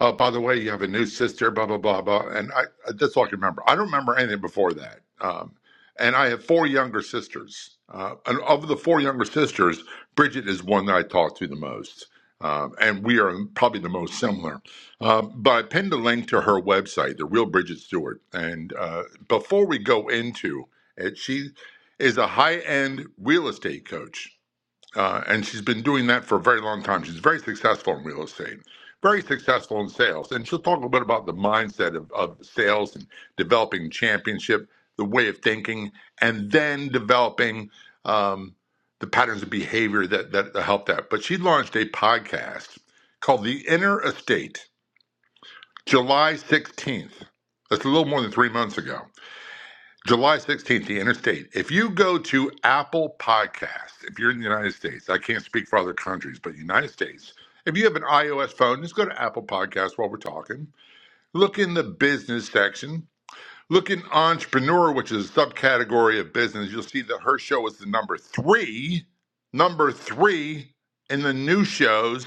[SPEAKER 15] oh, by the way, you have a new sister, blah, blah, blah, blah. And I, I- that's all I can remember. I don't remember anything before that. Um, and I have four younger sisters. Uh, and of the four younger sisters, Bridget is one that I talk to the most. Um, and we are probably the most similar. Um, but I pinned a link to her website, The Real Bridget Stewart. And uh, before we go into it, she is a high end real estate coach uh, and she's been doing that for a very long time. She's very successful in real estate, very successful in sales, and she'll talk a little bit about the mindset of, of sales and developing championship, the way of thinking, and then developing um, the patterns of behavior that that help that. But she launched a podcast called The Inner Estate, July sixteenth. That's a little more than three months ago July 16th, the interstate. If you go to Apple Podcasts, if you're in the United States, I can't speak for other countries, but United States, if you have an iOS phone, just go to Apple Podcasts while we're talking. Look in the business section. Look in entrepreneur, which is a subcategory of business. You'll see that her show is the number three, number three in the new shows.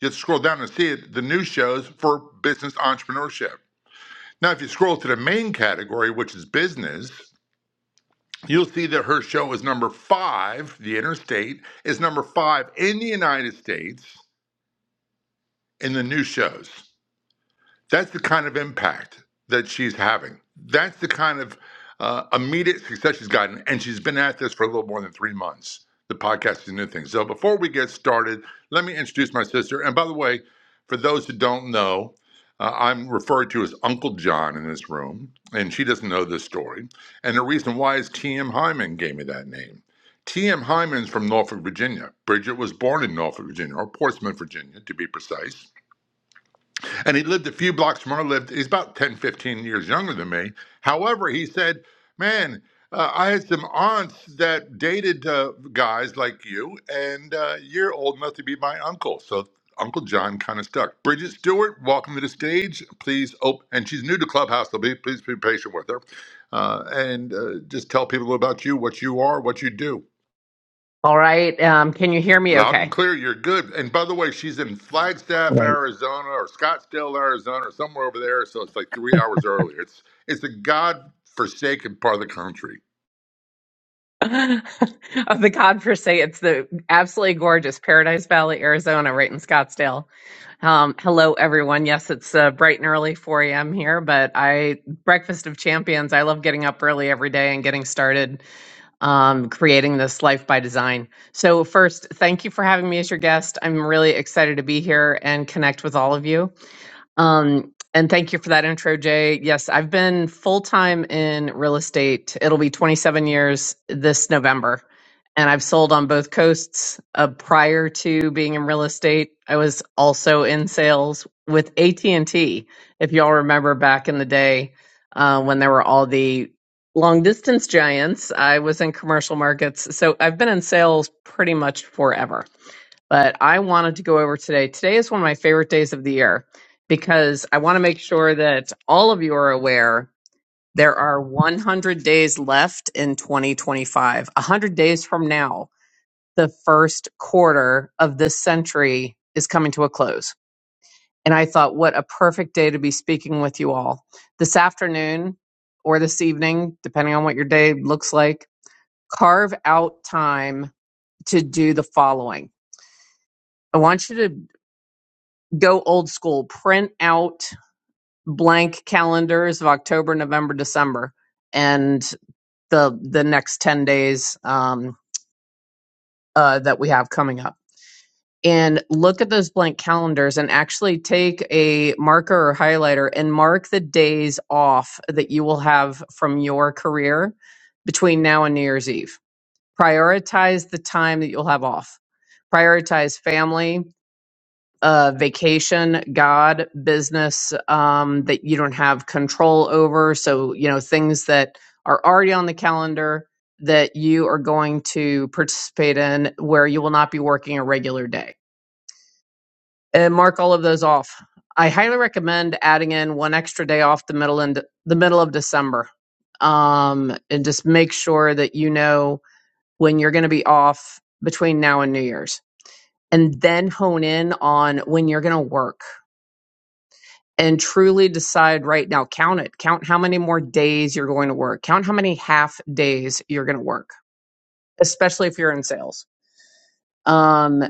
[SPEAKER 15] You have to scroll down and see it, the new shows for business entrepreneurship. Now, if you scroll to the main category, which is business, you'll see that her show is number five, The Interstate, is number five in the United States in the new shows. That's the kind of impact that she's having. That's the kind of uh, immediate success she's gotten. And she's been at this for a little more than three months. The podcast is new thing. So before we get started, let me introduce my sister. And by the way, for those who don't know, uh, I'm referred to as Uncle John in this room, and she doesn't know this story. And the reason why is T.M. Hyman gave me that name. T.M. Hyman's from Norfolk, Virginia. Bridget was born in Norfolk, Virginia, or Portsmouth, Virginia, to be precise. And he lived a few blocks from where I lived. He's about 10, 15 years younger than me. However, he said, Man, uh, I had some aunts that dated uh, guys like you, and uh, you're old enough to be my uncle. So Uncle John kind of stuck. Bridget Stewart, welcome to the stage. Please, oh, and she's new to Clubhouse, so be, please be patient with her. Uh, and uh, just tell people about you, what you are, what you do.
[SPEAKER 17] All right. Um, can you hear me
[SPEAKER 15] Loud and
[SPEAKER 17] okay?
[SPEAKER 15] clear, you're good. And by the way, she's in Flagstaff,
[SPEAKER 17] Great.
[SPEAKER 15] Arizona, or Scottsdale, Arizona, or somewhere over there. So it's like three hours earlier. It's it's a god-forsaken part of the country.
[SPEAKER 17] of the Godforsaken, it's the absolutely gorgeous Paradise Valley, Arizona, right in Scottsdale. Um, hello, everyone. Yes, it's uh, bright and early, 4 a.m. here, but I breakfast of champions. I love getting up early every day and getting started um, creating this life by design. So, first, thank you for having me as your guest. I'm really excited to be here and connect with all of you. Um, and thank you for that intro, Jay. Yes, I've been full time in real estate. It'll be 27 years this November. And I've sold on both coasts. Uh, prior to being in real estate, I was also in sales with AT&T. If y'all remember back in the day uh, when there were all the long distance giants, I was in commercial markets. So I've been in sales pretty much forever but I wanted to go over today. Today is one of my favorite days of the year because I want to make sure that all of you are aware there are 100 days left in 2025. 100 days from now, the first quarter of this century is coming to a close. And I thought, what a perfect day to be speaking with you all. This afternoon or this evening, depending on what your day looks like, carve out time to do the following. I want you to go old school, print out blank calendars of October, November, December, and the the next ten days um, uh, that we have coming up. And look at those blank calendars and actually take a marker or highlighter and mark the days off that you will have from your career between now and New Year's Eve. Prioritize the time that you'll have off. Prioritize family, uh, vacation, God, business um, that you don't have control over. So, you know, things that are already on the calendar that you are going to participate in where you will not be working a regular day. And mark all of those off. I highly recommend adding in one extra day off the middle and the middle of December. Um, and just make sure that you know when you're going to be off between now and New Year's. And then hone in on when you're going to work and truly decide right now count it count how many more days you're going to work count how many half days you're going to work especially if you're in sales um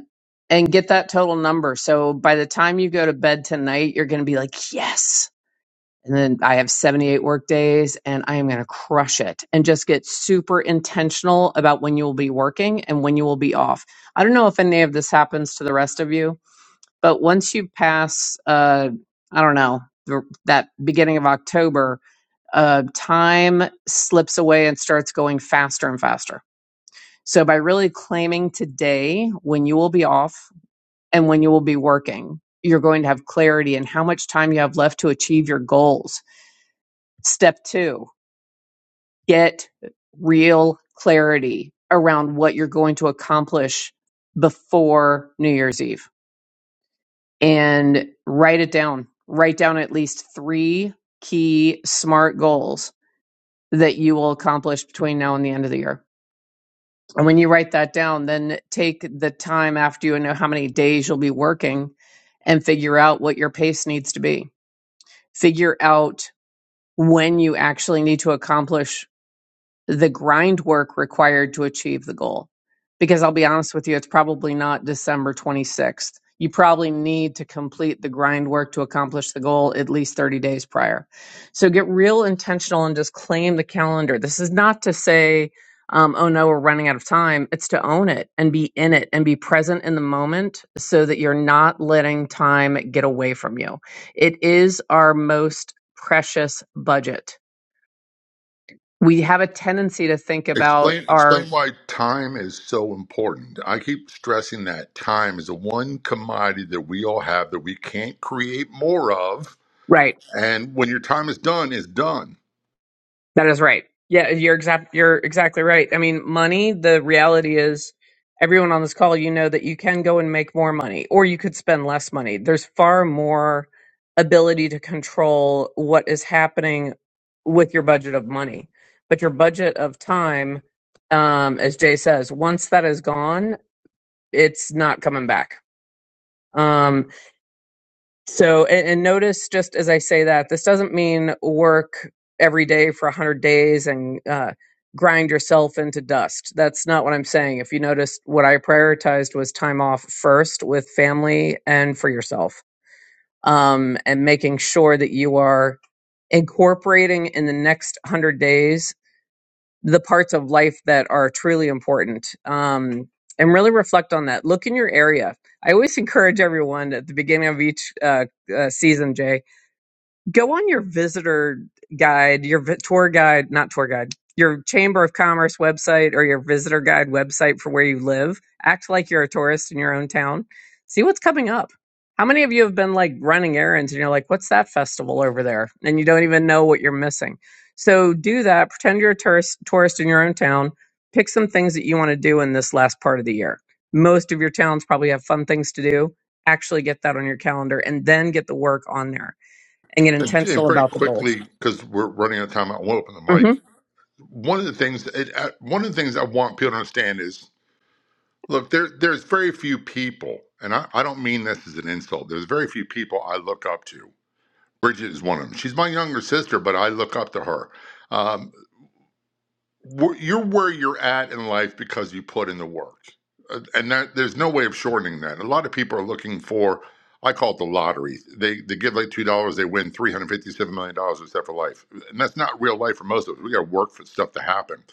[SPEAKER 17] and get that total number so by the time you go to bed tonight you're going to be like yes and then i have 78 work days and i am going to crush it and just get super intentional about when you will be working and when you will be off i don't know if any of this happens to the rest of you but once you pass, uh, I don't know, the- that beginning of October, uh, time slips away and starts going faster and faster. So by really claiming today when you will be off and when you will be working, you're going to have clarity in how much time you have left to achieve your goals. Step two, get real clarity around what you're going to accomplish before New Year's Eve and write it down. Write down at least three key SMART goals that you will accomplish between now and the end of the year. And when you write that down, then take the time after you know how many days you'll be working and figure out what your pace needs to be. Figure out when you actually need to accomplish the grind work required to achieve the goal. Because I'll be honest with you, it's probably not December 26th. You probably need to complete the grind work to accomplish the goal at least 30 days prior. So get real intentional and just claim the calendar. This is not to say, um, oh no, we're running out of time. It's to own it and be in it and be present in the moment so that you're not letting time get away from you. It is our most precious budget we have a tendency to think about
[SPEAKER 15] Explain
[SPEAKER 17] our
[SPEAKER 15] explain why time is so important. I keep stressing that time is the one commodity that we all have that we can't create more of.
[SPEAKER 17] right
[SPEAKER 15] And when your time is done, it's done.
[SPEAKER 17] that is right yeah you're exact you're exactly right i mean money the reality is everyone on this call you know that you can go and make more money or you could spend less money there's far more ability to control what is happening with your budget of money but your budget of time um as jay says once that is gone it's not coming back Um, So, and, and notice just as I say that, this doesn't mean work every day for 100 days and uh, grind yourself into dust. That's not what I'm saying. If you noticed, what I prioritized was time off first with family and for yourself, um, and making sure that you are incorporating in the next 100 days the parts of life that are truly important. Um, and really reflect on that. Look in your area. I always encourage everyone at the beginning of each uh, uh, season, Jay go on your visitor guide, your vi- tour guide, not tour guide, your Chamber of Commerce website or your visitor guide website for where you live. Act like you're a tourist in your own town. See what's coming up. How many of you have been like running errands and you're like, what's that festival over there? And you don't even know what you're missing. So do that. Pretend you're a tourist, tourist in your own town. Pick some things that you want to do in this last part of the year. Most of your towns probably have fun things to do. Actually, get that on your calendar and then get the work on there and get
[SPEAKER 15] And, and
[SPEAKER 17] intentional
[SPEAKER 15] very
[SPEAKER 17] about the goals.
[SPEAKER 15] quickly, because we're running out of time, I will open the
[SPEAKER 17] hmm
[SPEAKER 15] mic. One of the things, it, uh, one of the things I want people to understand is Look, there, there's very few people, and I, I don't mean this as an insult. There's very few people I look up to. Bridget is one of them. She's my younger sister, but I look up to her. Um, wh- you're where you're at in life because you put in the work, Uh, and that there's no way of shortening that. A lot of people are looking for, I call it the lottery. They they give like two dollars, they win three hundred fifty-seven million dollars except for life, and that's not real life for most of us. We got to work for stuff to happen.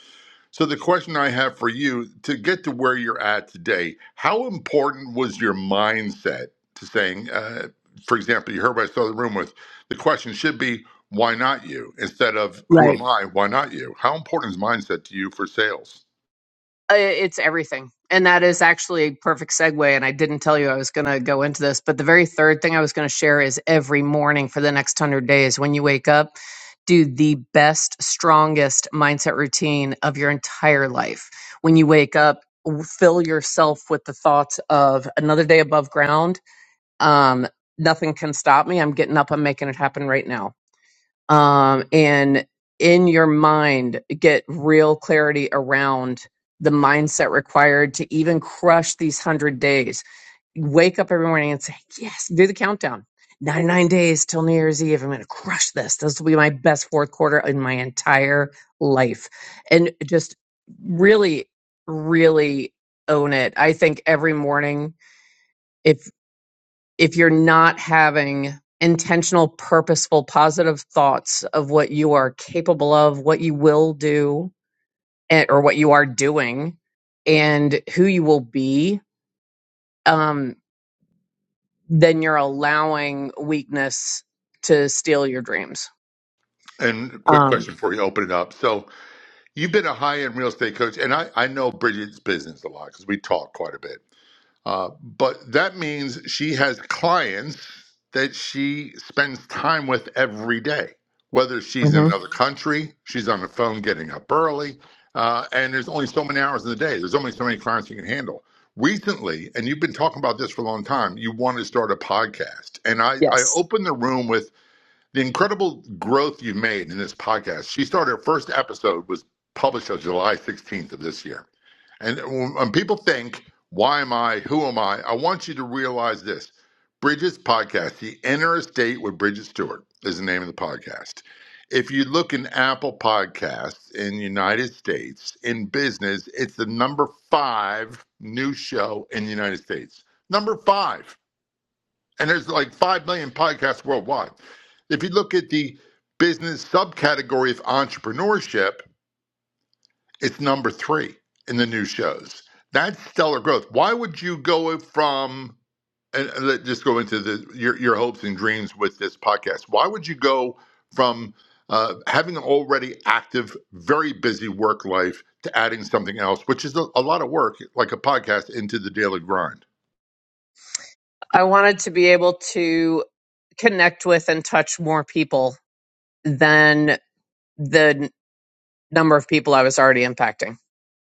[SPEAKER 15] So the question I have for you to get to where you're at today, how important was your mindset to saying, uh, for example, you heard what I started the room with. The question should be, why not you? Instead of who
[SPEAKER 17] Right.
[SPEAKER 15] am I? Why not you? How important is mindset to you for sales?
[SPEAKER 17] Uh, It's everything. And that is actually a perfect segue. And I didn't tell you I was going to go into this, but the very third thing I was going to share is every morning for the next 100 days, when you wake up, do the best, strongest mindset routine of your entire life. When you wake up, w- fill yourself with the thoughts of another day above ground. Um, nothing can stop me. I'm getting up. I'm making it happen right now um, and in your mind get real clarity around the mindset required to even crush these 100 days wake up every morning and say, Yes, do the countdown. 99 days till New Year's Eve. I'm going to crush this. This will be my best fourth quarter in my entire life. And just really, really own it. I think every morning, if if you're not having intentional, purposeful, positive thoughts of what you are capable of, what you will do, eh, or what you are doing, and who you will be, um, then you're allowing weakness to steal your dreams.
[SPEAKER 15] And quick
[SPEAKER 17] Um,
[SPEAKER 15] question before you open it up. So you've been a high end real estate coach, and I, I know Bridget's business a lot because we talk quite a bit. Uh, but that means she has clients that she spends time with every day, whether she's in
[SPEAKER 17] mhm,
[SPEAKER 15] another country, she's on the phone getting up early, uh, and there's only so many hours in the day. There's only so many clients you can handle. Recently, and you've been talking about this for a long time, you want to start a podcast. And I, I
[SPEAKER 17] Yes.
[SPEAKER 15] opened the room with the incredible growth you've made in this podcast. She started her first episode was published on July 16th of this year and when people think, why am I? Who am I? I want you to realize this Bridget's podcast, The Inner Estate with Bridget Stewart, is the name of the podcast. If you look in Apple Podcasts in the United States, in business, it's the number five new show in the United States. Number five. And there's like 5 million podcasts worldwide. If you look at the business subcategory of entrepreneurship, it's number three in the new shows. That's stellar growth. Why would you go from and and let just go into the your your hopes and dreams with this podcast? Why would you go from uh, having an already active, very busy work life to adding something else, which is a, a lot of work, like a podcast, into the daily grind?
[SPEAKER 17] I wanted to be able to connect with and touch more people than the n- number of people I was already impacting.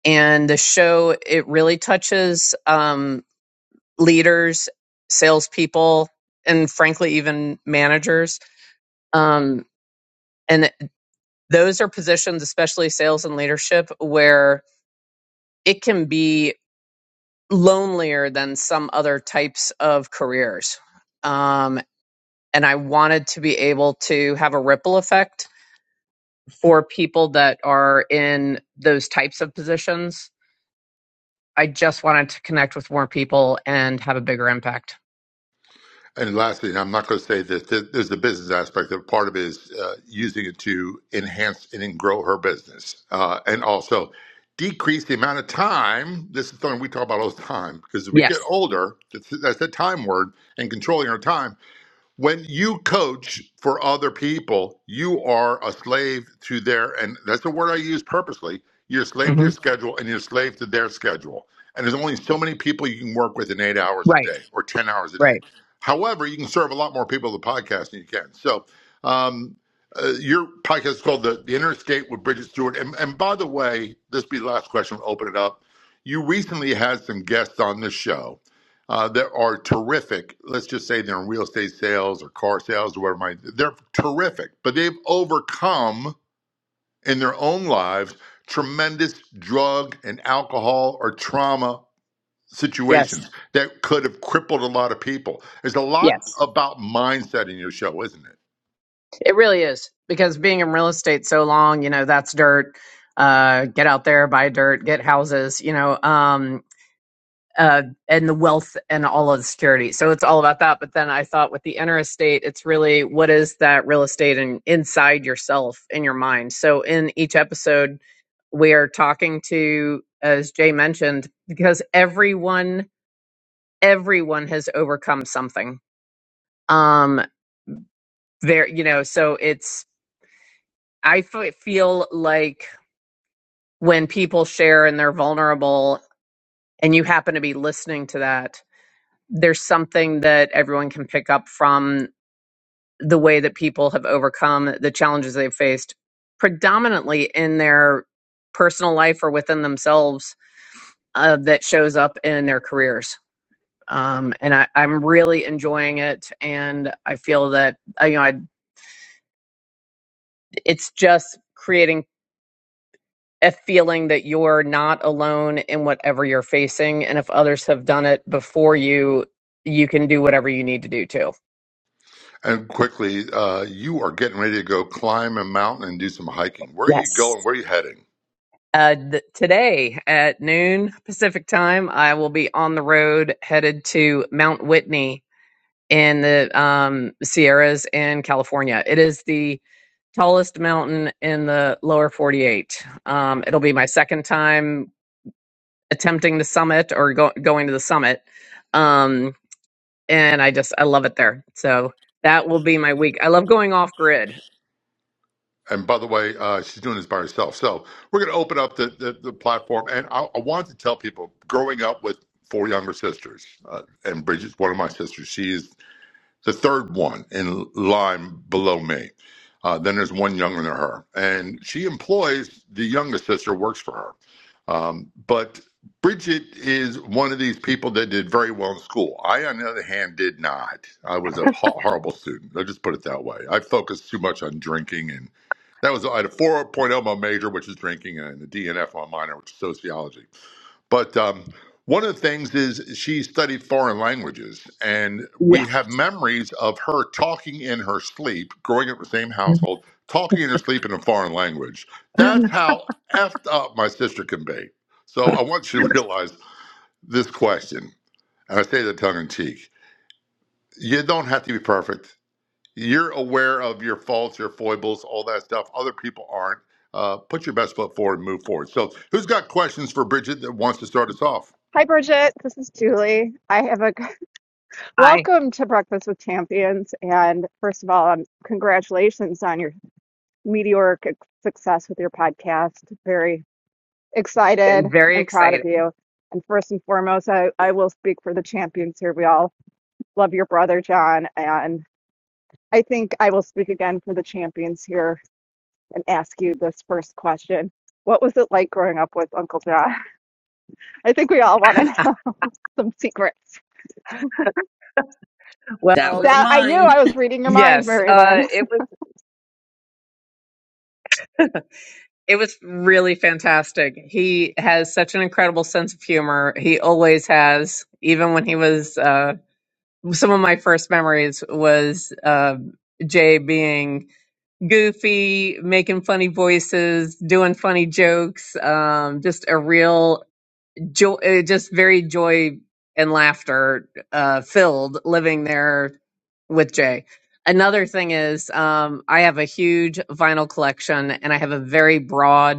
[SPEAKER 17] And the show, it really touches. Um, leaders, salespeople, and frankly, even managers. Um, and those are positions, especially sales and leadership, where it can be lonelier than some other types of careers. Um, and I wanted to be able to have a ripple effect for people that are in those types of positions I just wanted to connect with more people and have a bigger impact.
[SPEAKER 15] And lastly, and I'm not going to say this, th- there's the business aspect of it. Part of it is uh, using it to enhance and then grow her business. Uh, and also decrease the amount of time. This is something we talk about all the time because as we
[SPEAKER 17] Yes.
[SPEAKER 15] get older, that's, that's that time word and controlling our time when you coach for other people, you are a slave to their, and that's the word I use purposely. You're a slave to
[SPEAKER 17] hmm
[SPEAKER 15] your schedule and you're a slave to their schedule. And there's only so many people you can work with in eight hours of a
[SPEAKER 17] Right.
[SPEAKER 15] day or 10 hours a day.
[SPEAKER 17] Right.
[SPEAKER 15] However, you can serve a lot more people with a podcast than you can. So, um, uh, your podcast is called the, the Interstate with Bridget Stewart. And, and by the way, this will be the last question. We'll open it up. You recently had some guests on this show uh, that are terrific. Let's just say they're in real estate sales or car sales or whatever. Might, they're terrific, but they've overcome in their own lives tremendous drug and alcohol or trauma
[SPEAKER 17] Yes.
[SPEAKER 15] situations that could have crippled a lot of people. There's a lot
[SPEAKER 17] Yes.
[SPEAKER 15] about mindset in your show, isn't it?
[SPEAKER 17] It really is because being in real estate so long, you know, that's dirt. Uh, get out there, buy dirt, get houses. You know, um, uh, and the wealth and all of the security. So it's all about that. But then I thought with the inner estate, it's really what is that real estate and inside yourself in your mind. So in each episode, we are talking to, as Jay mentioned, because everyone, everyone has overcome something. Um, there, you know, so it's, I f- feel like when people share and they're vulnerable and you happen to be listening to that, there's something that everyone can pick up from the way that people have overcome the challenges they've faced, predominantly in their personal life or within themselves, uh, that shows up in their careers. Um, and I, I'm really enjoying it, and I feel that uh, you know I, it's just creating a feeling that you're not alone in whatever you're facing, and if others have done it before you, you can do whatever you need to do too.
[SPEAKER 15] And quickly, uh, you are getting ready to go climb a mountain and do some hiking. Where are you
[SPEAKER 17] Yes.
[SPEAKER 15] going? Where are you heading?
[SPEAKER 17] Uh, th- today at noon Pacific time, I will be on the road headed to Mount Whitney in the um, Sierras in California. It is the tallest mountain in the lower 48. Um, it'll be my second time attempting the summit or go- going to the summit. Um, and I just, I love it there. So that will be my week. I love going off grid.
[SPEAKER 15] And by the way, uh, she's doing this by herself. So we're going to open up the, the, the platform. And I, I wanted to tell people growing up with four younger sisters, uh, and Bridget's one of my sisters. She is the third one in line below me. Uh, then there's one younger than her. And she employs the youngest sister, works for her. Um, but Bridget is one of these people that did very well in school. I, on the other hand, did not. I was a ho- horrible student. I'll just put it that way. I focused too much on drinking, and that was I had a 4.0 my major, which is drinking, and a DNF on minor, which is sociology. But um, one of the things is she studied foreign languages, and
[SPEAKER 17] Yeah.
[SPEAKER 15] we have memories of her talking in her sleep, growing up in the same household, talking in her sleep in a foreign language. That's how effed up my sister can be. So I want you to realize this question, and I say that tongue in cheek. You don't have to be perfect. You're aware of your faults, your foibles, all that stuff. Other people aren't. Uh, put your best foot forward and move forward. So, who's got questions for Bridget that wants to start us off?
[SPEAKER 19] Hi, Bridget. This is Julie. I have a
[SPEAKER 17] I
[SPEAKER 19] welcome to Breakfast with Champions. And first of all, um, congratulations on your meteoric success with your podcast. Very excited
[SPEAKER 17] been very
[SPEAKER 19] and proud of
[SPEAKER 17] excited.
[SPEAKER 19] you. And first and foremost, I, I will speak for the champions here. We all love your brother, John. And I think I will speak again for the champions here and ask you this first question What was it like growing up with Uncle John? I think we all want to know some secrets.
[SPEAKER 8] That
[SPEAKER 17] Well,
[SPEAKER 8] was
[SPEAKER 19] That I knew
[SPEAKER 8] mine.
[SPEAKER 19] I was reading your mind,
[SPEAKER 17] yes,
[SPEAKER 19] Mary
[SPEAKER 17] uh,
[SPEAKER 19] Lynn.
[SPEAKER 17] it was. It was really fantastic. He has such an incredible sense of humor. He always has, even when he was. Uh, some of my first memories was uh, Jay being goofy, making funny voices, doing funny jokes. Um, just a real joy, uh, just very joy and laughter uh, filled living there with Jay. Another thing is, um, I have a huge vinyl collection, and I have a very broad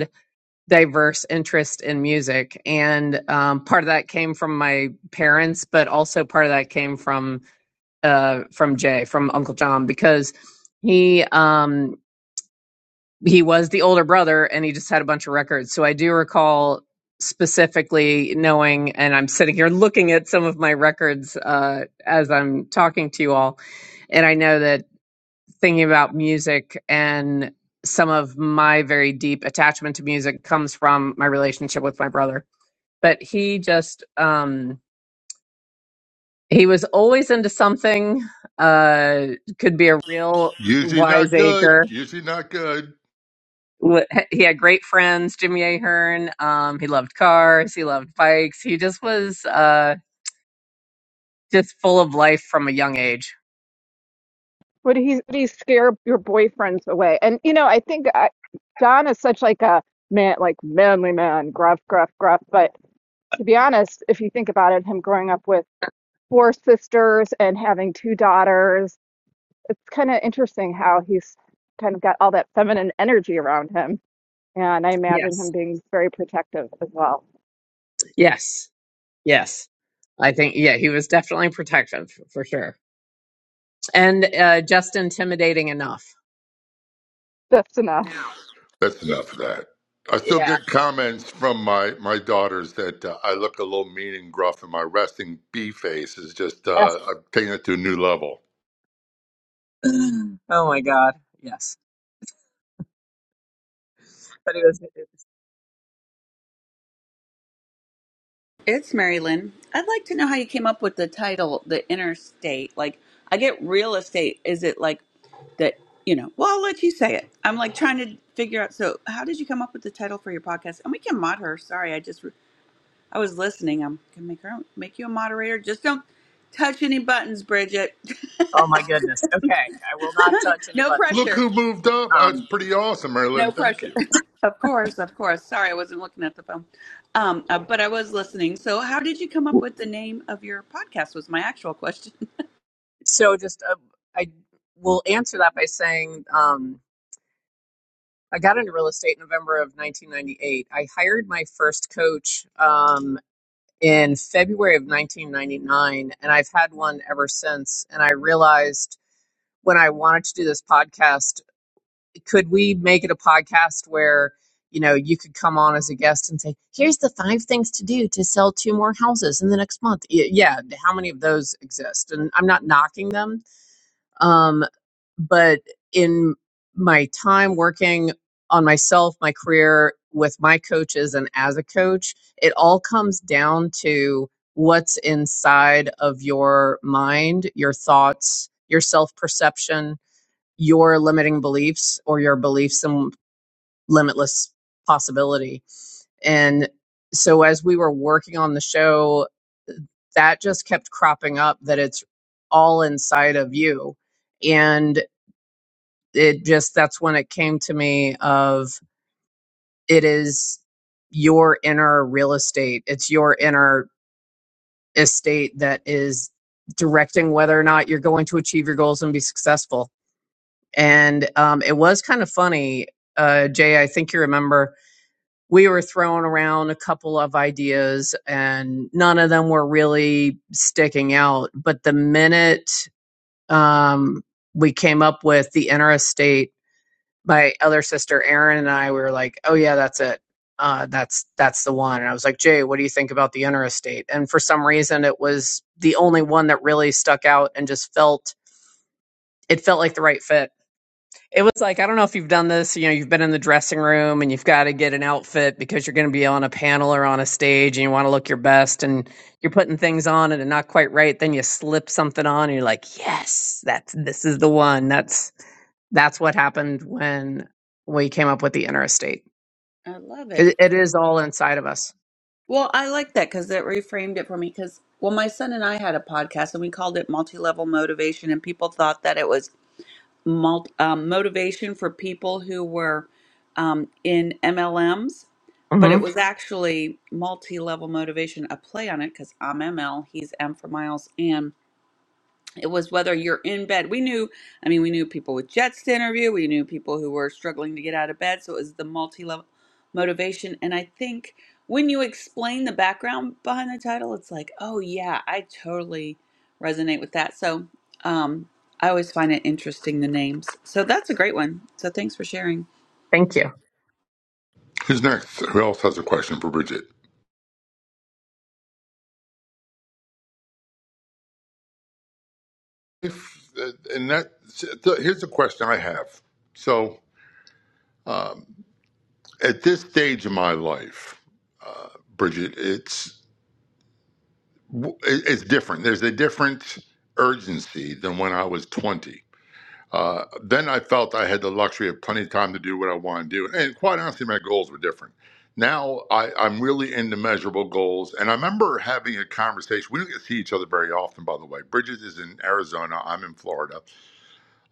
[SPEAKER 17] diverse interest in music. And um, part of that came from my parents, but also part of that came from uh, from Jay, from Uncle John, because he um, he was the older brother and he just had a bunch of records. So I do recall specifically knowing, and I'm sitting here looking at some of my records uh, as I'm talking to you all, and I know that thinking about music and some of my very deep attachment to music comes from my relationship with my brother. But he just um he was always into something uh could be a real
[SPEAKER 15] Usually not good.
[SPEAKER 17] wiseacre.
[SPEAKER 15] Usually not good.
[SPEAKER 17] Wh- He had great friends, Jimmy Ahern. Um, he loved cars. He loved bikes. He just was uh, just full of life from a young age.
[SPEAKER 19] Would he would he scare your boyfriends away? And you know, I think I, John is such like a man, like manly man, gruff, gruff, gruff. But to be honest, if you think about it, him growing up with four sisters and having two daughters, it's kind of interesting how he's kind of got all that feminine energy around him. And I imagine
[SPEAKER 17] Yes,
[SPEAKER 19] him being very protective as well.
[SPEAKER 17] yes, yes. I think yeah, he was definitely protective for sure. and uh, just intimidating enough.
[SPEAKER 19] That's enough.
[SPEAKER 17] Now,
[SPEAKER 15] That's
[SPEAKER 17] it,
[SPEAKER 15] enough of that. I still
[SPEAKER 17] yeah.
[SPEAKER 15] get comments from my, my daughters that uh, I look a little mean and gruff, and my resting bee face is just,
[SPEAKER 17] That's-
[SPEAKER 15] uh, I'm taking it to a new level.
[SPEAKER 17] oh my God. Yes. But it was, it-
[SPEAKER 8] it's Mary Lynn. I'd like to know how you came up with the title, The Interstate. Like, I get real estate. Is it like that, you know, well, I'll let you say it. I'm like trying to figure out. So, how did you come up with the title for your podcast? And we can mod her. Sorry, I just I was listening. I'm gonna make her make you a moderator. Just don't touch any buttons, Bridget.
[SPEAKER 17] oh my goodness. Okay. I will not touch any
[SPEAKER 8] no
[SPEAKER 17] buttons.
[SPEAKER 15] Look
[SPEAKER 8] pressure.
[SPEAKER 15] who moved up. That's
[SPEAKER 17] Um,
[SPEAKER 15] pretty awesome,
[SPEAKER 8] No
[SPEAKER 15] Marilyn. Thank
[SPEAKER 8] pressure.
[SPEAKER 15] you.
[SPEAKER 8] of course, of course. Sorry, I wasn't looking at the phone. Um, uh, but I was listening. So, how did you come up with the name of your podcast? Was my actual question.
[SPEAKER 17] so just, uh, I will answer that by saying, um, I got into real estate in November of 1998. I hired my first coach um, in February of 1999, and I've had one ever since. And I realized when I wanted to do this podcast could we make it a podcast where you know you could come on as a guest and say here's the five things to do to sell two more houses in the next month yeah how many of those exist and i'm not knocking them um, but in my time working on myself my career with my coaches and as a coach it all comes down to what's inside of your mind your thoughts your self perception your limiting beliefs or your beliefs in limitless possibility. And so as we were working on the show, that just kept cropping up that it's all inside of you. And it just, that's when it came to me of it is your inner real estate. It's your inner estate that is directing whether or not you're going to achieve your goals and be successful. And um, it was kind of funny uh, Jay, I think you remember we were throwing around a couple of ideas and none of them were really sticking out. But the minute um, we came up with the interstate, my other sister Erin and I we were like, "Oh yeah, that's it. Uh, that's that's the one." And I was like, "Jay, what do you think about the interstate?" And for some reason, it was the only one that really stuck out and just felt it felt like the right fit it was like, I don't know if you've done this, you know, you've been in the dressing room and you've got to get an outfit because you're going to be on a panel or on a stage and you want to look your best and you're putting things on and they're not quite right. Then you slip something on and you're like, yes, that's, this is the one. That's, that's what happened when we came up with the inner estate.
[SPEAKER 8] I love it.
[SPEAKER 17] 'Cause it is all inside of us.
[SPEAKER 8] Well, I like that because it reframed it for me. Because well, my son and I had a podcast, and we called it Multi Level Motivation, and people thought that it was mult, um, motivation for people who were um, in MLMs, but
[SPEAKER 17] hmm
[SPEAKER 8] it was actually multi level motivation, a play on it because I'm ML, he's M for Miles, and it was whether you're in bed. We knew, I mean, we knew people with jets to interview. We knew people who were struggling to get out of bed. So it was the multi-level motivation. And I think when you explain the background behind the title, it's like, oh yeah, I totally resonate with that. So um, I always find it interesting the names. So that's a great one. So thanks for sharing.
[SPEAKER 17] Thank you.
[SPEAKER 15] Who's next? Who else has a question for Bridget? If, uh, and that, so here's a question I have. So at this stage of my life, Bridget, it's w- it- it's different. There's a different urgency than when I was 20. Uh, then I felt I had the luxury of plenty of time to do what I want to do. And quite honestly, my goals were different. Now I, I'm really into measurable goals. And I remember having a conversation. We don't get to see each other very often, by the way. Bridget is in Arizona. I'm in Florida.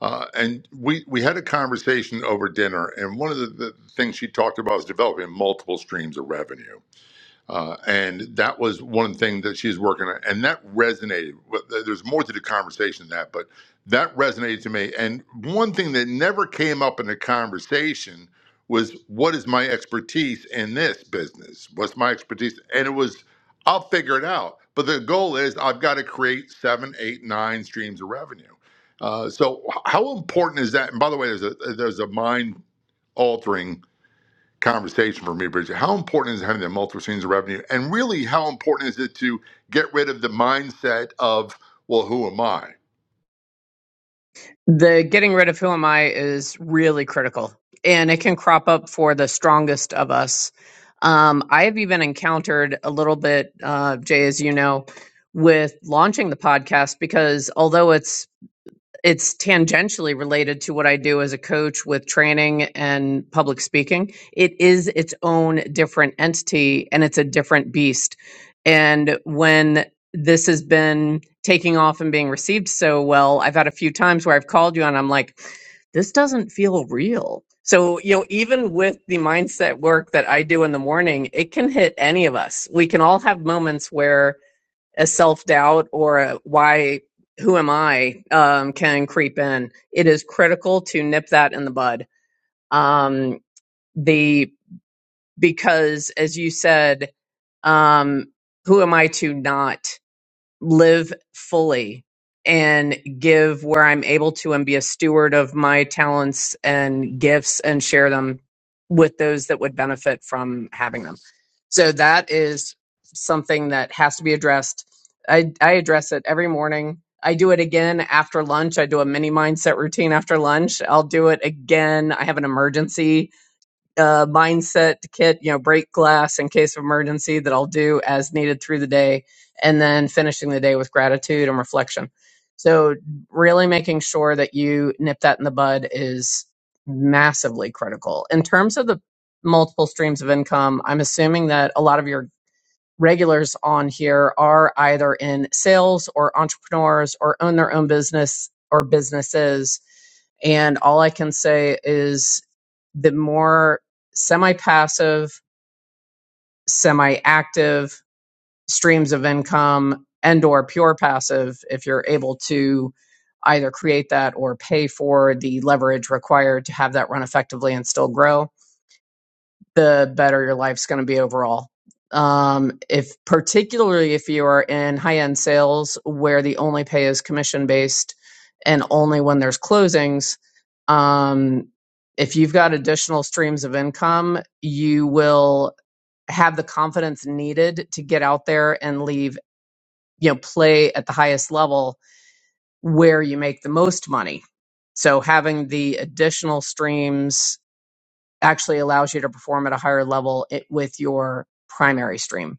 [SPEAKER 15] Uh, and we, we had a conversation over dinner. And one of the, the things she talked about was developing multiple streams of revenue uh, and that was one thing that she's working on, and that resonated. There's more to the conversation than that, but that resonated to me. And one thing that never came up in the conversation was, "What is my expertise in this business? What's my expertise?" And it was, "I'll figure it out." But the goal is, I've got to create seven, eight, nine streams of revenue. Uh, so, how important is that? And by the way, there's a there's a mind altering conversation for me, Bridget. How important is having the multiple streams of revenue? And really, how important is it to get rid of the mindset of, well, who am I?
[SPEAKER 17] The getting rid of who am I is really critical and it can crop up for the strongest of us. Um, I have even encountered a little bit, uh, Jay, as you know, with launching the podcast because although it's it's tangentially related to what I do as a coach with training and public speaking. It is its own different entity and it's a different beast. And when this has been taking off and being received so well, I've had a few times where I've called you and I'm like, this doesn't feel real. So, you know, even with the mindset work that I do in the morning, it can hit any of us. We can all have moments where a self doubt or a why, who am I, um, can creep in. It is critical to nip that in the bud. Um, the because as you said, um, who am I to not? live fully and give where I'm able to and be a steward of my talents and gifts and share them with those that would benefit from having them. So that is something that has to be addressed. I, I address it every morning. I do it again after lunch. I do a mini mindset routine after lunch. I'll do it again. I have an emergency uh, mindset kit, you know, break glass in case of emergency that I'll do as needed through the day, and then finishing the day with gratitude and reflection. So, really making sure that you nip that in the bud is massively critical. In terms of the multiple streams of income, I'm assuming that a lot of your regulars on here are either in sales or entrepreneurs or own their own business or businesses. And all I can say is the more semi passive, semi active streams of income and or pure passive if you're able to either create that or pay for the leverage required to have that run effectively and still grow the better your life's going to be overall. Um, if particularly if you are in high end sales where the only pay is commission based and only when there's closings, um, if you've got additional streams of income, you will have the confidence needed to get out there and leave, you know, play at the highest level where you make the most money. So having the additional streams actually allows you to perform at a higher level it, with your primary stream.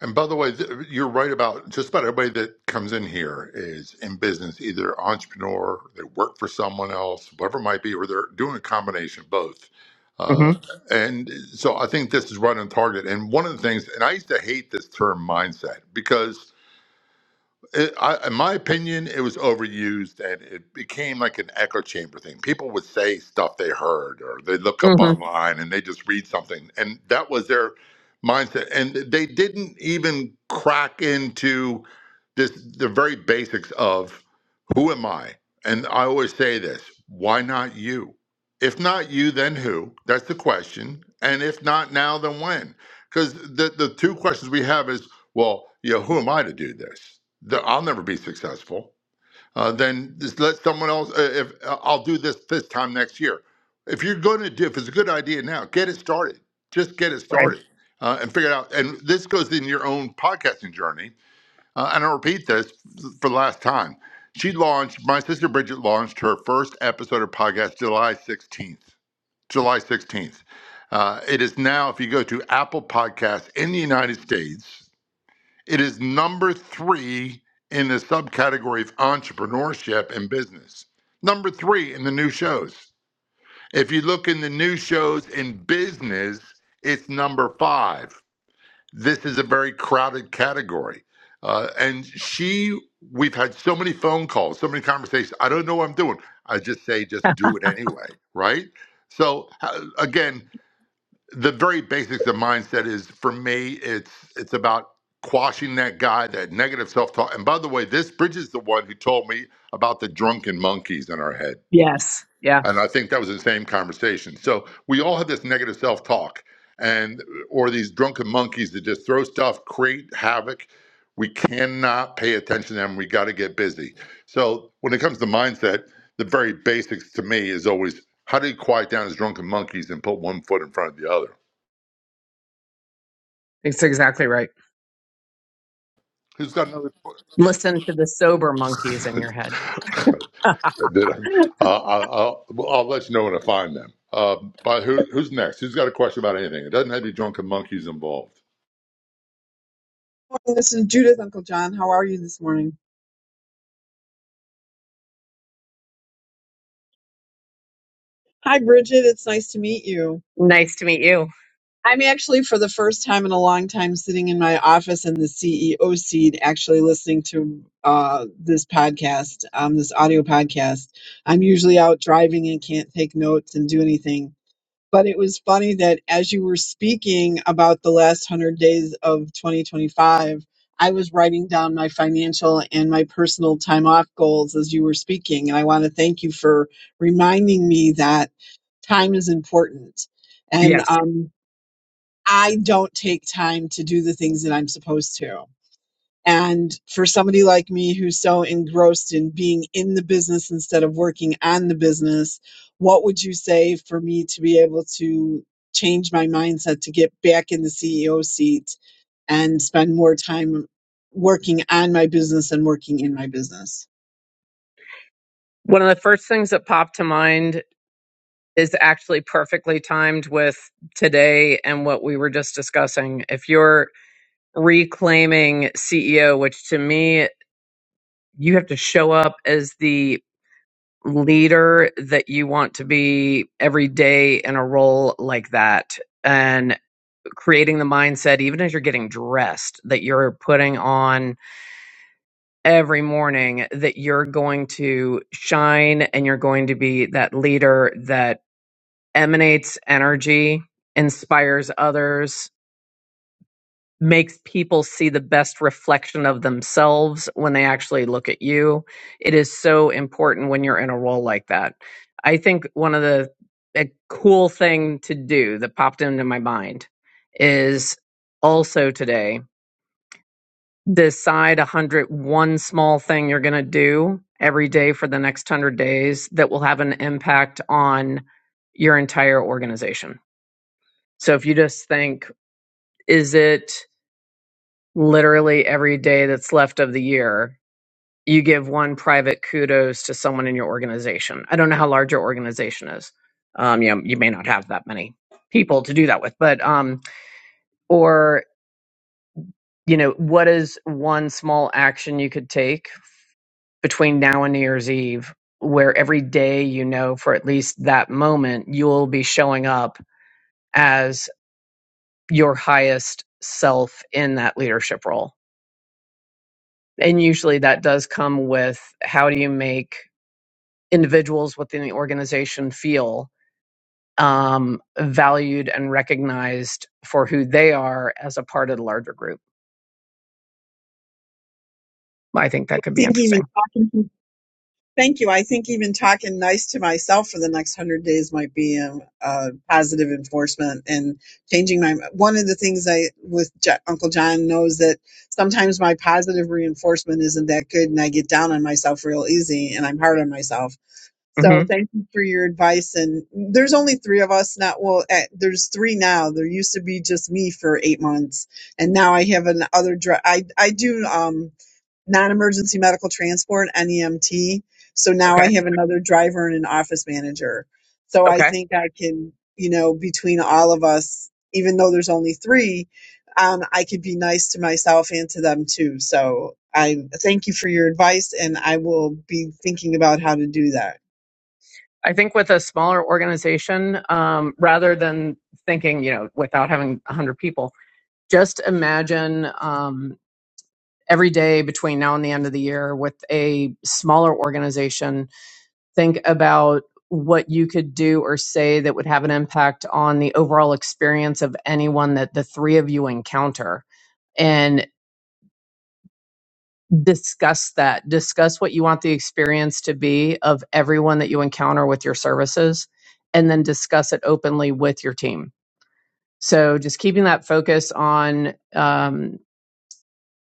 [SPEAKER 15] And by the way, th- you're right about just about everybody that comes in here is in business, either entrepreneur, they work for someone else, whatever it might be, or they're doing a combination of both.
[SPEAKER 17] hmm
[SPEAKER 15] Uh, and so I think this is right on target. And one of the things, and I used to hate this term mindset because it, I, in my opinion, it was overused and it became like an echo chamber thing. People would say stuff they heard or they look up
[SPEAKER 17] hmm
[SPEAKER 15] online and they just read something. And that was their mindset. And they didn't even crack into this the very basics of who am I? And I always say this why not you? If not you, then who? That's the question. And if not now, then when? Because the, the two questions we have is, well, you know, who am I to do this? that I'll never be successful, uh, then just let someone else. Uh, if uh, I'll do this this time next year, if you're going to do, if it's a good idea now, get it started. Just get it
[SPEAKER 17] Right.
[SPEAKER 15] started uh, and figure it out. And this goes in your own podcasting journey. Uh, and I repeat this for the last time. She launched. My sister Bridget launched her first episode of podcast July 16th. July 16th. Uh, it is now, if you go to Apple Podcasts in the United States, it is number three in the subcategory of entrepreneurship and business. Number three in the new shows. If you look in the new shows in business, it's number five. This is a very crowded category. Uh, and she, we've had so many phone calls, so many conversations. I don't know what I'm doing. I just say, just do it anyway, right? So, uh, again, the very basics of mindset is for me it's it's about quashing that guy that negative self-talk and by the way this bridge is the one who told me about the drunken monkeys in our head
[SPEAKER 17] Yes. Yeah.
[SPEAKER 15] and i think that was the same conversation so we all have this negative self-talk and or these drunken monkeys that just throw stuff create havoc we cannot pay attention to them we got to get busy so when it comes to mindset the very basics to me is always how do you quiet down these drunken monkeys and put one foot in front of the other
[SPEAKER 17] It's exactly right.
[SPEAKER 15] Who's got another?
[SPEAKER 17] Listen to the sober monkeys in your head.
[SPEAKER 15] Did I? Uh, I'll, I'll well, I'll let you know when I find them. Uh, but who, who's next? Who's got a question about anything? It doesn't have to be drunken monkeys involved.
[SPEAKER 20] morning. This is Judith, Uncle John. How are you this morning? Hi, Bridget. It's nice to meet you.
[SPEAKER 17] Nice to meet you.
[SPEAKER 20] I'm actually, for the first time in a long time, sitting in my office in the CEO seat, actually listening to uh, this podcast, um, this audio podcast. I'm usually out driving and can't take notes and do anything. but it was funny that as you were speaking about the last 100 days of 2025 i was writing down my financial and my personal time off goals as you were speaking and i want to thank you for reminding me that time is important and
[SPEAKER 17] Yes.
[SPEAKER 20] um, i don't take time to do the things that i'm supposed to and for somebody like me who's so engrossed in being in the business instead of working on the business, what would you say for me to be able to change my mindset to get back in the CEO seat and spend more time working on my business and working in my business?
[SPEAKER 17] One of the first things that popped to mind is actually perfectly timed with today and what we were just discussing. If you're reclaiming CEO, which to me, you have to show up as the leader that you want to be every day in a role like that and creating the mindset even as you're getting dressed that you're putting on every morning that you're going to shine and you're going to be that leader that emanates energy inspires others makes people see the best reflection of themselves when they actually look at you. It is so important when you're in a role like that. I think one of the a cool thing to do that popped into my mind is also today decide a hundred one small thing you're going to do every day for the next 100 days that will have an impact on your entire organization. So if you just think is it literally every day that's left of the year, you give one private kudos to someone in your organization. I don't know how large your organization is. Um, you know, you may not have that many people to do that with, but um, or you know, what is one small action you could take between now and New Year's Eve, where every day you know for at least that moment you'll be showing up as your highest self in that leadership role. And usually that does come with how do you make individuals within the organization feel um, valued and recognized for who they are as a part of the larger group. I think
[SPEAKER 20] I
[SPEAKER 17] that could be
[SPEAKER 20] think even
[SPEAKER 17] interesting.
[SPEAKER 20] talking to Thank you. I think even talking nice to myself for the next hundred days might be a, a positive enforcement and changing my. One of the things I with J- Uncle John knows that sometimes my positive reinforcement isn't that good, and I get down on myself real easy, and I'm hard on myself.
[SPEAKER 17] hmm
[SPEAKER 20] So thank you for your advice. And there's only three of us now. Well, eh, there's three now. There used to be just me for eight months, and now I have an other. dr- I I do. Um, non-emergency medical transport NEMT. So now
[SPEAKER 17] Okay.
[SPEAKER 20] I have another driver and an office manager. So I
[SPEAKER 17] Okay.
[SPEAKER 20] think I can, you know, between all of us, even though there's only three, um, I could be nice to myself and to them too. So I thank you for your advice, and I will be thinking about how to do that.
[SPEAKER 17] I think with a smaller organization, um, rather than thinking, you know, without having 100 people, just imagine um, every day between now and the end of the year with a smaller organization. Think about what you could do or say that would have an impact on the overall experience of anyone that the three of you encounter and discuss that. Discuss what you want the experience to be of everyone that you encounter with your services and then discuss it openly with your team. So just keeping that focus on um,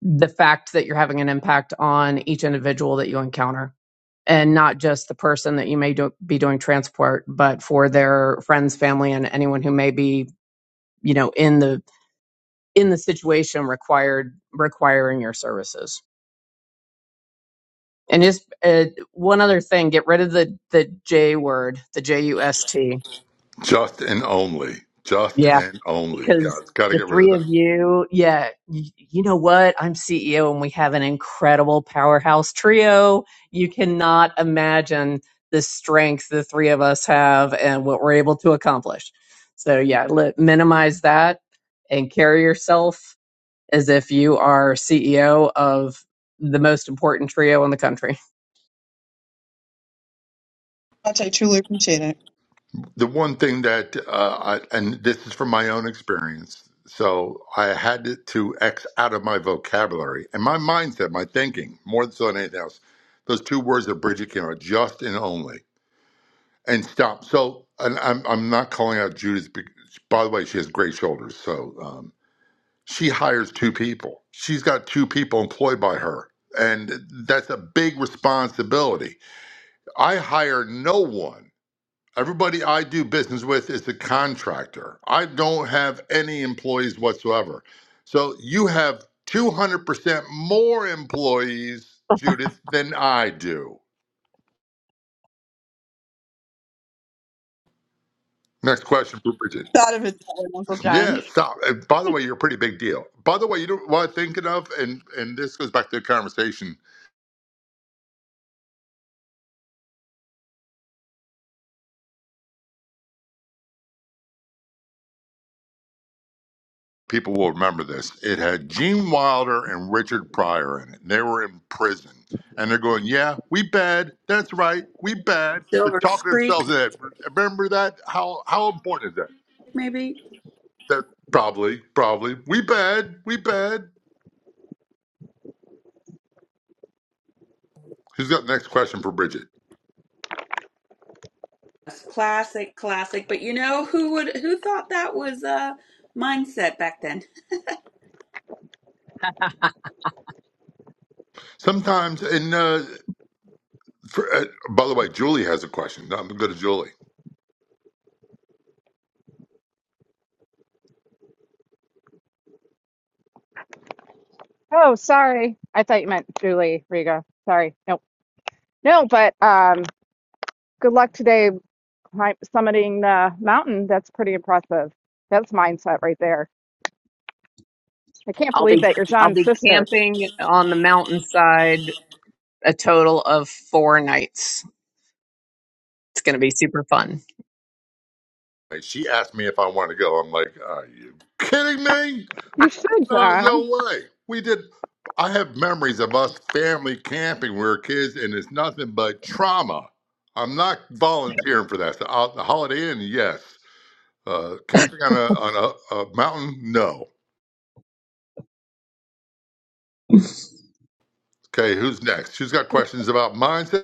[SPEAKER 17] the fact that you're having an impact on each individual that you encounter and not just the person that you may do, be doing transport but for their friends family and anyone who may be you know in the in the situation required requiring your services and just uh, one other thing get rid of the the j word the j u s t
[SPEAKER 15] Just and only. Just and only.
[SPEAKER 17] because
[SPEAKER 15] Got, got to
[SPEAKER 17] the
[SPEAKER 15] get rid of
[SPEAKER 17] three of
[SPEAKER 15] that.
[SPEAKER 17] you, yeah, you, you know what? I'm CEO and we have an incredible powerhouse trio. You cannot imagine the strength the three of us have and what we're able to accomplish. So, yeah, let, minimize that and carry yourself as if you are CEO of the most important trio in the country.
[SPEAKER 20] Much, I truly appreciate it.
[SPEAKER 15] The one thing that, uh, I, and this is from my own experience, so I had to X out of my vocabulary and my mindset, my thinking, more so than anything else. Those two words that Bridget came out, just and only. and stop. So, and I'm I'm not calling out Judith. bec- By the way, she has great shoulders. So um, she hires two people. She's got two people employed by her, and that's a big responsibility. I hire no one. Everybody I do business with is a contractor. I don't have any employees whatsoever. So you have 200% more employees, Judith, than I do. Next question for Bridget.
[SPEAKER 20] Thought of it, that way, Uncle John.
[SPEAKER 15] Yeah, stop. And by the way, you're a pretty big deal. By the way, you know what I'm thinking of, and and this goes back to the conversation. People will remember this. It had Gene Wilder and Richard Pryor in it. They were in prison, and they're going, "Yeah, we bad. That's right, we bad." They're
[SPEAKER 8] Silver
[SPEAKER 15] talking themselves
[SPEAKER 8] streak,
[SPEAKER 15] in it. Remember that? How how important is that?
[SPEAKER 8] maybe.
[SPEAKER 15] That probably probably we bad, we bad. Who's got the next question for Bridget?
[SPEAKER 8] Yes, classic, classic. But you know who would who thought that was a mindset back then?
[SPEAKER 15] Sometimes, and uh, for, uh, by the way, Julie has a question. I'm going to go to Julie.
[SPEAKER 19] Oh, sorry. I thought you meant Julie Riga. Sorry. Nope. No, but um, good luck today climb, summiting the mountain. That's pretty impressive. That's mindset right there. I can't
[SPEAKER 17] I'll
[SPEAKER 19] believe
[SPEAKER 17] be
[SPEAKER 19] that you're
[SPEAKER 17] I'll
[SPEAKER 19] John's
[SPEAKER 17] be
[SPEAKER 19] sister.
[SPEAKER 17] camping on the mountainside a total of 4 nights. It's going to be super fun.
[SPEAKER 15] And she asked me if I want to go. I'm like, are you kidding me?
[SPEAKER 19] You should,
[SPEAKER 15] No, no
[SPEAKER 19] John.
[SPEAKER 15] way. We did. I have memories of us family camping. when We were kids, and it's nothing but trauma. I'm not volunteering for that. So, uh, the Holiday Inn, yes. Uh, camping on a on a, a mountain, no. Okay, who's next? Who's got questions about mindset?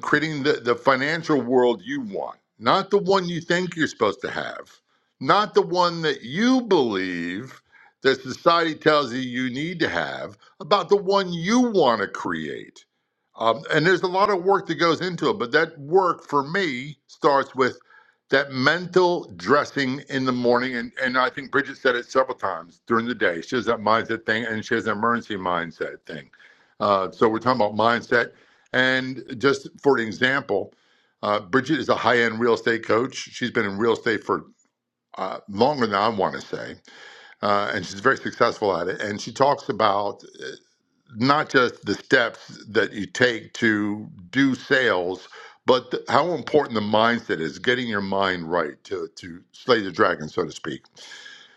[SPEAKER 15] creating the, the financial world you want, not the one you think you're supposed to have, not the one that you believe that society tells you you need to have, about the one you want to create. Um, and there's a lot of work that goes into it, but that work for me starts with that mental dressing in the morning. And, and I think Bridget said it several times during the day. She has that mindset thing and she has an emergency mindset thing. Uh, so we're talking about mindset and just for an example, uh, Bridget is a high end real estate coach. She's been in real estate for uh, longer than I want to say, uh, and she's very successful at it. And she talks about uh, not just the steps that you take to do sales, but th- how important the mindset is, getting your mind right to, to slay the dragon, so to speak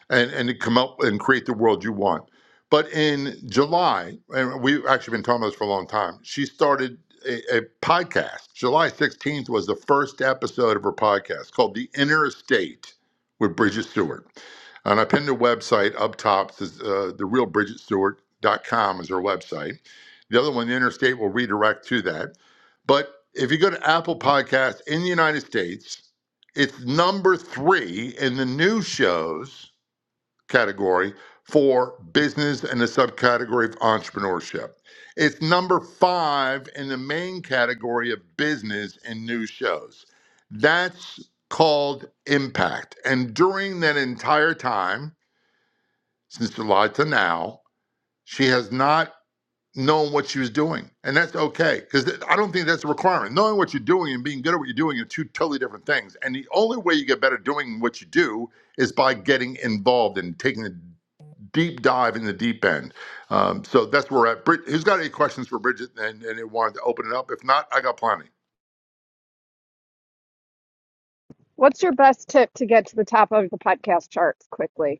[SPEAKER 15] and and to come up and create the world you want. But in July, and we've actually been talking about this for a long time, she started a, a podcast. July 16th was the first episode of her podcast called The Inner Estate with Bridget Stewart. And I pinned her website up top. Says, uh, the real bridget stewart dot com is her website. The other one, The Inner Estate, will redirect to that. But if you go to Apple Podcasts in the United States, it's number three in the new shows category for business and the subcategory of entrepreneurship. It's number five in the main category of business and news shows. That's called impact. And during that entire time, since July to now, she has not known what she was doing. And that's okay, because I don't think that's a requirement. Knowing what you're doing and being good at what you're doing are two totally different things. And the only way you get better doing what you do is by getting involved and taking the deep dive in the deep end. Um, so that's where we're at. Brid- who's got any questions for Bridget and, and it wanted to open it up? If not, I got plenty.
[SPEAKER 19] What's your best tip to get to the top of the podcast charts quickly?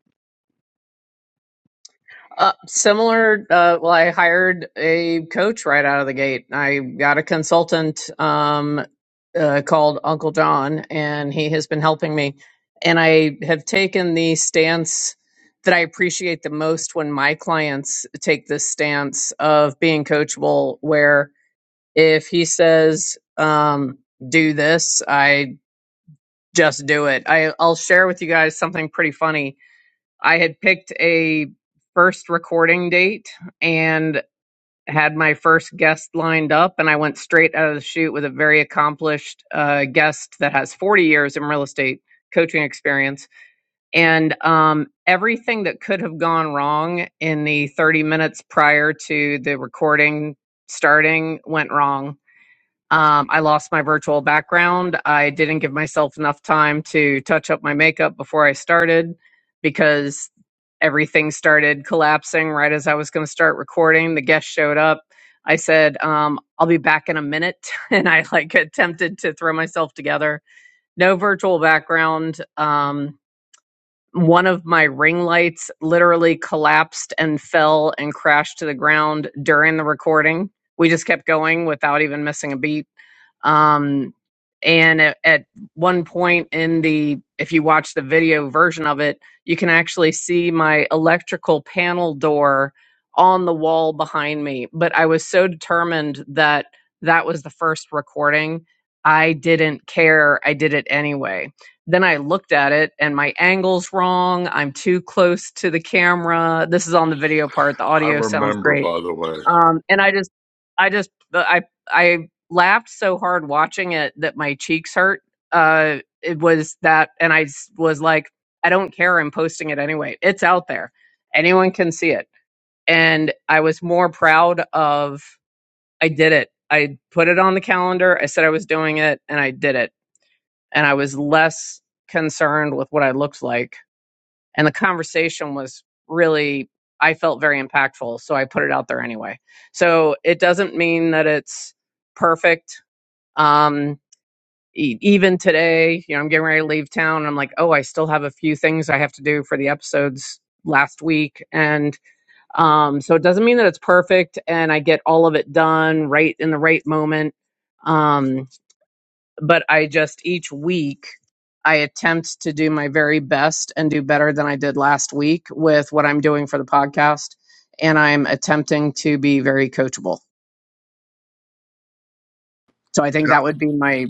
[SPEAKER 17] Uh, similar. Uh, well, I hired a coach right out of the gate. I got a consultant um, uh, called Uncle John, and he has been helping me. And I have taken the stance that I appreciate the most when my clients take this stance of being coachable, where if he says, um, do this, I just do it. I, I'll share with you guys something pretty funny I had picked a first recording date and had my first guest lined up, and I went straight out of the shoot with a very accomplished uh, guest that has 40 years in real estate coaching experience. And um, everything that could have gone wrong in the 30 minutes prior to the recording starting went wrong um, I lost my virtual background. I didn't give myself enough time to touch up my makeup before I started because everything started collapsing right as I was going to start recording. The guest showed up. I said, um, I'll be back in a minute. And I like attempted to throw myself together. No virtual background. Um, one of my ring lights literally collapsed and fell and crashed to the ground during the recording. We just kept going without even missing a beat um, and at, at one point in the, if you watch the video version of it, you can actually see my electrical panel door on the wall behind me. But I was so determined that that was the first recording. I didn't care. I did it anyway. Then I looked at it and my angle's wrong. I'm too close to the camera. This is on the video part. The
[SPEAKER 15] I
[SPEAKER 17] audio sounds
[SPEAKER 15] remember,
[SPEAKER 17] great
[SPEAKER 15] by the way.
[SPEAKER 17] um and i just i just i i laughed so hard watching it that my cheeks hurt uh it was that and i s- was like i don't care i'm posting it anyway it's out there anyone can see it and i was more proud of i did it i put it on the calendar i said i was doing it and i did it and i was less concerned with what i looked like and the conversation was really i felt very impactful so i put it out there anyway so it doesn't mean that it's perfect um e- even today you know i'm getting ready to leave town i'm like oh i still have a few things i have to do for the episodes last week and um so it doesn't mean that it's perfect and i get all of it done right in the right moment Um, but I just each week I attempt to do my very best and do better than I did last week with what I'm doing for the podcast and I'm attempting to be very coachable. So I think
[SPEAKER 15] And, I,
[SPEAKER 17] that would be my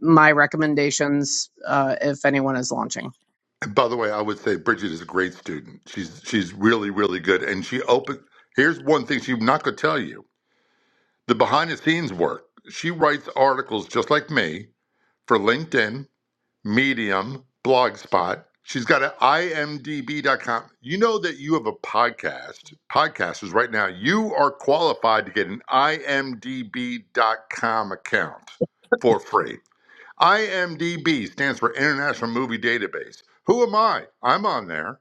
[SPEAKER 17] my recommendations uh if anyone is launching.
[SPEAKER 15] and by the way, I would say Bridget is a great student. She's she's really really good. And she opened. Here's one thing she's not going to tell you: the behind the scenes work. She writes articles just like me for LinkedIn Medium, Blogspot. She's got an imdb.com. You know that you have a podcast. Podcasters, right now, you are qualified to get an imdb.com account for free. IMDb stands for International Movie Database. Who am I? I'm on there.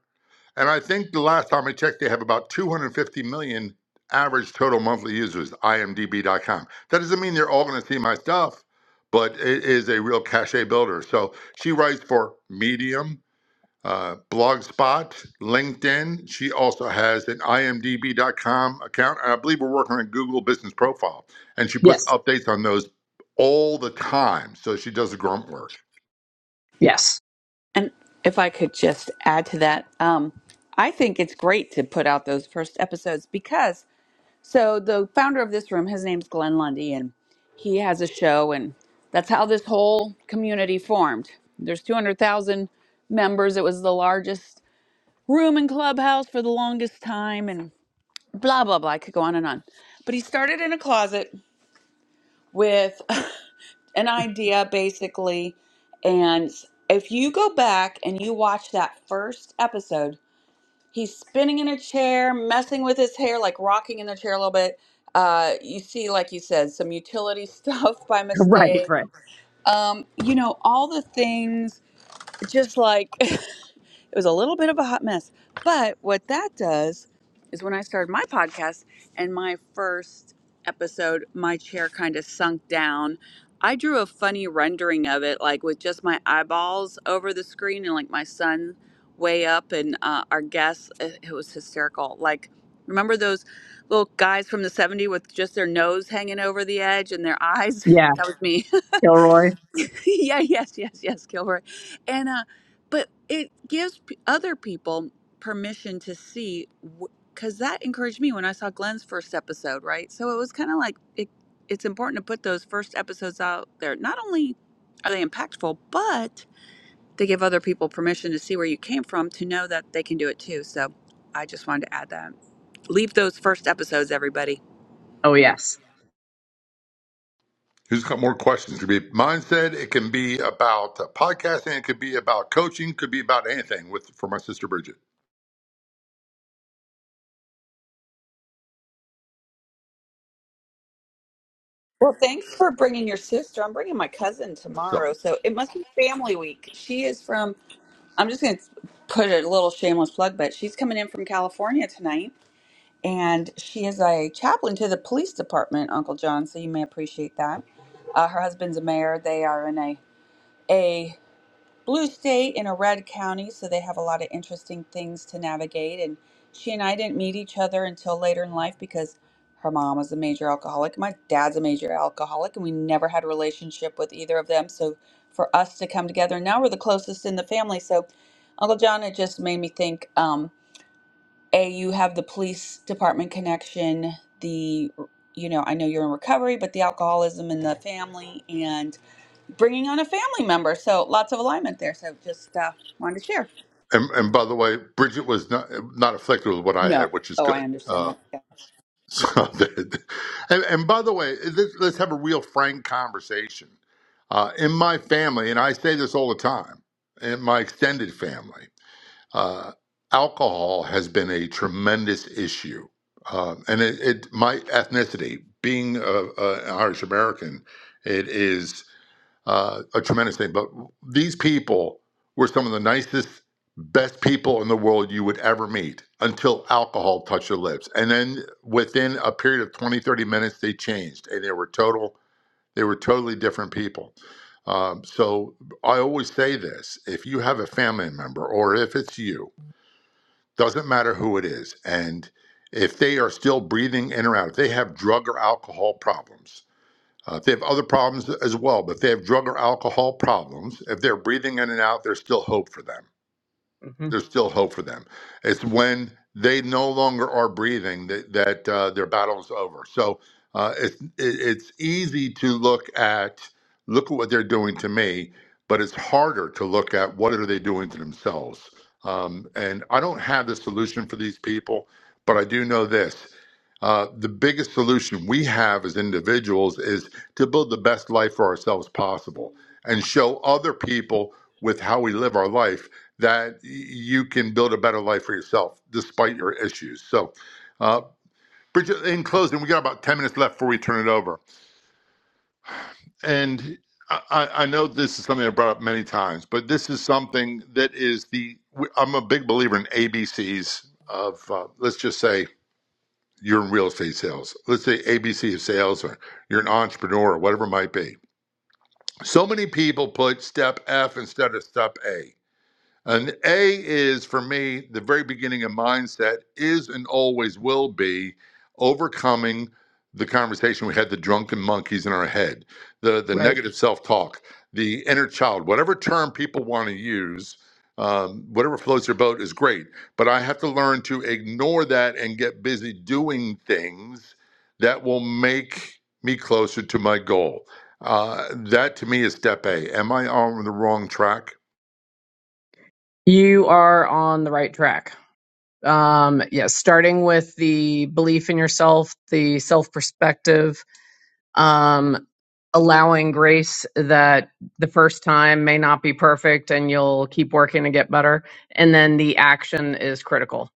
[SPEAKER 15] And I think the last time I checked, they have about 250 million average total monthly users, imdb.com. That doesn't mean they're all going to see my stuff, but it is a real cachet builder. So she writes for Medium, uh, Blogspot, LinkedIn. She also has an imdb.com account. And I believe we're working on a Google business profile. And she puts
[SPEAKER 17] Yes.
[SPEAKER 15] updates on those all the time. So she does the grunt work.
[SPEAKER 17] Yes.
[SPEAKER 8] And if I could just add to that, um, I think it's great to put out those first episodes because so the founder of this room, his name's Glenn Lundy, and he has a show, and that's how this whole community formed. There's 200,000 members. It was the largest room in Clubhouse for the longest time, and blah, blah, blah. I could go on and on. But he started in a closet with an idea basically and if you go back and you watch that first episode he's spinning in a chair messing with his hair like rocking in the chair a little bit uh, you see like you said some utility stuff by
[SPEAKER 17] Right,
[SPEAKER 8] mistake
[SPEAKER 17] right.
[SPEAKER 8] um, you know all the things just like It was a little bit of a hot mess. But what that does is when I started my podcast and my first episode, my chair kind of sunk down. I drew a funny rendering of it, like with just my eyeballs over the screen and like my son way up and uh, our guests. It, it was hysterical. Like, remember those little guys from the '70s with just their nose hanging over the edge and their eyes?
[SPEAKER 17] Yeah,
[SPEAKER 8] That was me.
[SPEAKER 17] Kilroy.
[SPEAKER 8] yeah, yes, yes, yes, Gilbert. And uh, but it gives p- other people permission to see, because that encouraged me when I saw Glenn's first episode, right? So it was kind of like it, it's important to put those first episodes out there. Not only are they impactful, but they give other people permission to see where you came from, to know that they can do it too. So I just wanted to add that. Leave those first episodes, everybody.
[SPEAKER 17] Oh yes.
[SPEAKER 15] Who's got more questions? It could be mindset. It can be about uh, podcasting. It could be about coaching. Could be about anything. With for my sister Bridget.
[SPEAKER 8] Well, thanks for bringing your sister. I'm bringing my cousin
[SPEAKER 15] So,
[SPEAKER 8] tomorrow, so it must be family week. She is from, I'm just going to put a little shameless plug, but she's coming in from California tonight, and she is a chaplain to the police department, Uncle John, so you may appreciate that. Uh, her husband's a mayor. They are in a a. blue state in a red county, so they have a lot of interesting things to navigate. And she and I didn't meet each other until later in life because her mom was a major alcoholic, my dad's a major alcoholic, and we never had a relationship with either of them. So for us to come together, now we're the closest in the family. So Uncle John, it just made me think. Um, a, you have the police department connection, the you know, I know you're in recovery, but the alcoholism in the family and bringing on a family member. So lots of alignment there. So just uh, wanted to share.
[SPEAKER 15] and, and by the way, Bridget was not not afflicted with what I
[SPEAKER 8] No.
[SPEAKER 15] had, which is
[SPEAKER 8] Oh, I
[SPEAKER 15] good.
[SPEAKER 8] understand
[SPEAKER 15] Uh,
[SPEAKER 8] that.
[SPEAKER 15] so, and, and by the way, let's, let's have a real frank conversation. Uh, in my family, and I say this all the time, in my extended family. uh, alcohol has been a tremendous issue, uh, and it, it my ethnicity being a, a, an Irish American, it is uh, a tremendous thing. But these people were some of the nicest, best people in the world you would ever meet until alcohol touched their lips, and then within a period of 20 30 minutes, they changed and they were total. They were totally different people. Um, so I always say this: if you have a family member, or if it's you, doesn't matter who it is and if they are still breathing in or out if they have drug or alcohol problems uh, if they have other problems as well but if they have drug or alcohol problems if they're breathing in and out there's still hope for them
[SPEAKER 17] hmm
[SPEAKER 15] there's still hope for them. It's when they no longer are breathing that, that uh, their battle is over. So uh, it's it, it's easy to look at look at what they're doing to me, but it's harder to look at what are they doing to themselves. Um, and I don't have the solution for these people, but I do know this. Uh, the biggest solution we have as individuals is to build the best life for ourselves possible and show other people with how we live our life that you can build a better life for yourself despite your issues. So, uh, Bridget, in closing, we got about 10 minutes left before we turn it over. And I, I know this is something I brought up many times, but this is something that is the, I'm a big believer in ABCs of, uh, let's just say, you're in real estate sales. Let's say ABC of sales, or you're an entrepreneur, or whatever it might be. So many people put step F instead of step A And A is for me, the very beginning of mindset is and always will be overcoming the conversation we had, the drunken monkeys in our head, the, the
[SPEAKER 17] Right.
[SPEAKER 15] negative self talk, the inner child, whatever term people want to use, um, whatever floats your boat is great. But I have to learn to ignore that and get busy doing things that will make me closer to my goal. Uh, that to me is step A. Am I on the wrong track?
[SPEAKER 17] You are on the right track. Um yes, starting with the belief in yourself, the self-perspective um, allowing grace that the first time may not be perfect and you'll keep working to get better. And then the action is critical.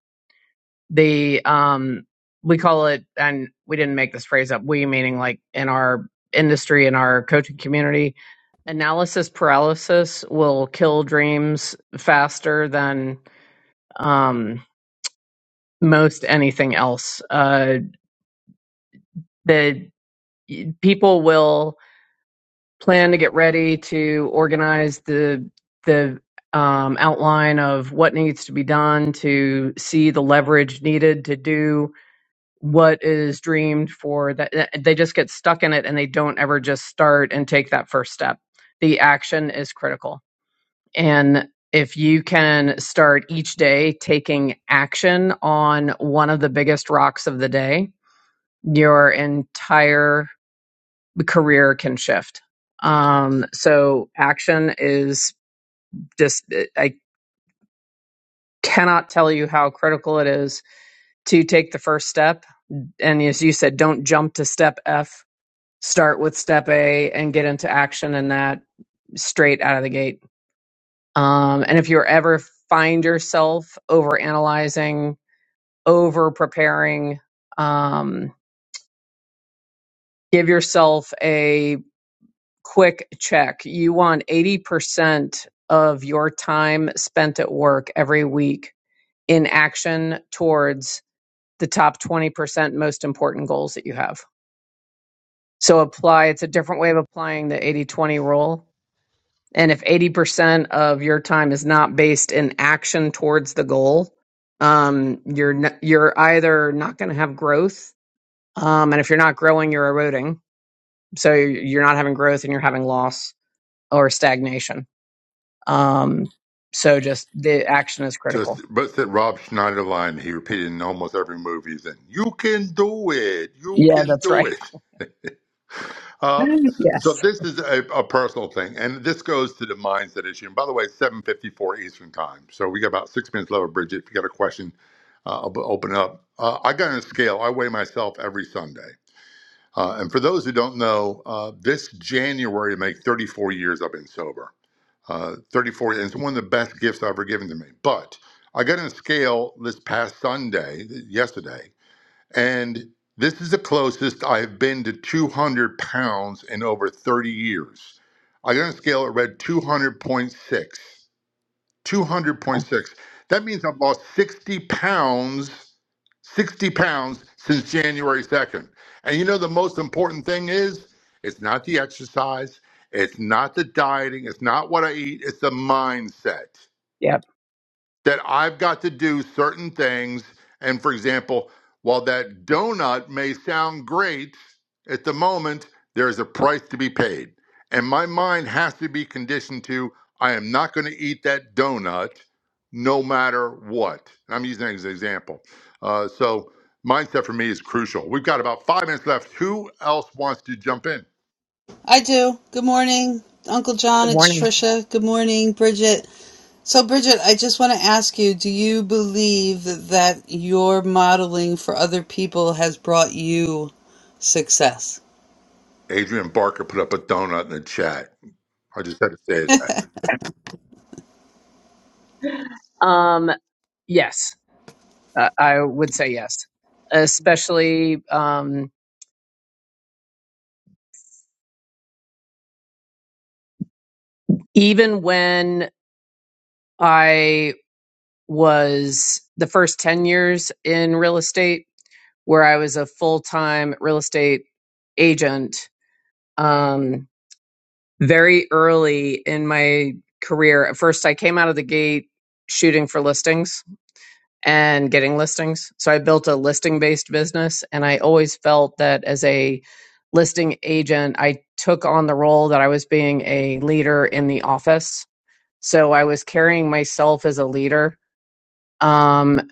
[SPEAKER 17] The um, we call it, and we didn't make this phrase up. We meaning like in our industry, in our coaching community, analysis paralysis will kill dreams faster than um, most anything else. Uh, the people will plan to get ready to organize the the um, outline of what needs to be done to see the leverage needed to do what is dreamed for that that- they just get stuck in it and they don't ever just start and take that first step the action is critical and if you can start each day taking action on one of the biggest rocks of the day your entire the career can shift. Um, so action is just, eh, I cannot tell you how critical it is to take the first step. And as you said, don't jump to step F, start with step A and get into action in that straight out of the gate. Um, and if you ever find yourself over analyzing, over preparing, um, give yourself a quick check. You want 80% of your time spent at work every week in action towards the top 20% most important goals that you have. So apply, it's a different way of applying the 80 20 rule. And if 80% of your time is not based in action towards the goal, um, you're, n- you're either not going to have growth. Um, and if you're not growing, you're eroding. So you're you're not having growth and you're having loss or stagnation Um, so just the action is critical.
[SPEAKER 15] Just but that Rob Schneider line he repeated in almost every movie. He's in. You can do it. You
[SPEAKER 17] Yeah,
[SPEAKER 15] can
[SPEAKER 17] that's
[SPEAKER 15] do
[SPEAKER 17] right.
[SPEAKER 15] it. Uh, so
[SPEAKER 17] yes.
[SPEAKER 15] this is a, a personal thing, and this goes to the mindset issue. And by the way, it's seven fifty four Eastern time. So we got about six minutes left. Bridget, if you got a question, uh, I'll b- open up. Uh, I got on a scale. I weigh myself every Sunday. Uh, and for those who don't know, uh, this January will make 34 years I've been sober uh, 34, and it's one of the best gifts I've ever given to me. But I got on a scale this past Sunday, yesterday, and this is the closest I've been to 200 pounds in over 30 years. I got on a scale that read 200.6. 200.6. That means I've lost 60 pounds, 60 pounds since January 2nd. And you know, the most important thing is it's not the exercise, it's not the dieting, it's not what I eat, it's the mindset
[SPEAKER 17] Yep.
[SPEAKER 15] that I've got to do certain things. And for example, while that donut may sound great at the moment, there is a price to be paid. And my mind has to be conditioned to I am not going to eat that donut no matter what. And I'm using that as an example. Uh, so, mindset for me is crucial. We've got about five minutes left. Who else wants to jump in?
[SPEAKER 1] I do. Good morning, Uncle John.
[SPEAKER 17] Good
[SPEAKER 1] It's
[SPEAKER 17] morning.
[SPEAKER 1] Trisha. Good morning, Bridget. So, Bridget, I just want to ask you do you believe that your modeling for other people has brought you success?
[SPEAKER 15] Adrian Barker put up a donut in the chat. I just had to say that.
[SPEAKER 17] Um, yes, uh, I would say yes, especially um, even when I was the first 10 years in real estate, where I was a full time real estate agent. Um, very early in my career, at first I came out of the gate shooting for listings and getting listings. So I built a listing based business. And I always felt that as a listing agent, I took on the role that I was being a leader in the office. So I was carrying myself as a leader um,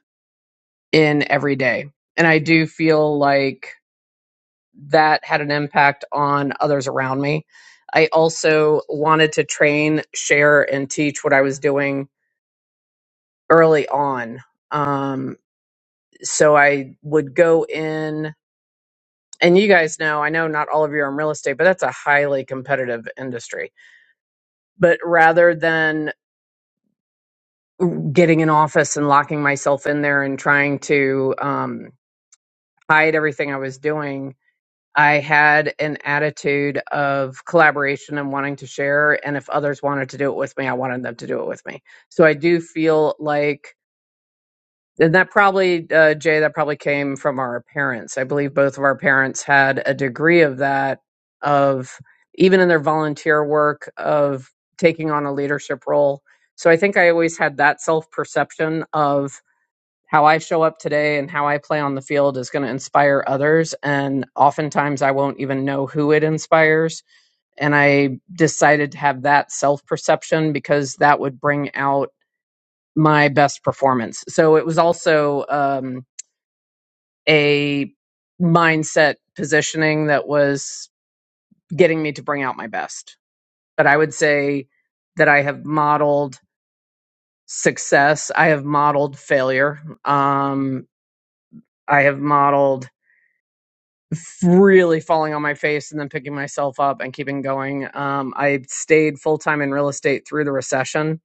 [SPEAKER 17] in every day. And I do feel like that had an impact on others around me. I also wanted to train, share, and teach what I was doing early on. Um, so I would go in and you guys know, I know not all of you are in real estate, but that's a highly competitive industry. But rather than getting an office and locking myself in there and trying to um, hide everything I was doing, I had an attitude of collaboration and wanting to share. And if others wanted to do it with me, I wanted them to do it with me. So I do feel like And that probably, uh, Jay, that probably came from our parents. I believe both of our parents had a degree of that, of even in their volunteer work, of taking on a leadership role. So I think I always had that self perception of how I show up today and how I play on the field is going to inspire others. And oftentimes I won't even know who it inspires. And I decided to have that self perception because that would bring out my best performance. So it was also, um, a mindset positioning that was getting me to bring out my best. But I would say that I have modeled success, I have modeled failure, um, I have modeled really falling on my face and then picking myself up and keeping going. Um, I stayed full time in real estate through the recession.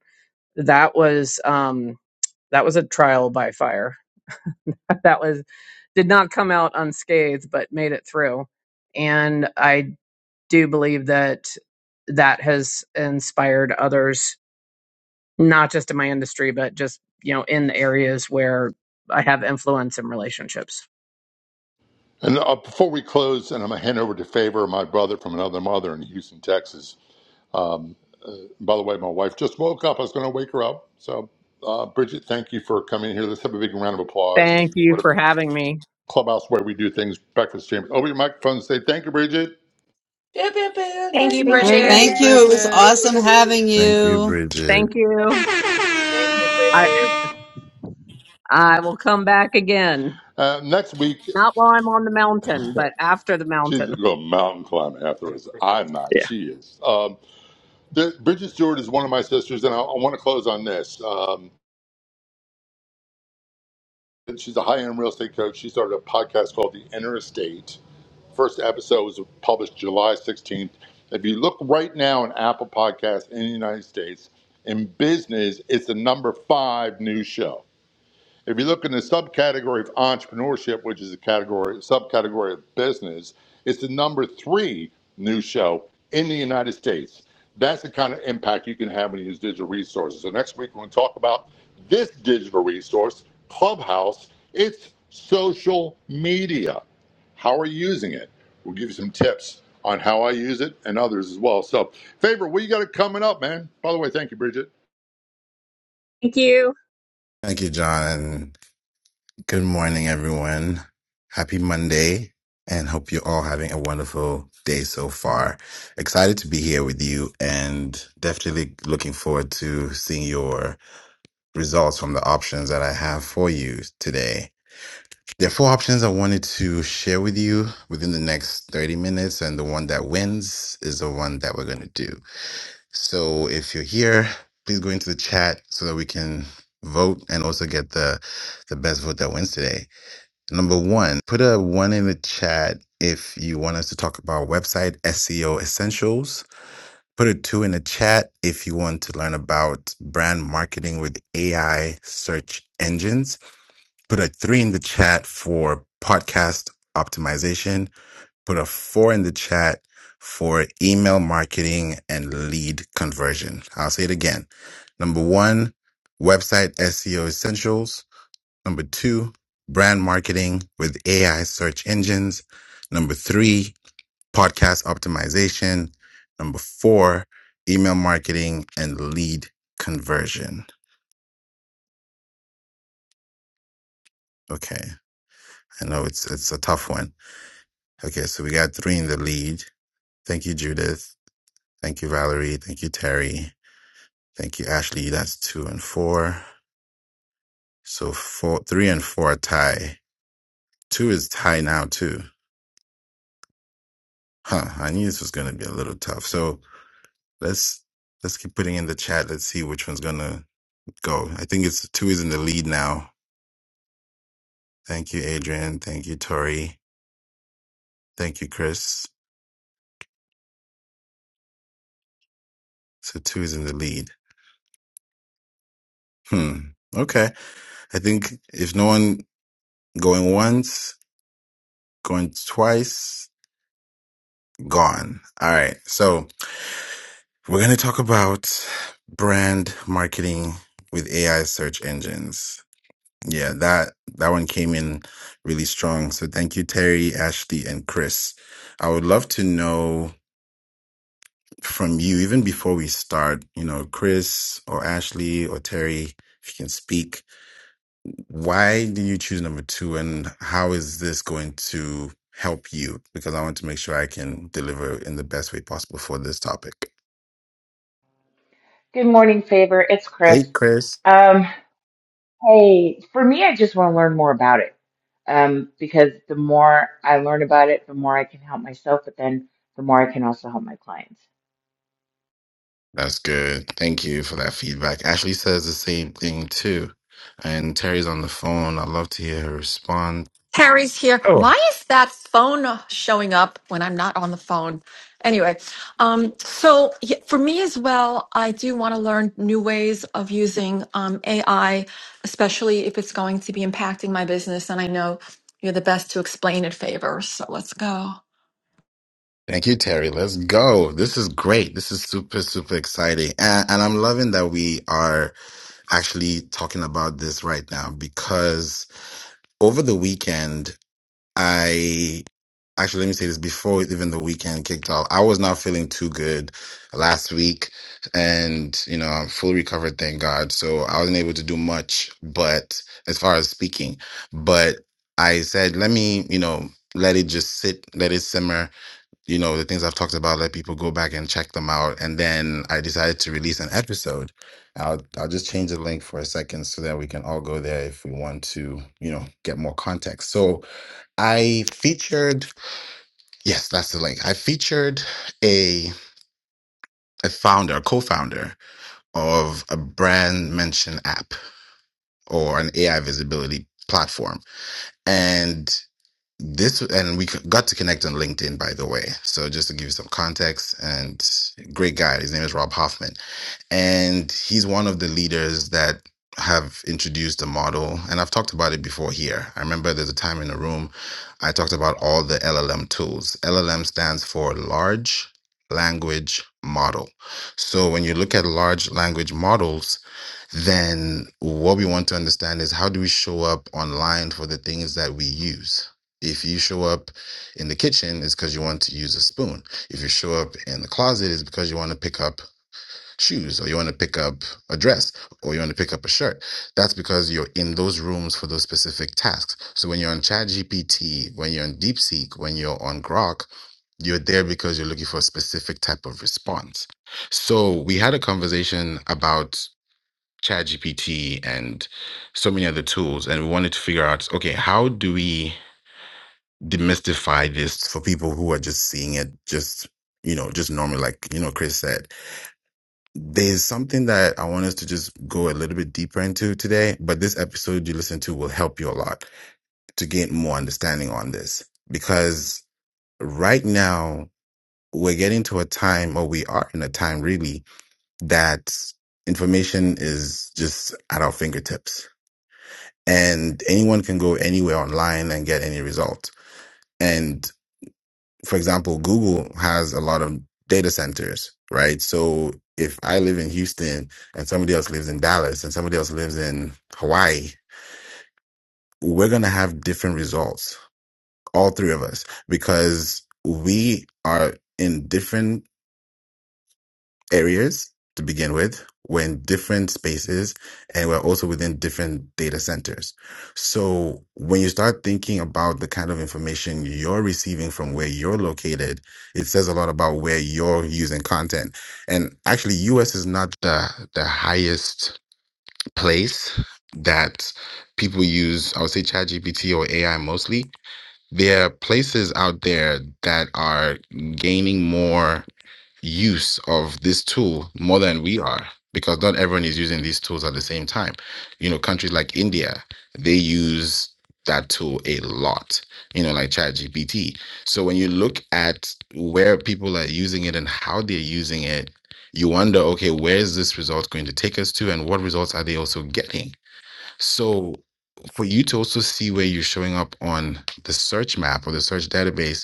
[SPEAKER 17] That was um, that was a trial by fire. that was did not come out unscathed, but made it through. And I do believe that that has inspired others, not just in my industry, but just, you know, in the areas where I have influence in relationships.
[SPEAKER 15] And uh, before we close, and I'm going to hand over to Favor, my brother from another mother in Houston, Texas. Um, uh, by the way, my wife just woke up. I was going to wake her up. So, uh, Bridget, thank you for coming here. Let's have a big round of applause
[SPEAKER 17] Thank
[SPEAKER 15] and
[SPEAKER 17] you
[SPEAKER 15] whatever
[SPEAKER 17] for having me.
[SPEAKER 15] clubhouse way we do things, breakfast chamber. Over your microphone and say thank you, Bridget.
[SPEAKER 16] Thank you,
[SPEAKER 21] Thank you,
[SPEAKER 22] Thank
[SPEAKER 16] Bridget.
[SPEAKER 22] you,
[SPEAKER 1] Thank you. It
[SPEAKER 21] Bridget.
[SPEAKER 1] was
[SPEAKER 22] Bridget.
[SPEAKER 1] awesome having
[SPEAKER 23] Thank you,
[SPEAKER 1] you.
[SPEAKER 23] Bridget.
[SPEAKER 17] Thank you.
[SPEAKER 12] Thank you,
[SPEAKER 17] I,
[SPEAKER 12] Bridget.
[SPEAKER 17] I will come back again,
[SPEAKER 15] Uh, next week,
[SPEAKER 17] not while I'm on the mountain, but after the
[SPEAKER 15] she's
[SPEAKER 17] mountain.
[SPEAKER 15] going to mountain climb
[SPEAKER 18] Welcome
[SPEAKER 15] afterwards.
[SPEAKER 18] to prayer.
[SPEAKER 15] I'm not.
[SPEAKER 17] Yeah.
[SPEAKER 15] She is. Um, the, Bridget Stewart is one of my sisters, and I, I want to close on this. Um, she's a high end real estate coach. She started a podcast called The Inner Estate First episode was published July 16th. If you look right now in Apple Podcasts in the United States, in business, it's the number five news show. If you look in the subcategory of entrepreneurship, which is a category subcategory of business, it's the number three news show in the United States. That's the kind of impact you can have when you use digital resources. So next week we're going to talk about this digital resource, Clubhouse. It's social media. How are you using it? We'll give you some tips on how I use it and others as well. So, favor, what you got it coming up, man? By the way, thank you, Bridget.
[SPEAKER 17] Thank you.
[SPEAKER 23] Thank you, John. Good morning, everyone. Happy Monday, and hope you're all having a wonderful day so far. Excited to be here with you, and definitely looking forward to seeing your results from the options that I have for you today. There are four options I wanted to share with you within the next 30 minutes, and the one that wins is the one that we're going to do. So if you're here, please go into the chat so that we can vote and also get the the best vote that wins today. Number one, put a one in the chat if you want us to talk about website SEO essentials. Put a two in the chat if you want to learn about brand marketing with AI search engines. Put a three in the chat for podcast optimization Put a four in the chat for email marketing and lead conversion. I'll say it again. Number one, website SEO essentials. Number two, brand marketing with AI search engines. Number three, podcast optimization. Number four, email marketing and lead conversion. Okay. I know it's, it's a tough one. Okay. So we got three in the lead. Thank you, Judith. Thank you, Valerie. Thank you, Terry. Thank you, Ashley. That's two and four. So four, three and four are tie. Two is tie now too. Huh. I knew this was gonna be a little tough. So let's let's keep putting in the chat. Let's see which one's gonna go. I think it's two is in the lead now. Thank you, Adrian. Thank you, Tori. Thank you, Chris. So two is in the lead. Hmm. Okay. I think if no one going once, going twice, gone. All right. So We're going to talk about brand marketing with AI search engines. Yeah, that that one came in really strong. So thank you Terry, Ashley and Chris. I would love to know from you even before we start, you know, Chris or Ashley or Terry, if you can speak, why do you choose number 2 and how is this going to help you because I want to make sure I can deliver in the best way possible for this topic.
[SPEAKER 24] Good morning, Favor. It's
[SPEAKER 23] Hey
[SPEAKER 24] Chris.
[SPEAKER 23] Chris.
[SPEAKER 24] Um, hey, for me, I just want to learn more about it. Um, because the more I learn about it, the more I can help myself, but then the more I can also help my clients.
[SPEAKER 23] That's good. Thank you for that feedback. Ashley says the same thing too. And Terry's on the phone. I'd love to hear her respond.
[SPEAKER 16] Terry's here. Why is that phone showing up when I'm not on the phone? Anyway, um, so y- for me as well, I do want to learn new ways of using um, AI, especially if it's going to be impacting my business. And I know you're the best to explain it, Favor. So let's go.
[SPEAKER 23] Thank you, Terry. Let's go. This is great. This is super, super exciting. And, and I'm loving that we are actually talking about this right now because over the weekend, I actually let me say this before even the weekend kicked off. I was not feeling too good last week, and you know I'm fully recovered, thank God. So I wasn't able to do much, but as far as speaking, but I said let me you know let it just sit, let it simmer. You know the things I've talked about, let people go back and check them out, and then I decided to release an episode. I'll I'll just change the link for a second so that we can all go there if we want to you know get more context. So I featured, yes, that's the link. I featured a a founder, a co-founder of a brand mention app or an AI visibility platform. And this and we got to connect on LinkedIn by the way. So just to give you some context and great guy, his name is Rob Hoffman and he's one of the leaders that have introduced the model and i've talked about it before here i remember there's a time in a room i talked about all the llm tools llm stands for large language model so when you look at large language models then what we want to understand is how do we show up online for the things that we use if you show up in the kitchen it's because you want to use a spoon if you show up in the closet it's because you want to pick up shoes or you want to pick up a dress or you want to pick up a shirt that's because you're in those rooms for those specific tasks so when you're on ChatGPT, when you're on deepseek when you're on grok you're there because you're looking for a specific type of response so we had a conversation about ChatGPT and so many other tools and we wanted to figure out okay how do we demystify this for people who are just seeing it just you know just normally like you know chris said there's something that I want us to just go a little bit deeper into today, but this episode you listen to will help you a lot to gain more understanding on this because right now we're getting to a time, or we are in a time really, that information is just at our fingertips and anyone can go anywhere online and get any result. And for example, Google has a lot of data centers, right? So if I live in Houston and somebody else lives in Dallas and somebody else lives in Hawaii, we're going to have different results, all three of us, because we are in different areas to begin with. We're in different spaces and we're also within different data centers. So when you start thinking about the kind of information you're receiving from where you're located, it says a lot about where you're using content. And actually, US is not the, the highest place that people use, I would say ChatGPT or AI mostly. There are places out there that are gaining more use of this tool more than we are because not everyone is using these tools at the same time. You know, countries like India, they use that tool a lot, you know, like ChatGPT. So when you look at where people are using it and how they're using it, you wonder, okay, where is this result going to take us to and what results are they also getting? So for you to also see where you're showing up on the search map or the search database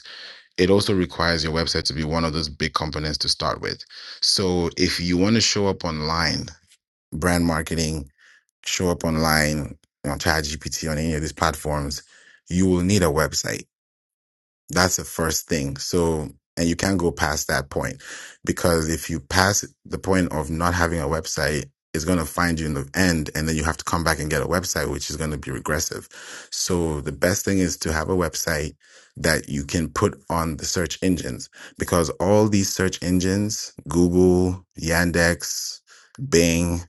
[SPEAKER 23] it also requires your website to be one of those big components to start with. So if you want to show up online, brand marketing, show up online on ChatGPT on any of these platforms, you will need a website that's the first thing. So, and you can't go past that point because if you pass the point of not having a website, it's going to find you in the end and then you have to come back and get a website, which is going to be regressive. So the best thing is to have a website that you can put on the search engines because all these search engines, Google, Yandex, Bing,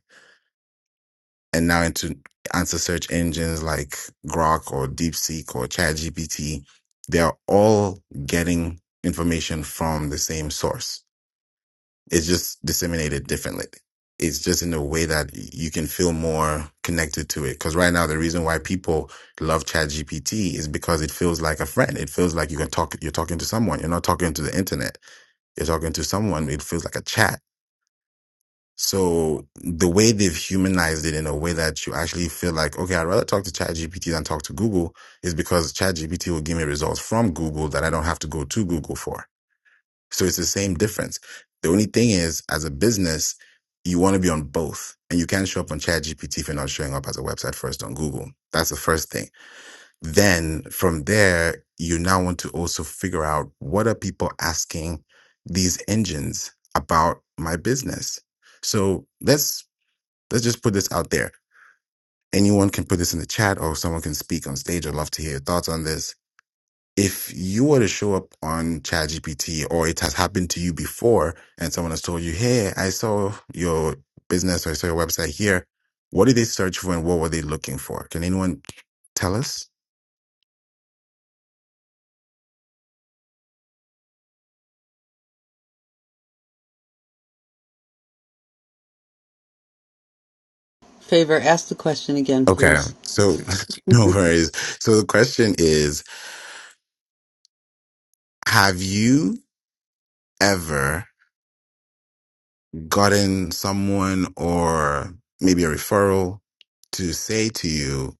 [SPEAKER 23] and now into answer search engines like Grok or DeepSeek or ChatGPT, they're all getting information from the same source. It's just disseminated differently. It's just in a way that you can feel more connected to it. Because right now, the reason why people love ChatGPT is because it feels like a friend. It feels like you can talk. You're talking to someone. You're not talking to the internet. You're talking to someone. It feels like a chat so the way they've humanized it in a way that you actually feel like, okay, I'd rather talk to ChatGPT than talk to Google is because ChatGPT will give me results from Google that I don't have to go to Google for. So it's the same difference. The only thing is, as a business, you want to be on both and you can't show up on ChatGPT if you're not showing up as a website first on Google. That's the first thing. Then from there, you now want to also figure out what are people asking these engines about my business. So let's Let's just put this out there. Anyone can put this in the chat or someone can speak on stage. I'd love to hear your thoughts on this. If you were to show up on ChatGPT or it has happened to you before and someone has told you, Hey, I saw your business or I saw your website here. What did they search for and what were they looking for? Can anyone tell us?
[SPEAKER 1] Favor, ask the question again,
[SPEAKER 23] Okay.
[SPEAKER 1] please.
[SPEAKER 23] So no worries. So the question is, have you ever gotten someone or maybe a referral to say to you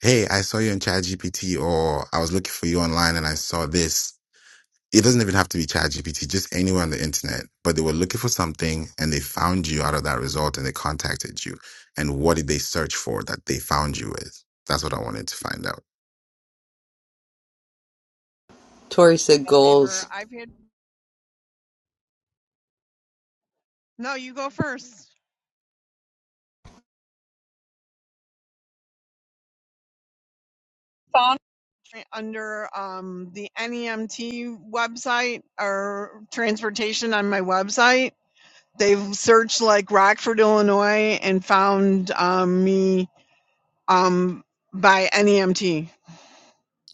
[SPEAKER 23] hey, I saw you on ChatGPT or I was looking for you online and I saw this. It doesn't even have to be ChatGPT, just anywhere on the internet. But they were looking for something and they found you out of that result and they contacted you. And what did they search for that they found you with? That's what I wanted to find out.
[SPEAKER 1] Tori said
[SPEAKER 20] that favor.
[SPEAKER 1] goals.
[SPEAKER 20] I've had no, you go first. Right under um, the NEMT website or transportation on my website. They've searched like Rockford, Illinois, and found um, me um, by NEMT.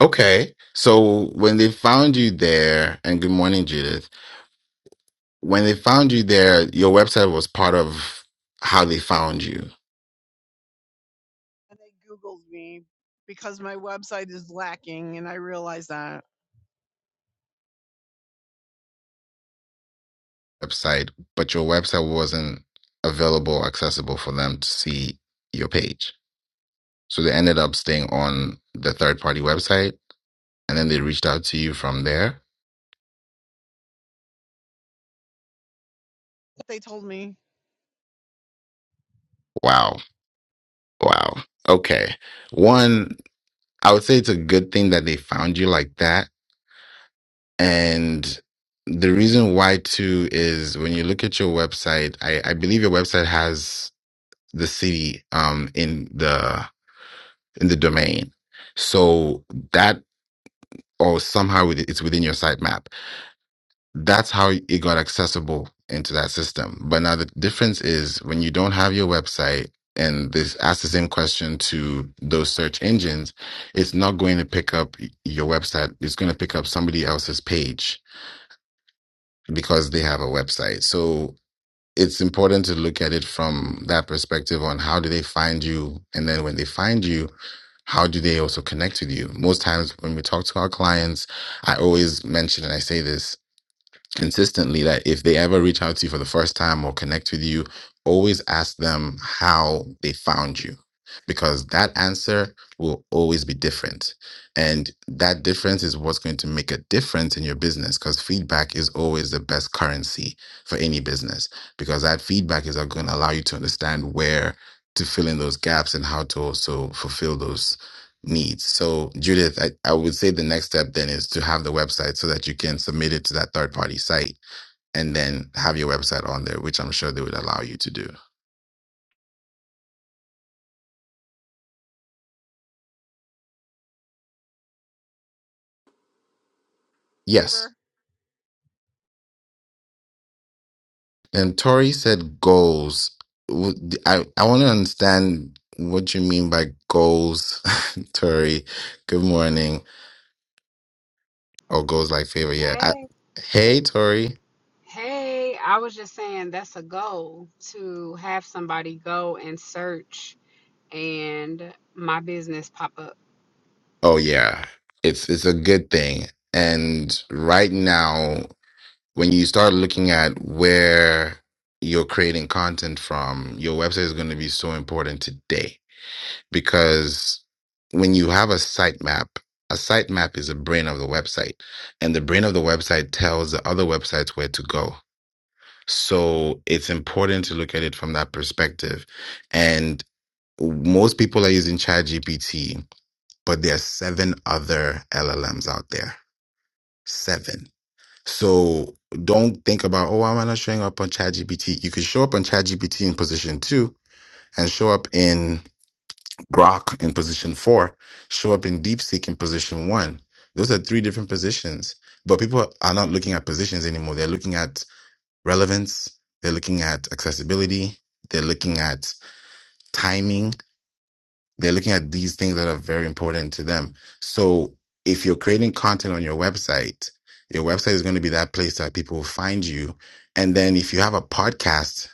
[SPEAKER 23] Okay. So when they found you there, and good morning, Judith. When they found you there, your website was part of how they found you.
[SPEAKER 20] And they Googled me because my website is lacking, and I realize that.
[SPEAKER 23] website, but your website wasn't available, accessible for them to see your page. So they ended up staying on the third party website and then they reached out to you from there.
[SPEAKER 20] They told me
[SPEAKER 23] Wow. Wow. Okay. One, I would say it's a good thing that they found you like that. And the reason why, too, is when you look at your website, I, I believe your website has the city um, in the in the domain. So that or somehow it- it's within your sitemap. That's how it got accessible into that system. But now the difference is when you don't have your website and this asks the same question to those search engines, it's not going to pick up your website. It's going to pick up somebody else's page because they have a website. So it's important to look at it from that perspective on how do they find you and then when they find you how do they also connect with you most times when we talk to our clients i always mention and i say this consistently that if they ever reach out to you for the first time or connect with you, always ask them how they found you because that answer will always be different. And that difference is what's going to make a difference in your business because feedback is always the best currency for any business because that feedback is going to allow you to understand where to fill in those gaps and how to also fulfill those needs. So, Judith, I, I would say the next step then is to have the website so that you can submit it to that third party site and then have your website on there, which I'm sure they would allow you to do. Yes.
[SPEAKER 20] favor.
[SPEAKER 23] And Tori said goals. Would- I, I want to understand what you mean by goals, Tori. Good morning. Or goals like favor. Yeah. I,
[SPEAKER 12] Hey.
[SPEAKER 23] hey, Tori.
[SPEAKER 12] Hey, I was just saying that's a goal to have somebody go and search and my business pop up.
[SPEAKER 23] Oh yeah, it's it's a good thing. And right now, when you start looking at where you're creating content from, your website is going to be so important today because when you have a sitemap, a sitemap is the brain of the website, and the brain of the website tells the other websites where to go. So it's important to look at it from that perspective. And most people are using ChatGPT but there are seven other LLMs out there. Seven. So don't think about, oh, why am I not showing up on ChatGPT. You could show up on ChatGPT in position two and show up in Grok in position four, show up in DeepSeek in position one. Those are three different positions. But people are not looking at positions anymore. They're looking at relevance, they're looking at accessibility, they're looking at timing, They're looking at these things that are very important to them. So if you're creating content on your website, your website is going to be that place that people will find you. And then if you have a podcast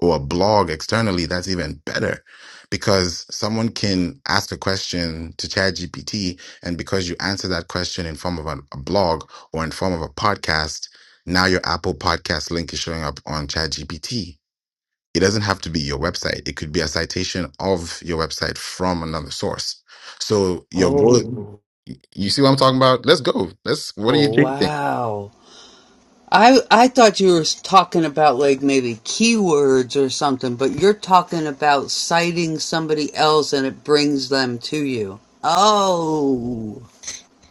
[SPEAKER 23] or a blog externally, that's even better because someone can ask a question to ChatGPT. And because you answer that question in form of an- a blog or in form of a podcast, now your Apple podcast link is showing up on ChatGPT it doesn't have to be your website. It could be a citation of your website from another source. So your goal,
[SPEAKER 1] Oh,
[SPEAKER 23] you see what I'm talking about? Let's go. Let's, what do you
[SPEAKER 1] oh
[SPEAKER 23] think?
[SPEAKER 1] wow. I I thought you were talking about like maybe keywords or something, but you're talking about citing somebody else and it brings them to you. Oh.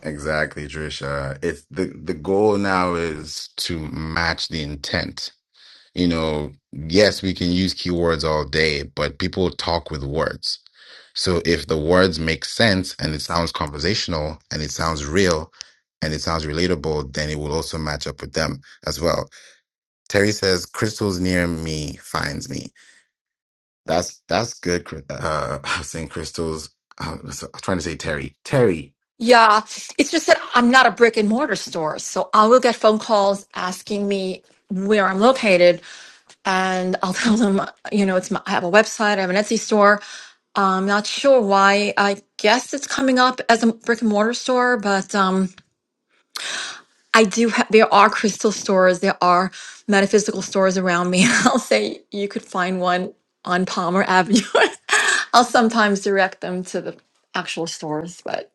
[SPEAKER 23] Exactly, Trisha. It's the, the goal now is to match the intent. You know, yes, we can use keywords all day, but people talk with words. So if the words make sense and it sounds conversational and it sounds real and it sounds relatable, then it will also match up with them as well. Terry says, "Crystals near me finds me." That's that's good. Chris- Uh, I was saying crystals. I was I was trying to say Terry. Terry.
[SPEAKER 16] Yeah, it's just that I'm not a brick and mortar store. So I will get phone calls asking me where I'm located. and I'll tell them, you know, it's my, I have a website, I have an Etsy store. I'm not sure why. I guess it's coming up as a brick and mortar store, but um, I do. Ha- there are crystal stores, there are metaphysical stores around me. I'll say you could find one on Palmer Avenue. I'll sometimes direct them to the actual stores, but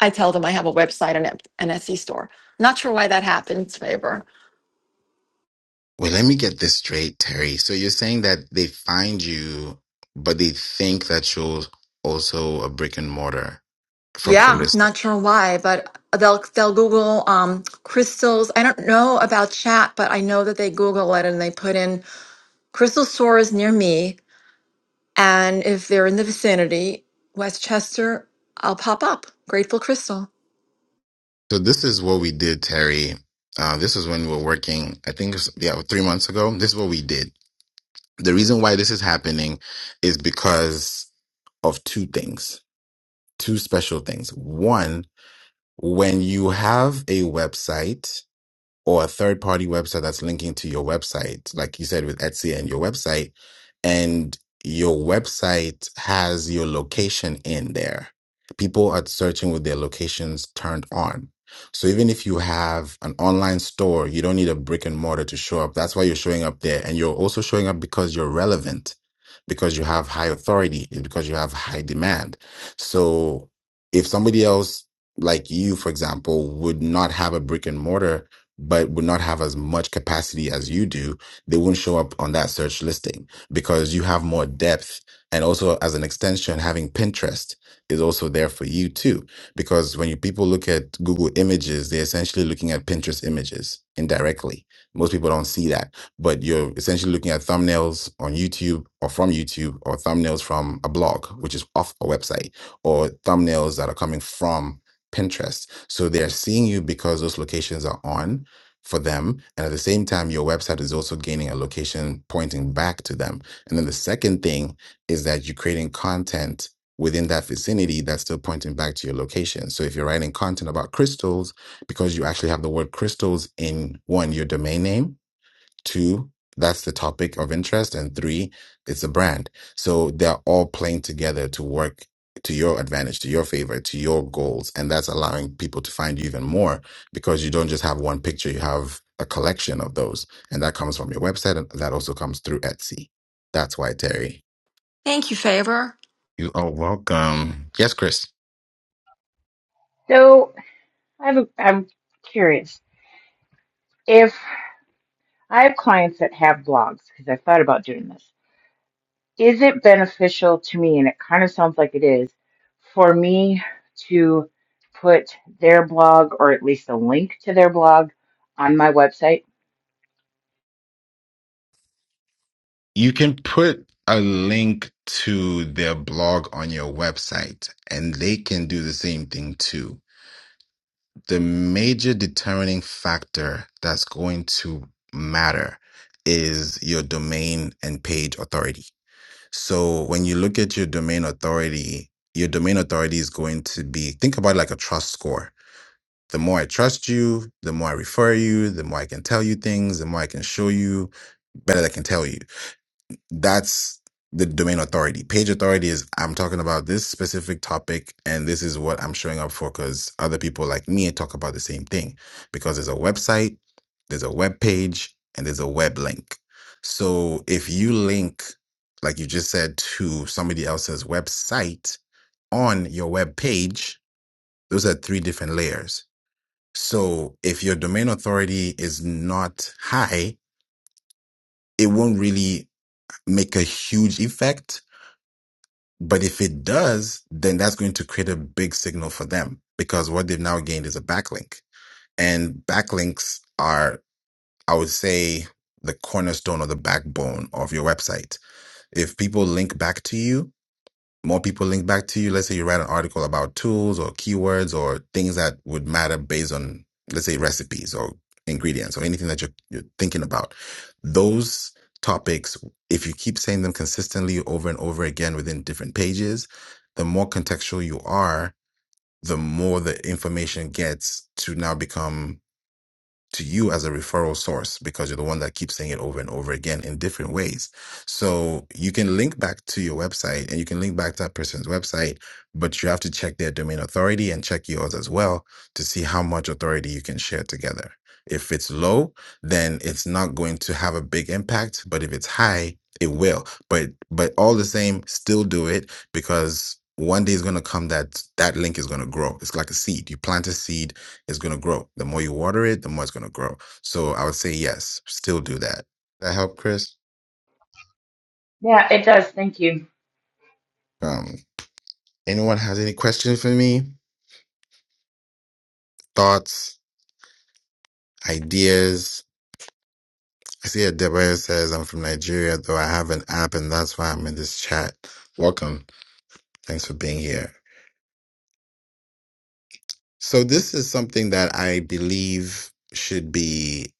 [SPEAKER 16] I tell them I have a website and a- an Etsy store. Not sure why that happens, Faber.
[SPEAKER 23] Wait, let me get this straight, Terry. So you're saying that they find you, but they think that you're also a brick and mortar from the
[SPEAKER 16] Yeah,
[SPEAKER 23] list.
[SPEAKER 16] not sure why, but they'll they'll Google um crystals. I don't know about chat, but I know that they Google it and they put in crystal stores near me, and if they're in the vicinity, Westchester, I'll pop up. Grateful crystal.
[SPEAKER 23] So this is what we did, Terry. Uh, this was when we were working. I think it was, yeah, three months ago. This is what we did. The reason why this is happening is because of two things, two special things. One When you have a website, or a third party website that's linking to your website, like you said with Etsy and your website, and your website has your location in there. People are searching with their locations turned on. So even if you have an online store, you don't need a brick and mortar to show up. That's why you're showing up there. And you're also showing up because you're relevant, because you have high authority, because you have high demand. So if somebody else like you, for example, would not have a brick and mortar but would not have as much capacity as you do, they wouldn't show up on that search listing because you have more depth. And also, as an extension, having Pinterest is also there for you too. Because when you, people look at Google images, they're essentially looking at Pinterest images indirectly. Most people don't see that, but you're essentially looking at thumbnails on YouTube or from YouTube or thumbnails from a blog, which is off a website, or thumbnails that are coming from Pinterest. So they're seeing you because those locations are on for them. And at the same time, your website is also gaining a location pointing back to them. And then the second thing is that you're creating content within that vicinity that's still pointing back to your location. So if you're writing content about crystals, because you actually have the word crystals in one, your domain name, Two, that's the topic of interest. And three, it's a brand. So they're all playing together to work to your advantage, to your favor, to your goals. And that's allowing people to find you even more because you don't just have one picture, you have a collection of those. And that comes from your website and that also comes through Etsy. That's why, Terry.
[SPEAKER 16] Thank you, favor.
[SPEAKER 23] You are welcome. Yes, Chris.
[SPEAKER 24] So I have a, I'm curious if I have clients that have blogs, because I thought about doing this, is it beneficial to me? And it kind of sounds like it is for me to put their blog or at least a link to their blog on my website?
[SPEAKER 23] You can put a link to their blog on your website and they can do the same thing too the major determining factor that's going to matter is your domain and page authority. So when you look at your domain authority, your domain authority is going to be think about it like a trust score. The more I trust you, the more I refer you, the more I can tell you things, the more I can show you, better I can tell you that's the domain authority. Page authority is I'm talking about this specific topic and this is what I'm showing up for because other people like me talk about the same thing because there's a website, there's a web page, and there's a web link. So if you link, like you just said, to somebody else's website on your web page, those are three different layers. So if your domain authority is not high, it won't really make a huge effect But if it does, then that's going to create a big signal for them because what they've now gained is a backlink. And backlinks are, I would say, the cornerstone or the backbone of your website. If people link back to you, more people link back to you. Let's say you write an article about tools or keywords or things that would matter based on, let's say, recipes or ingredients or anything that you're, you're thinking about. Those topics, if you keep saying them consistently over and over again within different pages, the more contextual you are, the more the information gets to now become to you as a referral source because you're the one that keeps saying it over and over again in different ways. So you can link back to your website and you can link back to that person's website, but you have to check their domain authority and check yours as well to see how much authority you can share together. If it's low, then it's not going to have a big impact, but if it's high, it will. But but all the same, still do it because one day is going to come that that link is going to grow. It's like a seed. You plant a seed is going to grow. The more you water it, the more it's going to grow. So I would say yes, still do that. That help, Chris.
[SPEAKER 24] Yeah, it does. Thank you.
[SPEAKER 23] Um, anyone has any questions for me? Thoughts, ideas? I see that Deborah says I'm from Nigeria, though I have an app, and that's why I'm in this chat. Welcome. Thanks for being here. So this is something that I believe should be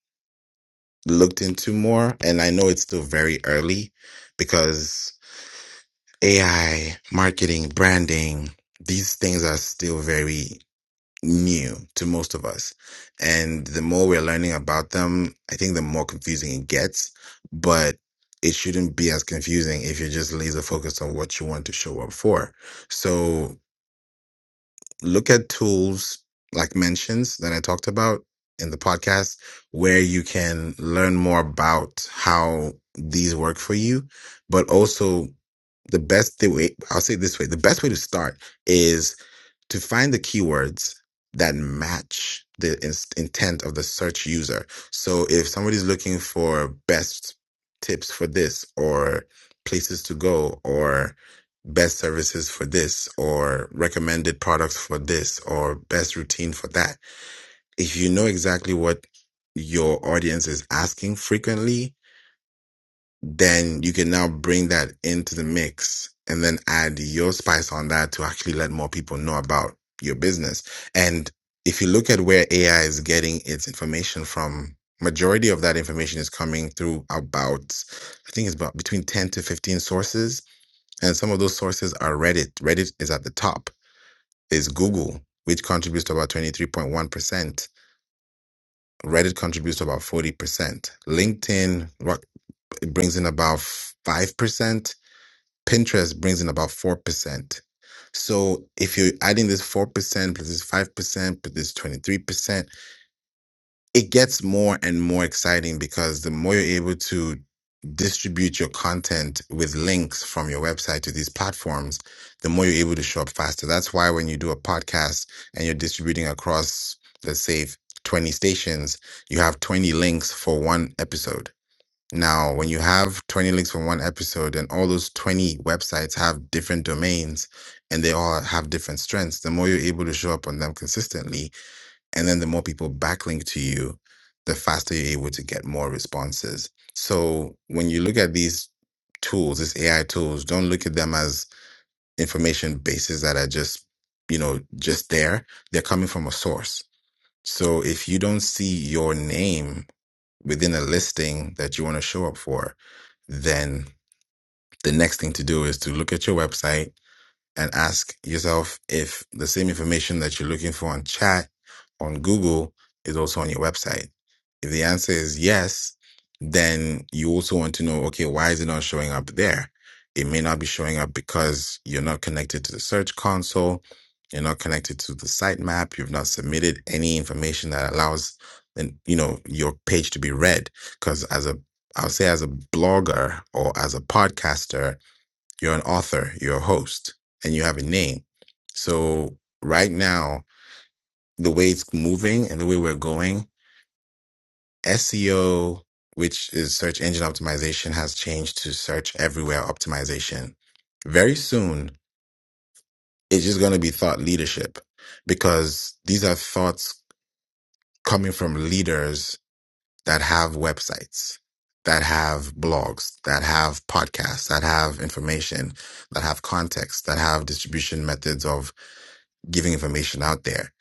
[SPEAKER 23] looked into more, and I know it's still very early because AI, marketing, branding, these things are still very new to most of us. And the more we're learning about them, I think the more confusing it gets. But it shouldn't be as confusing if you're just laser focused on what you want to show up for. So look at tools like mentions that I talked about in the podcast, where you can learn more about how these work for you, but also the best the way I'll say it this way, the best way to start is to find the keywords that match the ins- intent of the search user. So if somebody's looking for best tips for this or places to go or best services for this or recommended products for this or best routine for that, if you know exactly what your audience is asking frequently, then you can now bring that into the mix and then add your spice on that to actually let more people know about your business. And if you look at where AI is getting its information from, majority of that information is coming through about, I think it's about between 10 to 15 sources. And some of those sources are Reddit. Reddit is at the top, is Google, which contributes to about 23.1%. Reddit contributes to about 40%. LinkedIn, what it brings in about 5% Pinterest brings in about 4%. So if you're adding this 4% plus this 5% plus this 23%, it gets more and more exciting because the more you're able to distribute your content with links from your website to these platforms, the more you're able to show up faster. That's why when you do a podcast and you're distributing across, let's say, 20 stations, you have 20 links for one episode now, when you have 20 links from one episode and all those 20 websites have different domains and they all have different strengths, the more you're able to show up on them consistently, and then the more people backlink to you, the faster you're able to get more responses. So when you look at these tools, these AI tools, don't look at them as information bases that are just, you know, just there. They're coming from a source. So if you don't see your name within a listing that you want to show up for, then the next thing to do is to look at your website and ask yourself if the same information that you're looking for on chat on Google is also on your website. If the answer is yes, then you also want to know okay, why is it not showing up there? It may not be showing up because you're not connected to the search console, you're not connected to the sitemap, you've not submitted any information that allows and you know your page to be read because as a I'll say as a blogger or as a podcaster you're an author, you're a host, and you have a name. So right now, the way it's moving and the way we're going, SEO, which is search engine optimization, has changed to search everywhere optimization. Very soon, it's just going to be thought leadership because these are thoughts coming from leaders that have websites, that have blogs, that have podcasts, that have information, that have context, that have distribution methods of giving information out there.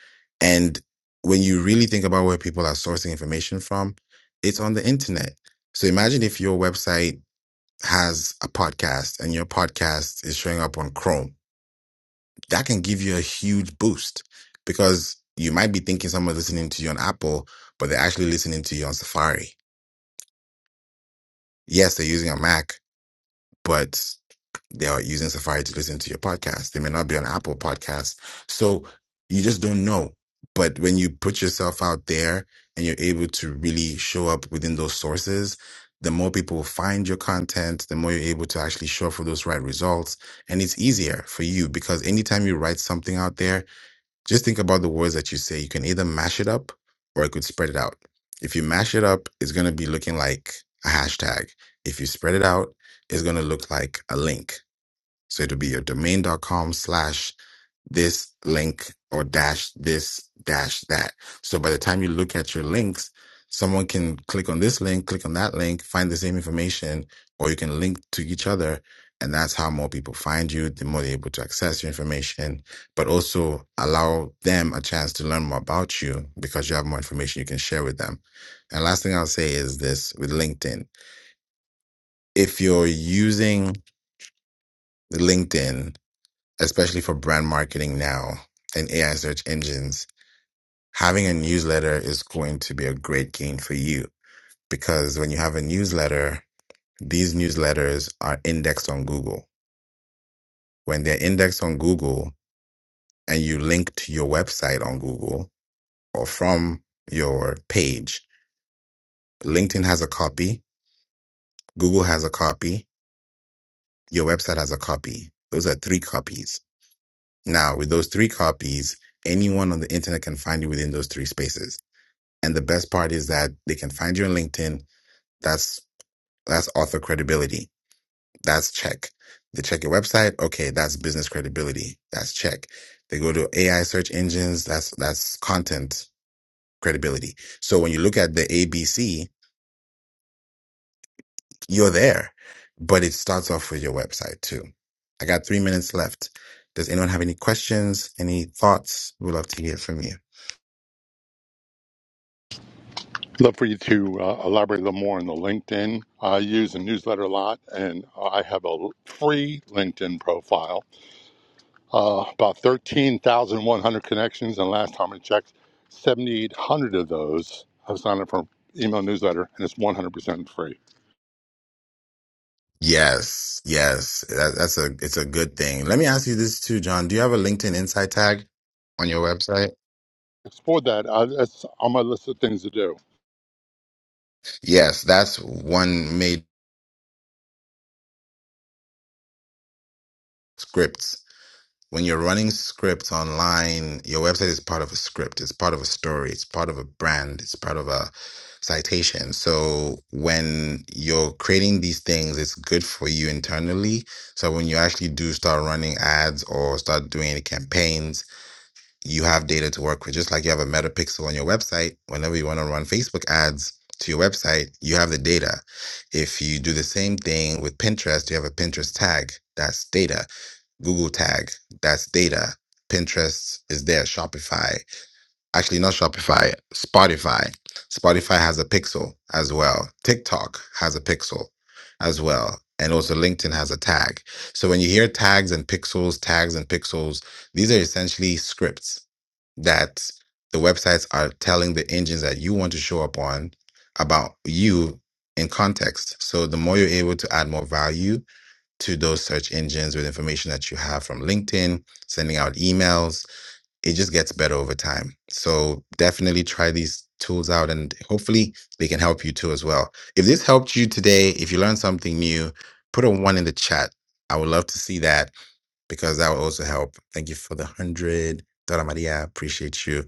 [SPEAKER 23] And when you really think about where people are sourcing information from, it's on the internet. So imagine if your website has a podcast and your podcast is showing up on Chrome. That can give you a huge boost because you might be thinking someone's listening to you on Apple, but they're actually listening to you on Safari. Yes, they're using a Mac, but They are using Safari to listen to your podcast. They may not be on Apple Podcasts. So you just don't know. But when you put yourself out there and you're able to really show up within those sources, the more people will find your content, the more you're able to actually show up for those right results. And it's easier for you because anytime you write something out there, just think about the words that you say. You can either mash it up or it could spread it out. If you mash it up, it's going to be looking like a hashtag. If you spread it out, it's going to look like a link. So it'll be your domain.com slash this link or dash this dash that. So by the time you look at your links, someone can click on this link, click on that link, find the same information, or you can link to each other. And that's how more people find you, the more they're able to access your information, but also allow them a chance to learn more about you because you have more information you can share with them. And last thing I'll say is this with LinkedIn. If you're using LinkedIn especially for brand marketing now and AI search engines, having a newsletter is going to be a great gain for you because when you have a newsletter, these newsletters are indexed on Google. When they're indexed on Google and you link to your website on Google or from your page, LinkedIn has a copy, Google has a copy, your website has a copy. Those are three copies. Now, with those three copies, anyone on the internet can find you within those three spaces. And the best part is that they can find you on LinkedIn. That's that's author credibility. That's check. They check your website. Okay, that's business credibility. That's check. They go to AI search engines. That's that's content credibility. So when you look at the ABC, you're there, but it starts off with your website too. I got three minutes left. Does anyone have any questions? Any thoughts? We'd love to hear from you.
[SPEAKER 15] Love for you to uh, elaborate a little more on the LinkedIn. I use a newsletter a lot, and I have a l- free LinkedIn profile. Uh, about 13,100 connections, and last time I checked, 7,800 of those have signed up for email newsletter, and it's 100% free.
[SPEAKER 23] Yes, yes, that, that's a it's a good thing. Let me ask you this too, John. Do you have a LinkedIn Insight tag on your website?
[SPEAKER 15] Explore that. Uh, that's on my list of things to do.
[SPEAKER 23] Yes, that's one made scripts. When you're running scripts online, your website is part of a script. It's part of a story. It's part of a brand. It's part of a citation. So when you're creating these things, it's good for you internally. So when you actually do start running ads or start doing any campaigns you have data to work with. Just like you have a metapixel on your website, whenever you want to run Facebook ads to your website, you have the data. If you do the same thing with Pinterest, you have a Pinterest tag, that's data. Google tag, that's data. Pinterest is there, Shopify actually not Shopify, Spotify. Spotify has a pixel as well. TikTok has a pixel as well. And also LinkedIn has a tag. So when you hear tags and pixels, tags and pixels, these are essentially scripts that the websites are telling the engines that you want to show up on about you in context. So the more you're able to add more value to those search engines with information that you have from LinkedIn, sending out emails, it just gets better over time. So definitely try these tools out and hopefully they can help you too as well. If this helped you today, if you learned something new, put a one in the chat. I would love to see that because that will also help. Thank you for the one hundred. Dora Maria, appreciate you.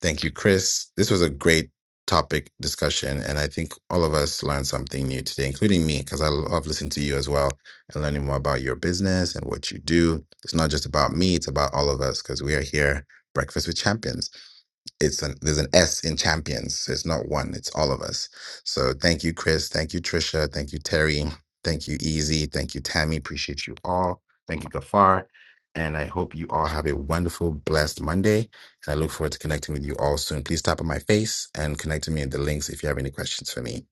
[SPEAKER 23] Thank you, Chris. This was a great topic discussion, and I think all of us learned something new today, including me, because I love listening to you as well and learning more about your business and what you do. It's not just about me, it's about all of us because we are here, Breakfast with Champions it's an there's an S in champions. It's not one. It's all of us. So thank you, Chris. Thank you, Trisha. Thank you, Terry. Thank you, Easy. Thank you, Tammy. Appreciate you all. Thank you, Gafar. And I hope you all have a wonderful, blessed Monday. And I look forward to connecting with you all soon. Please tap on my face and connect to me in the links if you have any questions for me.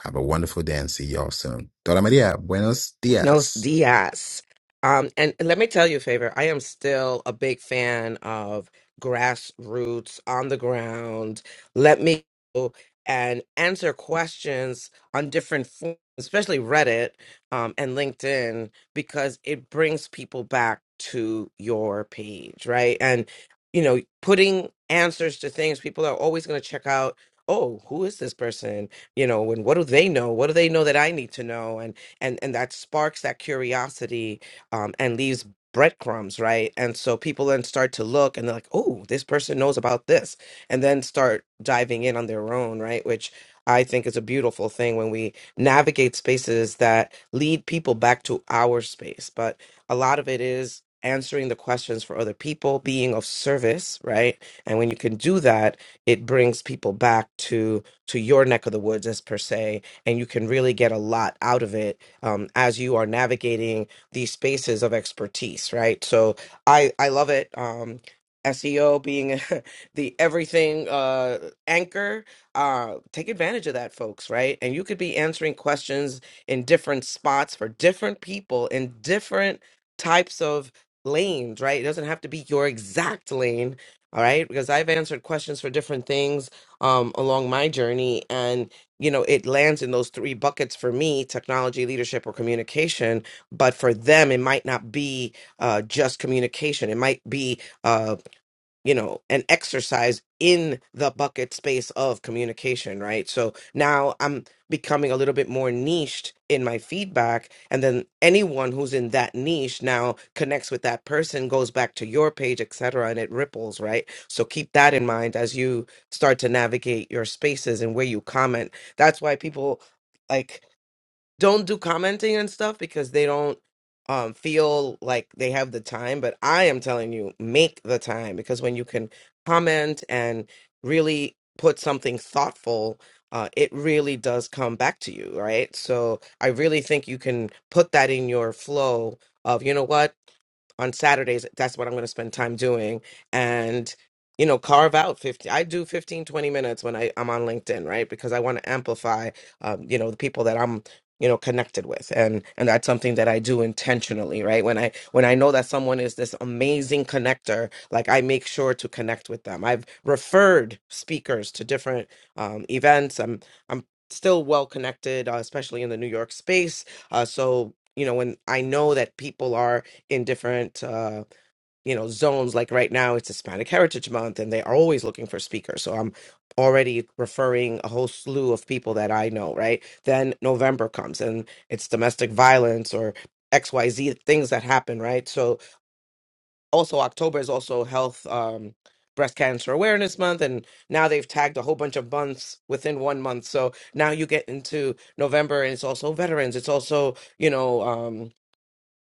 [SPEAKER 23] Have a wonderful day and see you all soon. Dora Maria, buenos
[SPEAKER 25] Buenos
[SPEAKER 23] dias.
[SPEAKER 25] dias. Um, and let me tell you a favor. I am still a big fan of grassroots on the ground. Let me go and answer questions on different forms, especially Reddit um, and LinkedIn, because it brings people back to your page, right? And you know, putting answers to things people are always going to check out. Oh, who is this person? You know, and what do they know? What do they know that I need to know? and and that sparks that curiosity um, and leaves breadcrumbs right and so people then start to look and they're like oh this person knows about this and then start diving in on their own right which i think is a beautiful thing when we navigate spaces that lead people back to our space but a lot of it is answering the questions for other people being of service right and when you can do that it brings people back to to your neck of the woods as per se and you can really get a lot out of it um, as you are navigating these spaces of expertise, right? So I I love it. Um, SEO being the everything uh, anchor, uh, take advantage of that, folks, right? And you could be answering questions in different spots for different people in different types of lanes, right? It doesn't have to be your exact lane, all right? Because I've answered questions for different things um, along my journey, you know it lands in those three buckets for me technology leadership or communication but for them it might not be uh, just communication it might be uh, you know an exercise in the bucket space of communication right so now i'm becoming a little bit more niched in my feedback and then anyone who's in that niche now connects with that person goes back to your page etc and it ripples right so keep that in mind as you start to navigate your spaces and where you comment that's why people like don't do commenting and stuff because they don't um feel like they have the time but i am telling you make the time because when you can comment and really put something thoughtful uh, it really does come back to you right so i really think you can put that in your flow of you know what on Saturdays, that's what I'm going to spend time doing. And, you know, carve out 50, I do 15, 20 minutes when I, I'm on LinkedIn, right? Because I want to amplify, um, you know, the people that I'm, you know, connected with. And, and that's something that I do intentionally, right? When I, when I know that someone is this amazing connector, like I make sure to connect with them. I've referred speakers to different, um, events. I'm, I'm, still well connected uh, especially in the new york space uh, so you know when i know that people are in different uh, you know zones. Like right now, it's Hispanic Heritage Month, and they are always looking for speakers. So I'm already referring a whole slew of people that I know. Right then, November comes, and it's domestic violence or X Y Z things that happen. Right. So also October is also Health. Um, Breast Cancer Awareness Month, and now they've tagged a whole bunch of months within one month. So now you get into November, and it's also veterans. It's also you know. Um,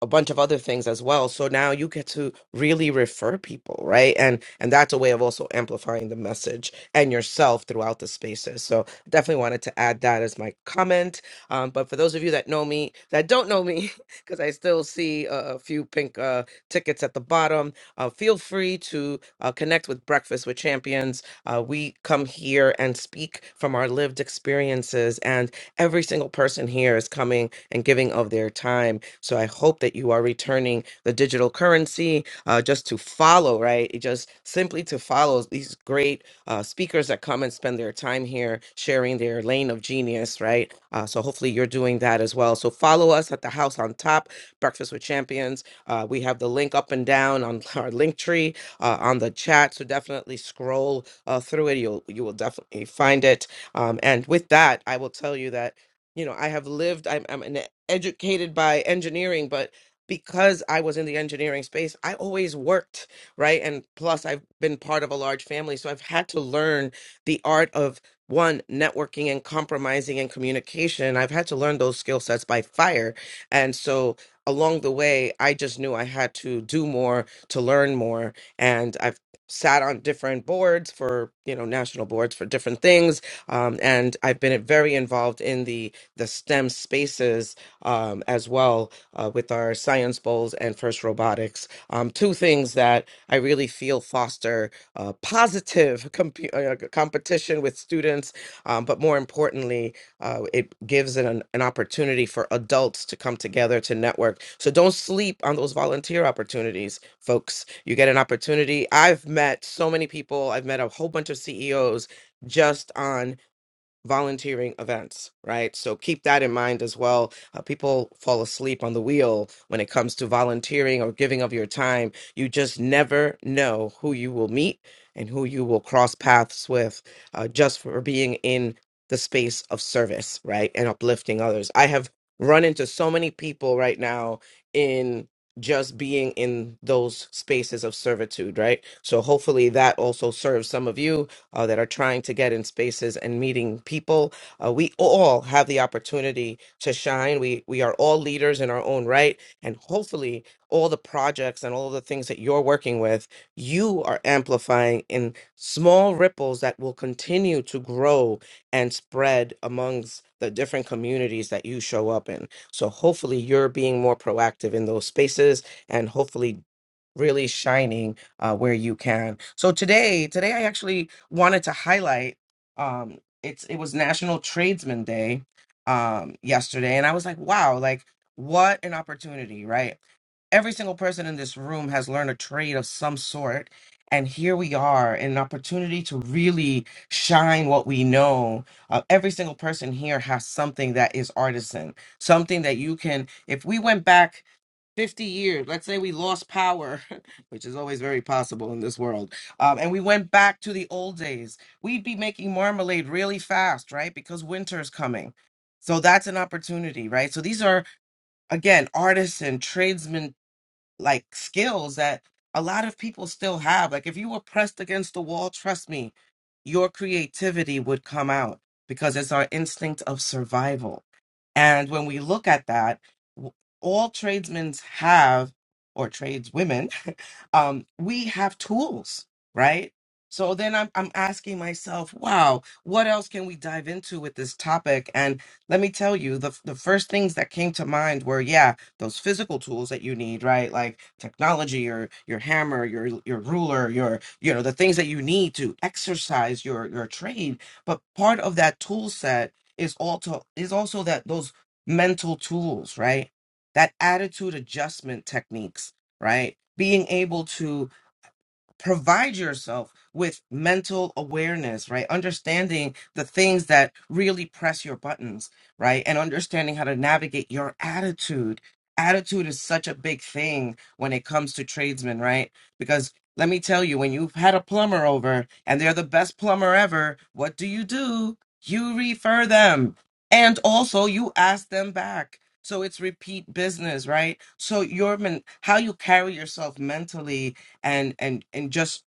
[SPEAKER 25] a bunch of other things as well so now you get to really refer people right and and that's a way of also amplifying the message and yourself throughout the spaces so definitely wanted to add that as my comment um, but for those of you that know me that don't know me because i still see uh, a few pink uh, tickets at the bottom uh, feel free to uh, connect with breakfast with champions uh, we come here and speak from our lived experiences and every single person here is coming and giving of their time. So I hope that you are returning the digital currency uh, just to follow, right? It Just simply to follow these great uh, speakers that come and spend their time here sharing their lane of genius, right? Uh, so hopefully you're doing that as well. So follow us at the house on top, Breakfast with Champions. Uh, we have the link up and down on our link tree uh, on the chat. So definitely scroll uh, through it. You'll you will definitely find it. Um, and with that, I will tell you that you know i have lived i'm, I'm an educated by engineering but because i was in the engineering space i always worked right and plus i've been part of a large family so i've had to learn the art of one networking and compromising and communication i've had to learn those skill sets by fire and so along the way i just knew i had to do more to learn more and i've sat on different boards for you know national boards for different things um, and i've been very involved in the the STEM spaces um, as well uh, with our science bowls and FIRST Robotics. Um, two things that I really feel foster uh, positive comp- uh, competition with students, um, but more importantly, uh, it gives an, an opportunity for adults to come together to network. So don't sleep on those volunteer opportunities, folks. You get an opportunity. I've met so many people, I've met a whole bunch of CEOs just on volunteering events, right? So keep that in mind as well. Uh, people fall asleep on the wheel when it comes to volunteering or giving of your time. You just never know who you will meet and who you will cross paths with uh, just for being in the space of service, right? And uplifting others. I have run into so many people right now in just being in those spaces of servitude, right? So hopefully that also serves some of you uh, that are trying to get in spaces and meeting people. Uh, we all have the opportunity to shine. We we are all leaders in our own right, and hopefully, all the projects and all the things that you're working with, you are amplifying in small ripples that will continue to grow and spread amongst the different communities that you show up in. So hopefully, you're being more proactive in those spaces, and hopefully really shining uh, where you can. So today, today I actually wanted to highlight. Um, it's it was National Tradesman Day um, yesterday, and I was like, wow, like what an opportunity, right? Every single person in this room has learned a trade of some sort. And here we are, an opportunity to really shine what we know. Uh, every single person here has something that is artisan, something that you can. If we went back 50 years let's say we lost power which is always very possible in this world um, and we went back to the old days we'd be making marmalade really fast right because winter's coming so that's an opportunity right so these are again artists and tradesmen like skills that a lot of people still have. Like if you were pressed against the wall, trust me, your creativity would come out because it's our instinct of survival. And when we look at that, w- all tradesmen have, or tradeswomen, um, we have tools, right? So then I'm, I'm asking myself, wow, what else can we dive into with this topic? And let me tell you, the, the first things that came to mind were, yeah, those physical tools that you need, right? Like technology or your hammer, your your ruler, your you know the things that you need to exercise your your trade. But part of that tool set is also is also that those mental tools, right? That attitude adjustment techniques, right? Being able to provide yourself with mental awareness, right? Understanding the things that really press your buttons, right? And understanding how to navigate your attitude. Attitude is such a big thing when it comes to tradesmen, right? Because let me tell you, when you've had a plumber over and they're the best plumber ever, what do you do? You refer them. And also you ask them back. So it's repeat business, right? So your men- how you carry yourself mentally and and and just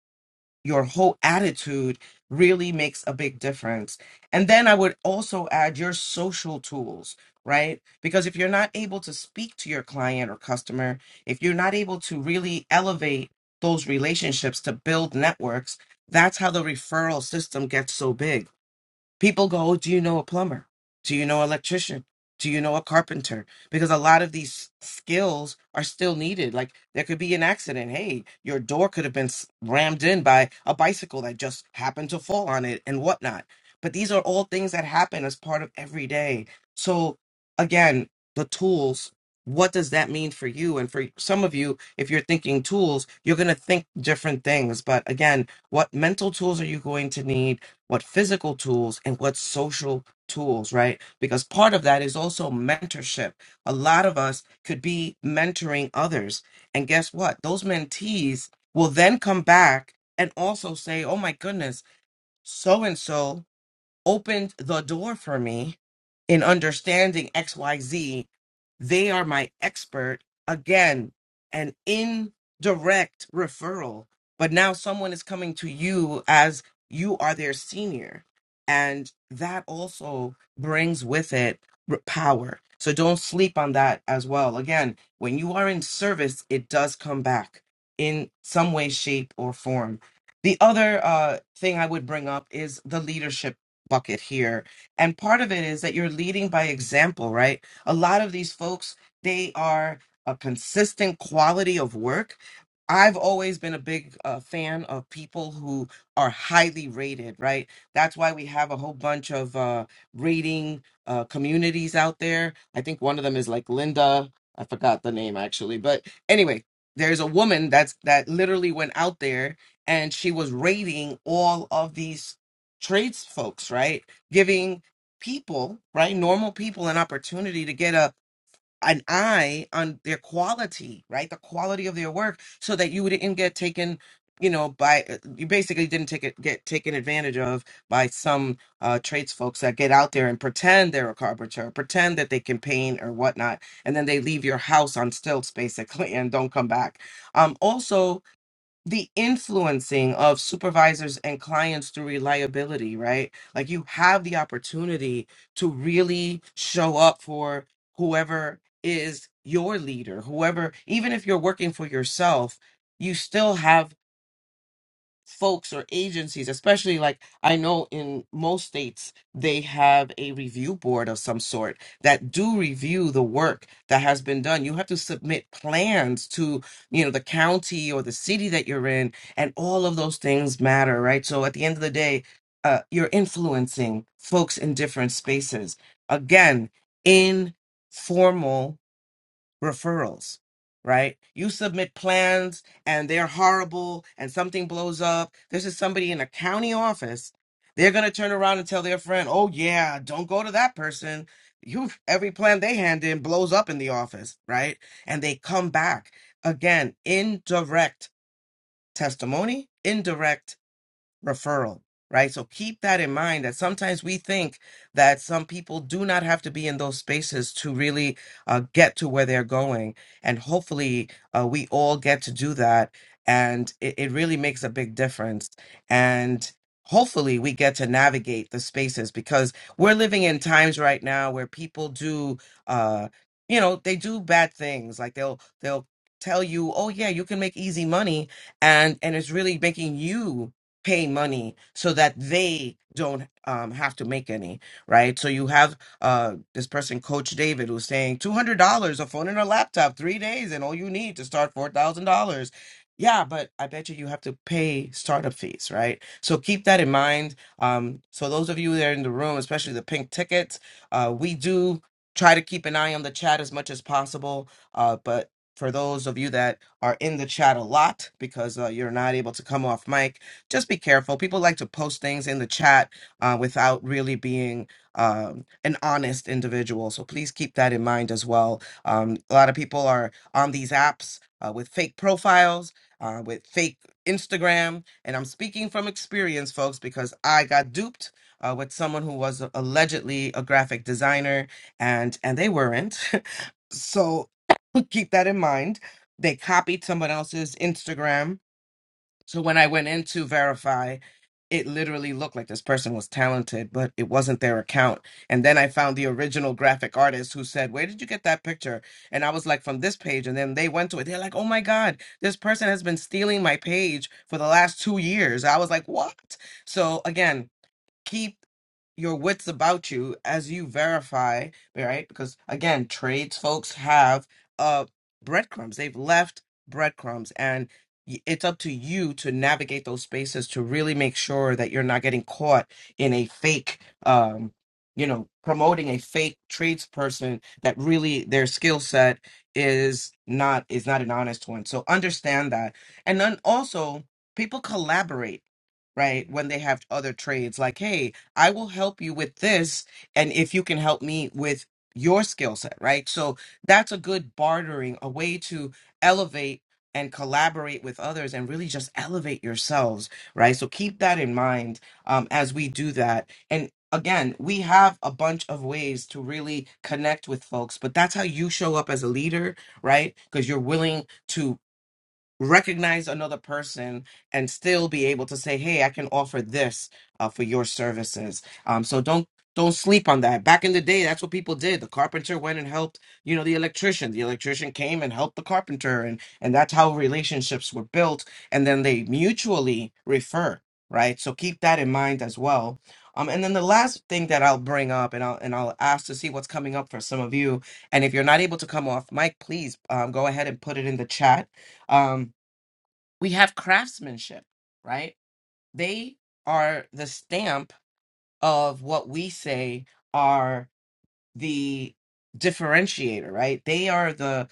[SPEAKER 25] your whole attitude really makes a big difference and then i would also add your social tools right because if you're not able to speak to your client or customer if you're not able to really elevate those relationships to build networks that's how the referral system gets so big People go, "Oh, Do you know a plumber? Do you know an electrician? Do you know a carpenter? Because a lot of these skills are still needed. Like there could be an accident. Hey, your door could have been s- rammed in by a bicycle that just happened to fall on it and whatnot. But these are all things that happen as part of every day. So, again, the tools, what does that mean for you? And for some of you, if you're thinking tools, you're going to think different things. But again, what mental tools are you going to need? what physical tools and what social tools, right? Because part of that is also mentorship. A lot of us could be mentoring others. And guess what? Those mentees will then come back and also say, oh my goodness, so and so opened the door for me in understanding XYZ. They are my expert. Again, an indirect referral. But now someone is coming to you as you are their senior. And that also brings with it r- power. So don't sleep on that as well. Again, when you are in service, it does come back in some way, shape, or form. The other uh, thing I would bring up is the leadership bucket here and part of it is that you're leading by example right a lot of these folks they are a consistent quality of work I've always been a big uh, fan of people who are highly rated, right? That's why we have a whole bunch of uh, rating uh, communities out there. I think one of them is like Linda. I forgot the name actually, but anyway, there's a woman that's that literally went out there and she was rating all of these trades folks, right? Giving people, right, normal people an opportunity to get a an eye on their quality, right? The quality of their work so that you didn't get taken, you know, by uh, you basically didn't take it get taken advantage of by some uh trades folks that get out there and pretend they're a carpenter, pretend that they can paint or whatnot, and then they leave your house on stilts basically and don't come back. Um also the influencing of supervisors and clients through reliability, right? Like you have the opportunity to really show up for whoever is your leader, whoever, even if you're working for yourself, you still have folks or agencies, especially like I know in most states, they have a review board of some sort that do review the work that has been done. You have to submit plans to, you know, the county or the city that you're in, and all of those things matter, right? So at the end of the day, uh, you're influencing folks in different spaces. Again, informal referrals, right? You submit plans and they're horrible and something blows up. This is somebody in a county office. They're going to turn around and tell their friend, oh, yeah, don't go to that person. You every plan they hand in blows up in the office, right? And they come back again, indirect testimony, indirect referral, right? So keep that in mind that sometimes we think that some people do not have to be in those spaces to really uh, get to where they're going. And hopefully, uh, we all get to do that. And it, it really makes a big difference. And hopefully, we get to navigate the spaces because we're living in times right now where people do. Uh, you know they do bad things like they'll they'll tell you oh yeah you can make easy money and and it's really making you pay money so that they don't um, have to make any, right? So you have uh, this person, Coach David, who's saying $200, a phone and a laptop, three days, and all you need to start $4,000. Yeah, but I bet you you have to pay startup fees, right? So keep that in mind. Um, so those of you that are in the room, especially the pink tickets, uh, we do try to keep an eye on the chat as much as possible. Uh, but for those of you that are in the chat a lot because uh, you're not able to come off mic, just be careful. People like to post things in the chat uh, without really being um, an honest individual. So please keep that in mind as well. Um, a lot of people are on these apps uh, with fake profiles, uh, with fake Instagram. And I'm speaking from experience, folks, because I got duped. Uh, with someone who was allegedly a graphic designer and and they weren't so keep that in mind they copied someone else's instagram so when I went in to verify, it literally looked like this person was talented, but it wasn't their account. And then I found the original graphic artist who said, Where did you get that picture? And I was like, From this page. And then they went to it. They're like, Oh my God, this person has been stealing my page for the last two years. I was like, What? So again, keep your wits about you as you verify, right? Because again, trades folks have uh breadcrumbs. They've left breadcrumbs and y- it's up to you to navigate those spaces to really make sure that you're not getting caught in a fake um you know promoting a fake tradesperson that really their skill set is not is not an honest one so understand that and then also people collaborate right? When they have other trades, like, hey, I will help you with this, and if you can help me with your skill set, right? So that's a good bartering, a way to elevate and collaborate with others and really just elevate yourselves, right? So keep that in mind um, as we do that. And again, we have a bunch of ways to really connect with folks, but that's how you show up as a leader, right? Because you're willing to recognize another person and still be able to say hey i can offer this uh, for your services um, so don't don't sleep on that back in the day that's what people did the carpenter went and helped you know the electrician the electrician came and helped the carpenter and and that's how relationships were built and then they mutually refer right so keep that in mind as well um, and then the last thing that I'll bring up, and I'll and I'll ask to see what's coming up for some of you. And if you're not able to come off mic, please um, go ahead and put it in the chat. Um, we have craftsmanship, right? They are the stamp of what we say are the differentiator, right? They are the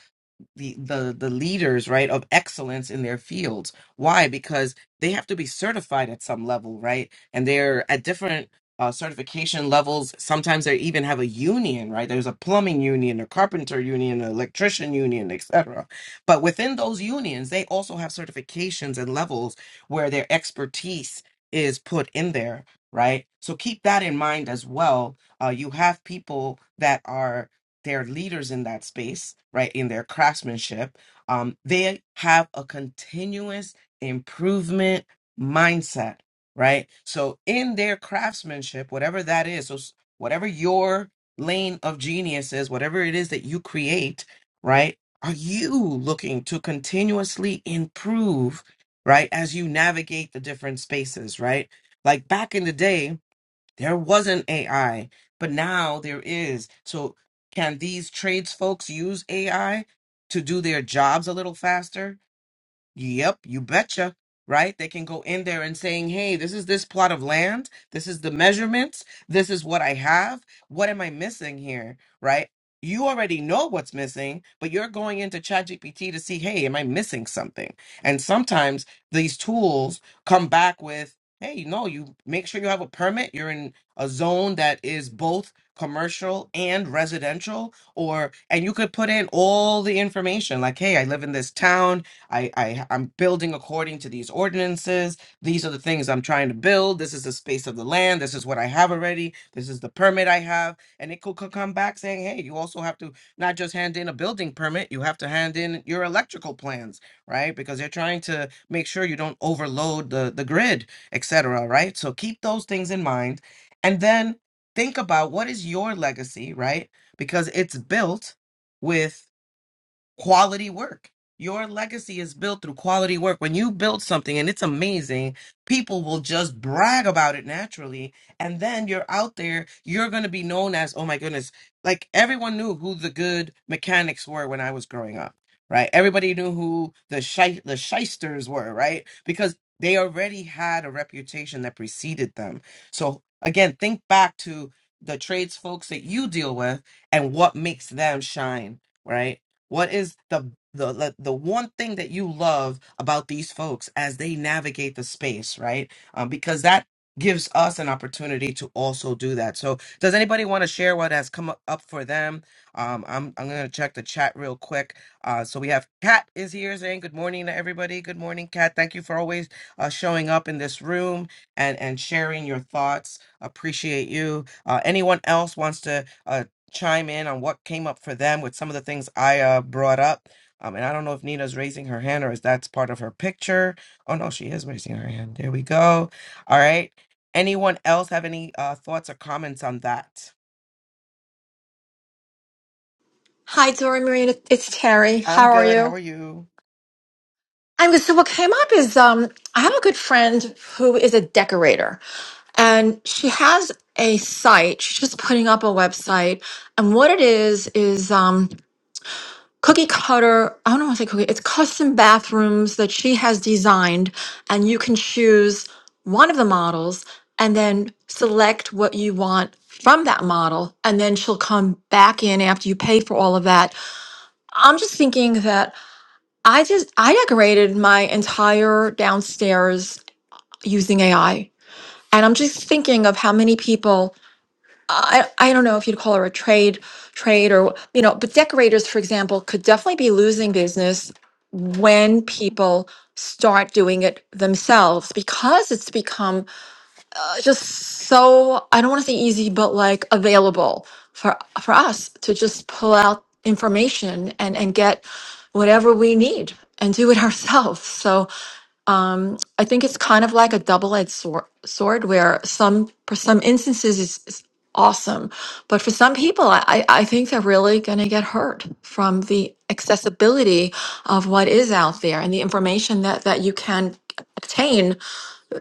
[SPEAKER 25] the the the leaders right of excellence in their fields why because they have to be certified at some level right and they're at different uh, certification levels sometimes they even have a union right there's a plumbing union a carpenter union an electrician union etc but within those unions they also have certifications and levels where their expertise is put in there right so keep that in mind as well uh, you have people that are they're leaders in that space, right? In their craftsmanship, um, they have a continuous improvement mindset, right? So in their craftsmanship, whatever that is, so s- whatever your lane of genius is, whatever it is that you create, right? Are you looking to continuously improve, right? As you navigate the different spaces, right? Like back in the day, there wasn't AI, but now there is. So can these trades folks use AI to do their jobs a little faster? Yep, you betcha. Right? They can go in there and saying, "Hey, this is this plot of land. This is the measurements. This is what I have. What am I missing here?" Right? You already know what's missing, but you're going into ChatGPT to see, "Hey, am I missing something?" And sometimes these tools come back with, "Hey, no, you make sure you have a permit. You're in a zone that is both commercial and residential or and you could put in all the information like, "Hey, I live in this town. I, I I'm building according to these ordinances. These are the things I'm trying to build. This is the space of the land. This is what I have already. This is the permit I have. And it could, could come back saying, hey, you also have to not just hand in a building permit, you have to hand in your electrical plans, right? Because they're trying to make sure you don't overload the, the grid, et cetera, right? So keep those things in mind. And then think about what is your legacy, right? Because it's built with quality work. Your legacy is built through quality work. When you build something and it's amazing, people will just brag about it naturally. And then you're out there, you're going to be known as, oh my goodness, like everyone knew who the good mechanics were when I was growing up, right? Everybody knew who the, shy, the shysters were, right? Because they already had a reputation that preceded them. So again, think back to the trades folks that you deal with and what makes them shine right? What is the the the the one thing that you love about these folks as they navigate the space, right? Um, because that gives us an opportunity to also do that. So, does anybody want to share what has come up for them? Um, I'm I'm gonna check the chat real quick. Uh, so we have Kat is here saying good morning to everybody. Good morning, Kat. Thank you for always uh, showing up in this room and and sharing your thoughts. Appreciate you. Uh, anyone else wants to? uh, chime in on what came up for them with some of the things I uh, brought up. Um, and I don't know if Nina's raising her hand or is that's part of her picture. Oh no, she is raising her hand. There we go. All right. Anyone else have any uh, thoughts or comments on that?
[SPEAKER 16] Hi, Dora Marina. It's Terry.
[SPEAKER 25] I'm
[SPEAKER 16] How are
[SPEAKER 25] good. How
[SPEAKER 16] you?
[SPEAKER 25] are you?
[SPEAKER 16] I'm good. So what came up is um I have a good friend who is a decorator, and she has a site. She's just putting up a website. And what it is is um cookie cutter i don't want to say cookie it's custom bathrooms that she has designed and you can choose one of the models and then select what you want from that model and then she'll come back in after you pay for all of that i'm just thinking that i just i decorated my entire downstairs using ai and i'm just thinking of how many people I, I don't know if you'd call her a trade trade or you know but decorators for example could definitely be losing business when people start doing it themselves because it's become uh, just so I don't want to say easy, but like available for for us to just pull out information and and get whatever we need and do it ourselves. So um, I think it's kind of like a double-edged sword, sword where some for some instances it's, it's awesome, but for some people, I I I think they're really going to get hurt from the accessibility of what is out there and the information that that you can obtain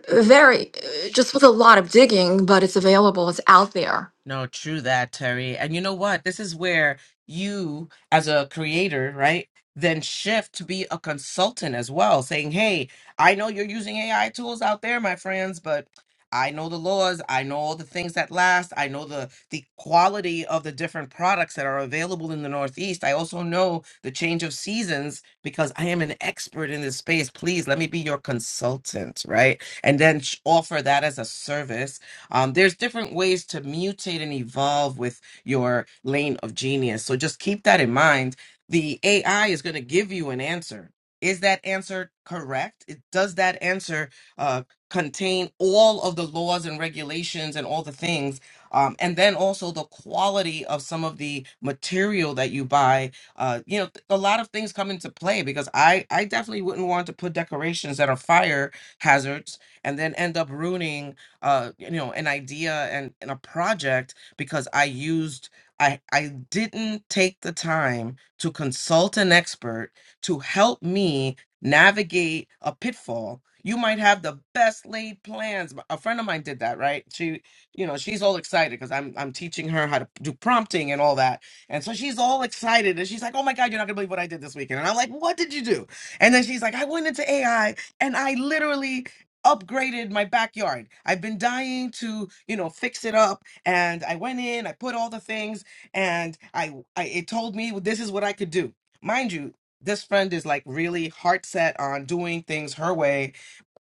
[SPEAKER 16] very, uh, just with a lot of digging, but it's available, it's out there.
[SPEAKER 25] No, true that, Terry. And you know what? This is where you, as a creator, right, then shift to be a consultant as well, saying, hey, I know you're using AI tools out there, my friends, but I know the laws. I know all the things that last. I know the the quality of the different products that are available in the Northeast. I also know the change of seasons because I am an expert in this space. Please let me be your consultant, right? And then sh- offer that as a service um, there's different ways to mutate and evolve with your lane of genius. So just keep that in mind. The AI is going to give you an answer. Is that answer correct? It- Does that answer uh, contain all of the laws and regulations and all the things? Um, and then also the quality of some of the material that you buy. Uh, you know, th- a lot of things come into play because I, I definitely wouldn't want to put decorations that are fire hazards and then end up ruining uh you know an idea and, and a project because i used i i didn't take the time to consult an expert to help me navigate a pitfall you might have the best laid plans a friend of mine did that right she you know she's all excited because i'm i'm teaching her how to do prompting and all that and so she's all excited and she's like oh my god you're not gonna believe what i did this weekend and i'm like what did you do and then she's like i went into ai and i literally upgraded my backyard. I've been dying to, you know, fix it up. And I went in, I put all the things, and I, I it told me this is what I could do. Mind you, this friend is like really heart set on doing things her way,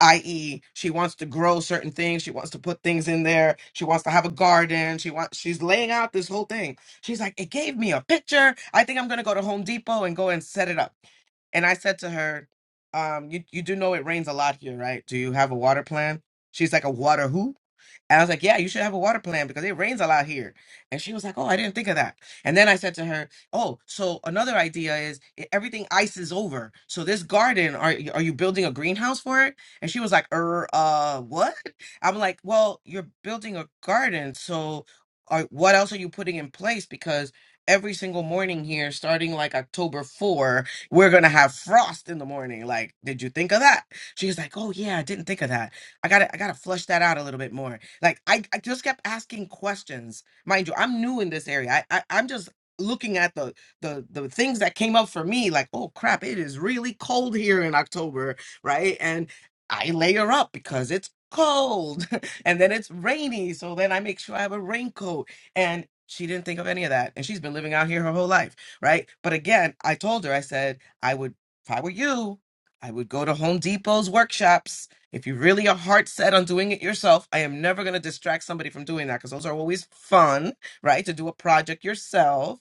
[SPEAKER 25] i.e., she wants to grow certain things, she wants to put things in there, she wants to have a garden, she wants she's laying out this whole thing. She's like, it gave me a picture. I think I'm gonna go to Home Depot and go and set it up. And I said to her, um, you, you do know it rains a lot here, right? Do you have a water plan? She's like, a water who? And I was like, yeah, you should have a water plan because it rains a lot here. And she was like, oh, I didn't think of that. And then I said to her, oh, so another idea is i- everything ices over. So this garden, are y- are you building a greenhouse for it? And she was like, er, uh, what? I'm like, well, you're building a garden, so are, what else are you putting in place? Because every single morning here, starting like October 4, we're gonna have frost in the morning. Like, did you think of that? She was like, oh yeah, I didn't think of that. I gotta I gotta flush that out a little bit more. Like I, I just kept asking questions. Mind you, I'm new in this area. I, I I'm just looking at the the the things that came up for me like oh crap it is really cold here in october right and i layer up because it's cold and then it's rainy so then i make sure i have a raincoat and she didn't think of any of that and she's been living out here her whole life right but again i told her i said i would if i were you i would go to home depot's workshops if you really are heart set on doing it yourself, I am never going to distract somebody from doing that because those are always fun, right? To do a project yourself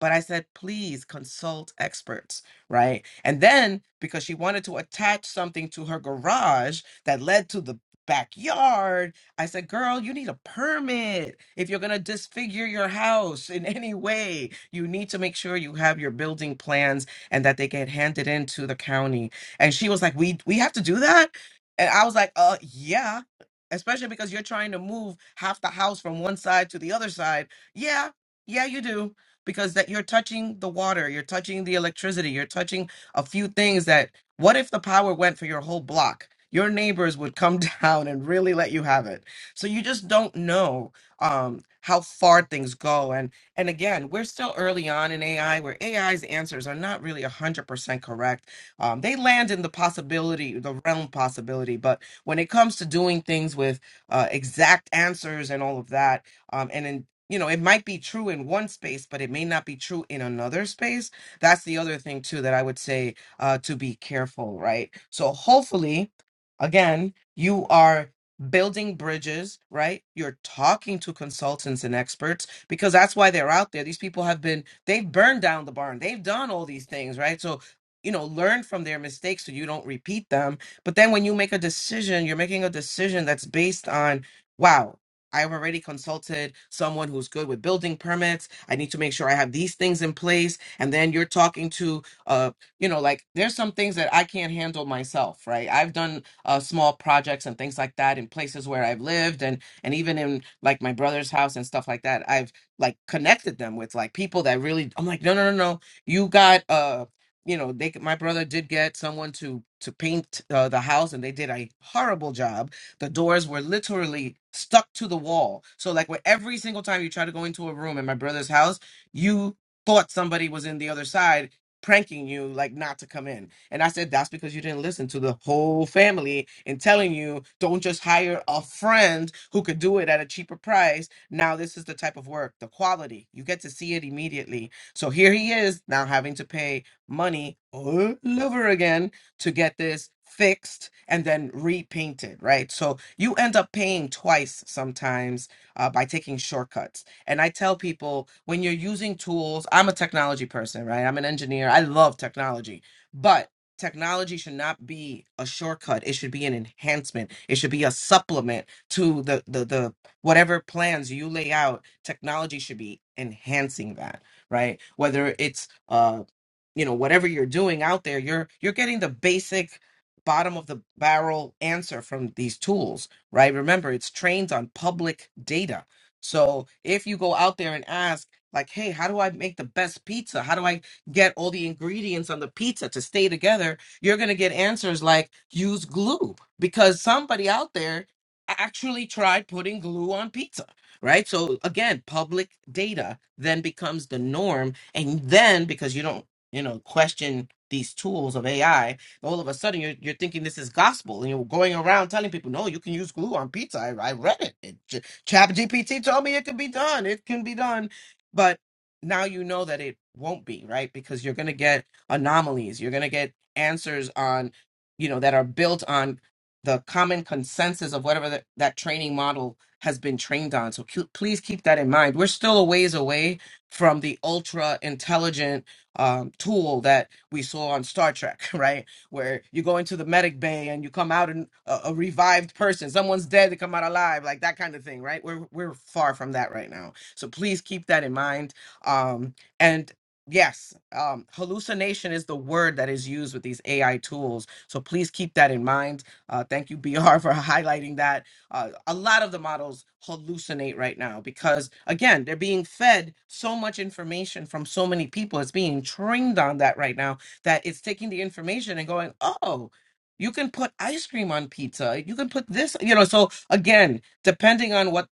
[SPEAKER 25] but I said, please consult experts, right? And then because she wanted to attach something to her garage that led to the backyard, I said, girl, you need a permit. If you're going to disfigure your house in any way, you need to make sure you have your building plans and that they get handed in to the county. And she was like, we, we have to do that? And I was like, uh, yeah. Especially because you're trying to move half the house from one side to the other side. Yeah, yeah, you do because that you're touching the water, you're touching the electricity, you're touching a few things that what if the power went for your whole block? Your neighbors would come down and really let you have it. So you just don't know um, how far things go. And and again, we're still early on in AI, where AI's answers are not really one hundred percent correct. Um, they land in the possibility, the realm possibility, but when it comes to doing things with uh, exact answers and all of that, um, and in you know, it might be true in one space, but it may not be true in another space. That's the other thing, too, that I would say uh, to be careful, right? So, hopefully, again, you are building bridges, right? You're talking to consultants and experts because that's why they're out there. These people have been, they've burned down the barn, they've done all these things, right? So, you know, learn from their mistakes so you don't repeat them. But then when you make a decision, you're making a decision that's based on, wow I've already consulted someone who's good with building permits. I need to make sure I have these things in place. And then you're talking to, uh, you know, like there's some things that I can't handle myself, right? I've done uh, small projects and things like that in places where I've lived, and and even in like my brother's house and stuff like that. I've like connected them with like people that really. I'm like, no, no, no, no. You got uh, you know, they. My brother did get someone to to paint uh, the house, and they did a horrible job the doors were literally stuck to the wall. So like where every single time you try to go into a room in my brother's house, you thought somebody was in the other side pranking you like not to come in. And I said that's because you didn't listen to the whole family and telling you don't just hire a friend who could do it at a cheaper price. Now this is the type of work, the quality. You get to see it immediately. So here he is now having to pay money all over again to get this fixed and then repainted, right? So you end up paying twice sometimes uh, by taking shortcuts. And I tell people when you're using tools, I'm a technology person, right? I'm an engineer. I love technology, but technology should not be a shortcut. It should be an enhancement. It should be a supplement to the the the whatever plans you lay out. Technology should be enhancing that, right? Whether it's uh you know whatever you're doing out there you're you're getting the basic bottom of the barrel answer from these tools right remember it's trained on public data so if you go out there and ask like hey how do i make the best pizza how do i get all the ingredients on the pizza to stay together you're going to get answers like use glue because somebody out there actually tried putting glue on pizza right so again public data then becomes the norm and then because you don't you know, question these tools of AI, all of a sudden you're, you're thinking this is gospel and you're going around telling people, no, you can use glue on pizza. I, I read it. it. Ch- Chat told me it could be done. It can be done. But now you know that it won't be, right? Because you're going to get anomalies. You're going to get answers on, you know, that are built on the common consensus of whatever that that training model has been trained on. So cu- please keep that in mind. We're still a ways away from the ultra intelligent um, tool that we saw on Star Trek, right? Where you go into the medic bay and you come out in a, a revived person. Someone's dead, they come out alive, like that kind of thing, right? We're we're far from that right now. So please keep that in mind. Um, and yes, um, hallucination is the word that is used with these AI tools. So please keep that in mind. Uh, thank you, BR, for highlighting that uh, a lot of the models hallucinate right now because, again, they're being fed so much information from so many people. It's being trained on that right now that it's taking the information and going, oh, you can put ice cream on pizza. You can put this, you know. So, again, depending on what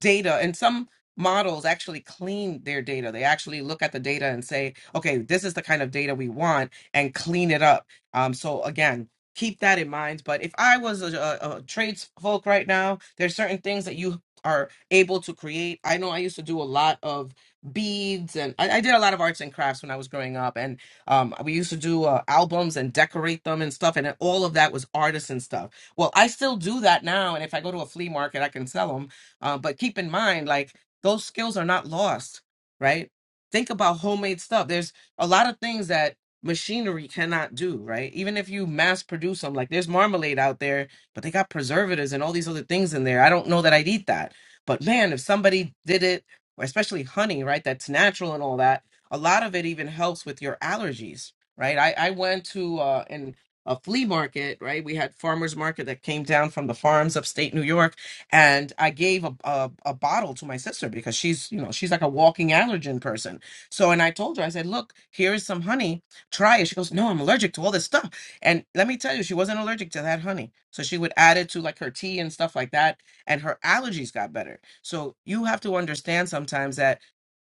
[SPEAKER 25] data and some models actually clean their data they actually look at the data and say okay this is the kind of data we want and clean it up um, so again keep that in mind but if i was a, a, a trades folk right now there's certain things that you are able to create i know i used to do a lot of beads and i, I did a lot of arts and crafts when i was growing up and um, we used to do uh, albums and decorate them and stuff and all of that was artisan stuff well i still do that now and if i go to a flea market i can sell them uh, but keep in mind, like those skills are not lost, right? Think about homemade stuff. There's a lot of things that machinery cannot do, right? Even if you mass produce them, like there's marmalade out there, but they got preservatives and all these other things in there. I don't know that I'd eat that. But man, if somebody did it, or especially honey, right? That's natural and all that. A lot of it even helps with your allergies, right? I, I went to uh, an, a flea market, right? We had farmers market that came down from the farms upstate New York and I gave a, a a bottle to my sister because she's you know she's like a walking allergen person. So and I told her I said, look, here is some honey, try it. She goes, no, I'm allergic to all this stuff. And let me tell you, she wasn't allergic to that honey, so she would add it to like her tea and stuff like that, and her allergies got better. So you have to understand sometimes that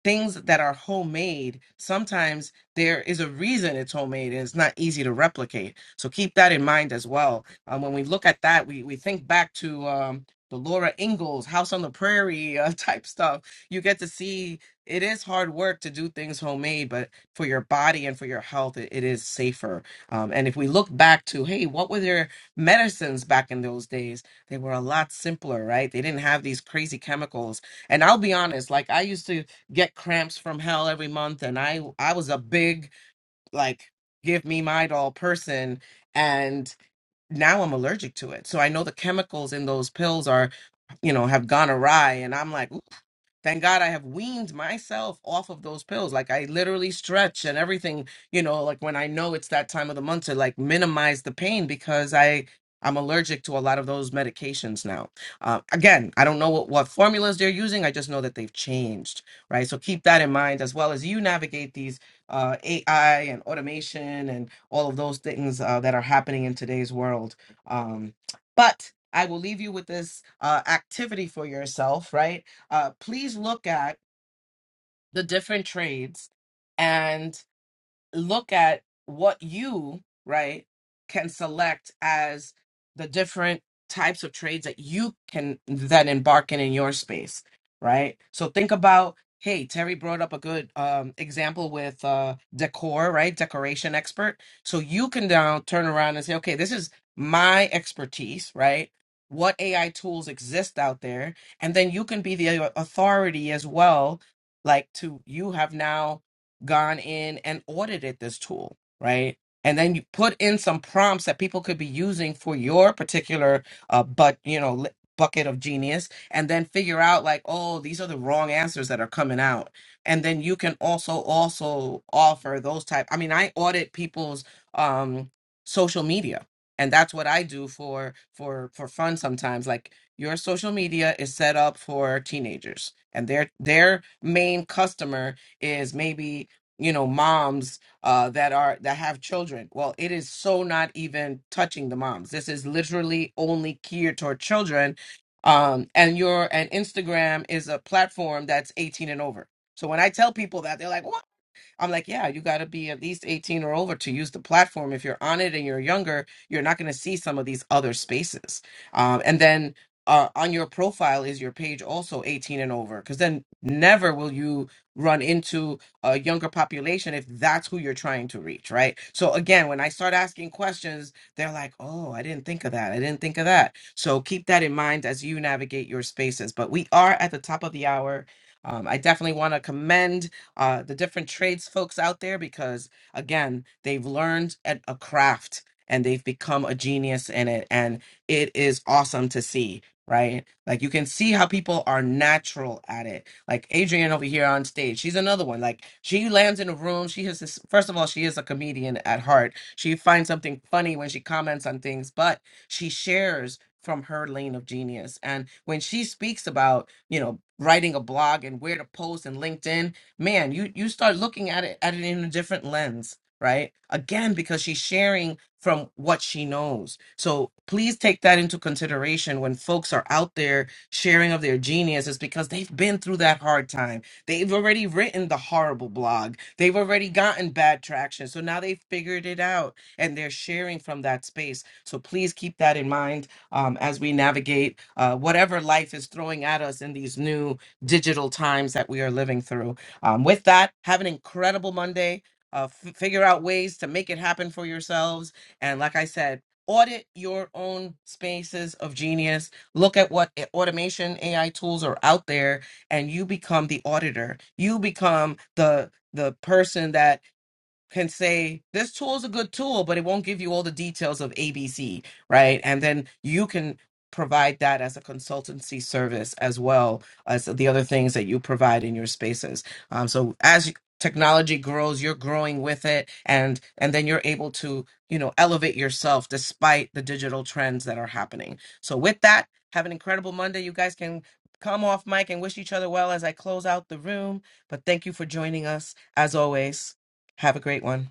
[SPEAKER 25] things that are homemade sometimes there is a reason it's homemade and it's not easy to replicate so keep that in mind as well um, when we look at that we, we think back to um, the Laura Ingalls House on the Prairie uh, type stuff. You get to see it is hard work to do things homemade, but for your body and for your health, it, it is safer. Um, and if we look back to, hey, what were their medicines back in those days? They were a lot simpler, right? They didn't have these crazy chemicals. And I'll be honest, like I used to get cramps from hell every month, and I I was a big like give me my doll person, and now I'm allergic to it. So I know the chemicals in those pills are, you know, have gone awry. And I'm like, Thank God I have weaned myself off of those pills. Like I literally stretch and everything, you know, like when I know it's that time of the month to like minimize the pain because I I'm allergic to a lot of those medications now. Uh, again, I don't know what, what formulas they're using. I just know that they've changed, right? So keep that in mind as well as you navigate these uh, AI and automation and all of those things uh, that are happening in today's world. Um, but I will leave you with this uh, activity for yourself, right? uh, please look at the different trades and look at what you right can select as the different types of trades that you can then embark in in your space right so think about hey terry brought up a good um, example with uh, decor right decoration expert so you can now turn around and say okay this is my expertise right what ai tools exist out there and then you can be the authority as well like to you have now gone in and audited this tool, right? And then you put in some prompts that people could be using for your particular uh, but you know li- bucket of genius, and then figure out like, oh, these are the wrong answers that are coming out. And then you can also also offer those type. I mean, I audit people's um, social media, and that's what I do for for for fun sometimes. Like your social media is set up for teenagers, and their their main customer is maybe you know moms uh that are that have children well it is so not even touching the moms this is literally only geared toward children um and your and instagram is a platform that's 18 and over so when i tell people that they're like "Wow, I'm like, yeah, you got to be at least 18 or over to use the platform. If you're on it and you're younger, you're not going to see some of these other spaces. Um, and then uh, on your profile is your page also 18 and over? Because then never will you run into a younger population if that's who you're trying to reach, right? So again, when I start asking questions, they're like, oh, I didn't think of that. I didn't think of that. So keep that in mind as you navigate your spaces. But we are at the top of the hour. Um, I definitely want to commend uh, the different trades folks out there because, again, they've learned at a craft and they've become a genius in it. And it is awesome to see. Right, like you can see how people are natural at it. Like Adrienne over here on stage, she's another one. Like she lands in a room. She has this. First of all, she is a comedian at heart. She finds something funny when she comments on things, but she shares from her lane of genius. And when she speaks about, you know, writing a blog and where to post and LinkedIn, man you you start looking at it at it in a different lens right again because she's sharing from what she knows so please take that into consideration when folks are out there sharing of their genius is because they've been through that hard time they've already written the horrible blog they've already gotten bad traction so now they've figured it out and they're sharing from that space so please keep that in mind um, as we navigate uh, whatever life is throwing at us in these new digital times that we are living through um, with that, have an incredible Monday. Uh, f- figure out ways to make it happen for yourselves. And like I said, audit your own spaces of genius. Look at what a- automation AI tools are out there, and you become the auditor. You become the the person that can say this tool is a good tool, but it won't give you all the details of ABC, right? And then you can provide that as a consultancy service as well as the other things that you provide in your spaces. Um, so as technology grows, you're growing with it, and and then you're able to you know elevate yourself despite the digital trends that are happening. So with that, have an incredible Monday. You guys can come off mic and wish each other well as I close out the room. But thank you for joining us as always. Have a great one.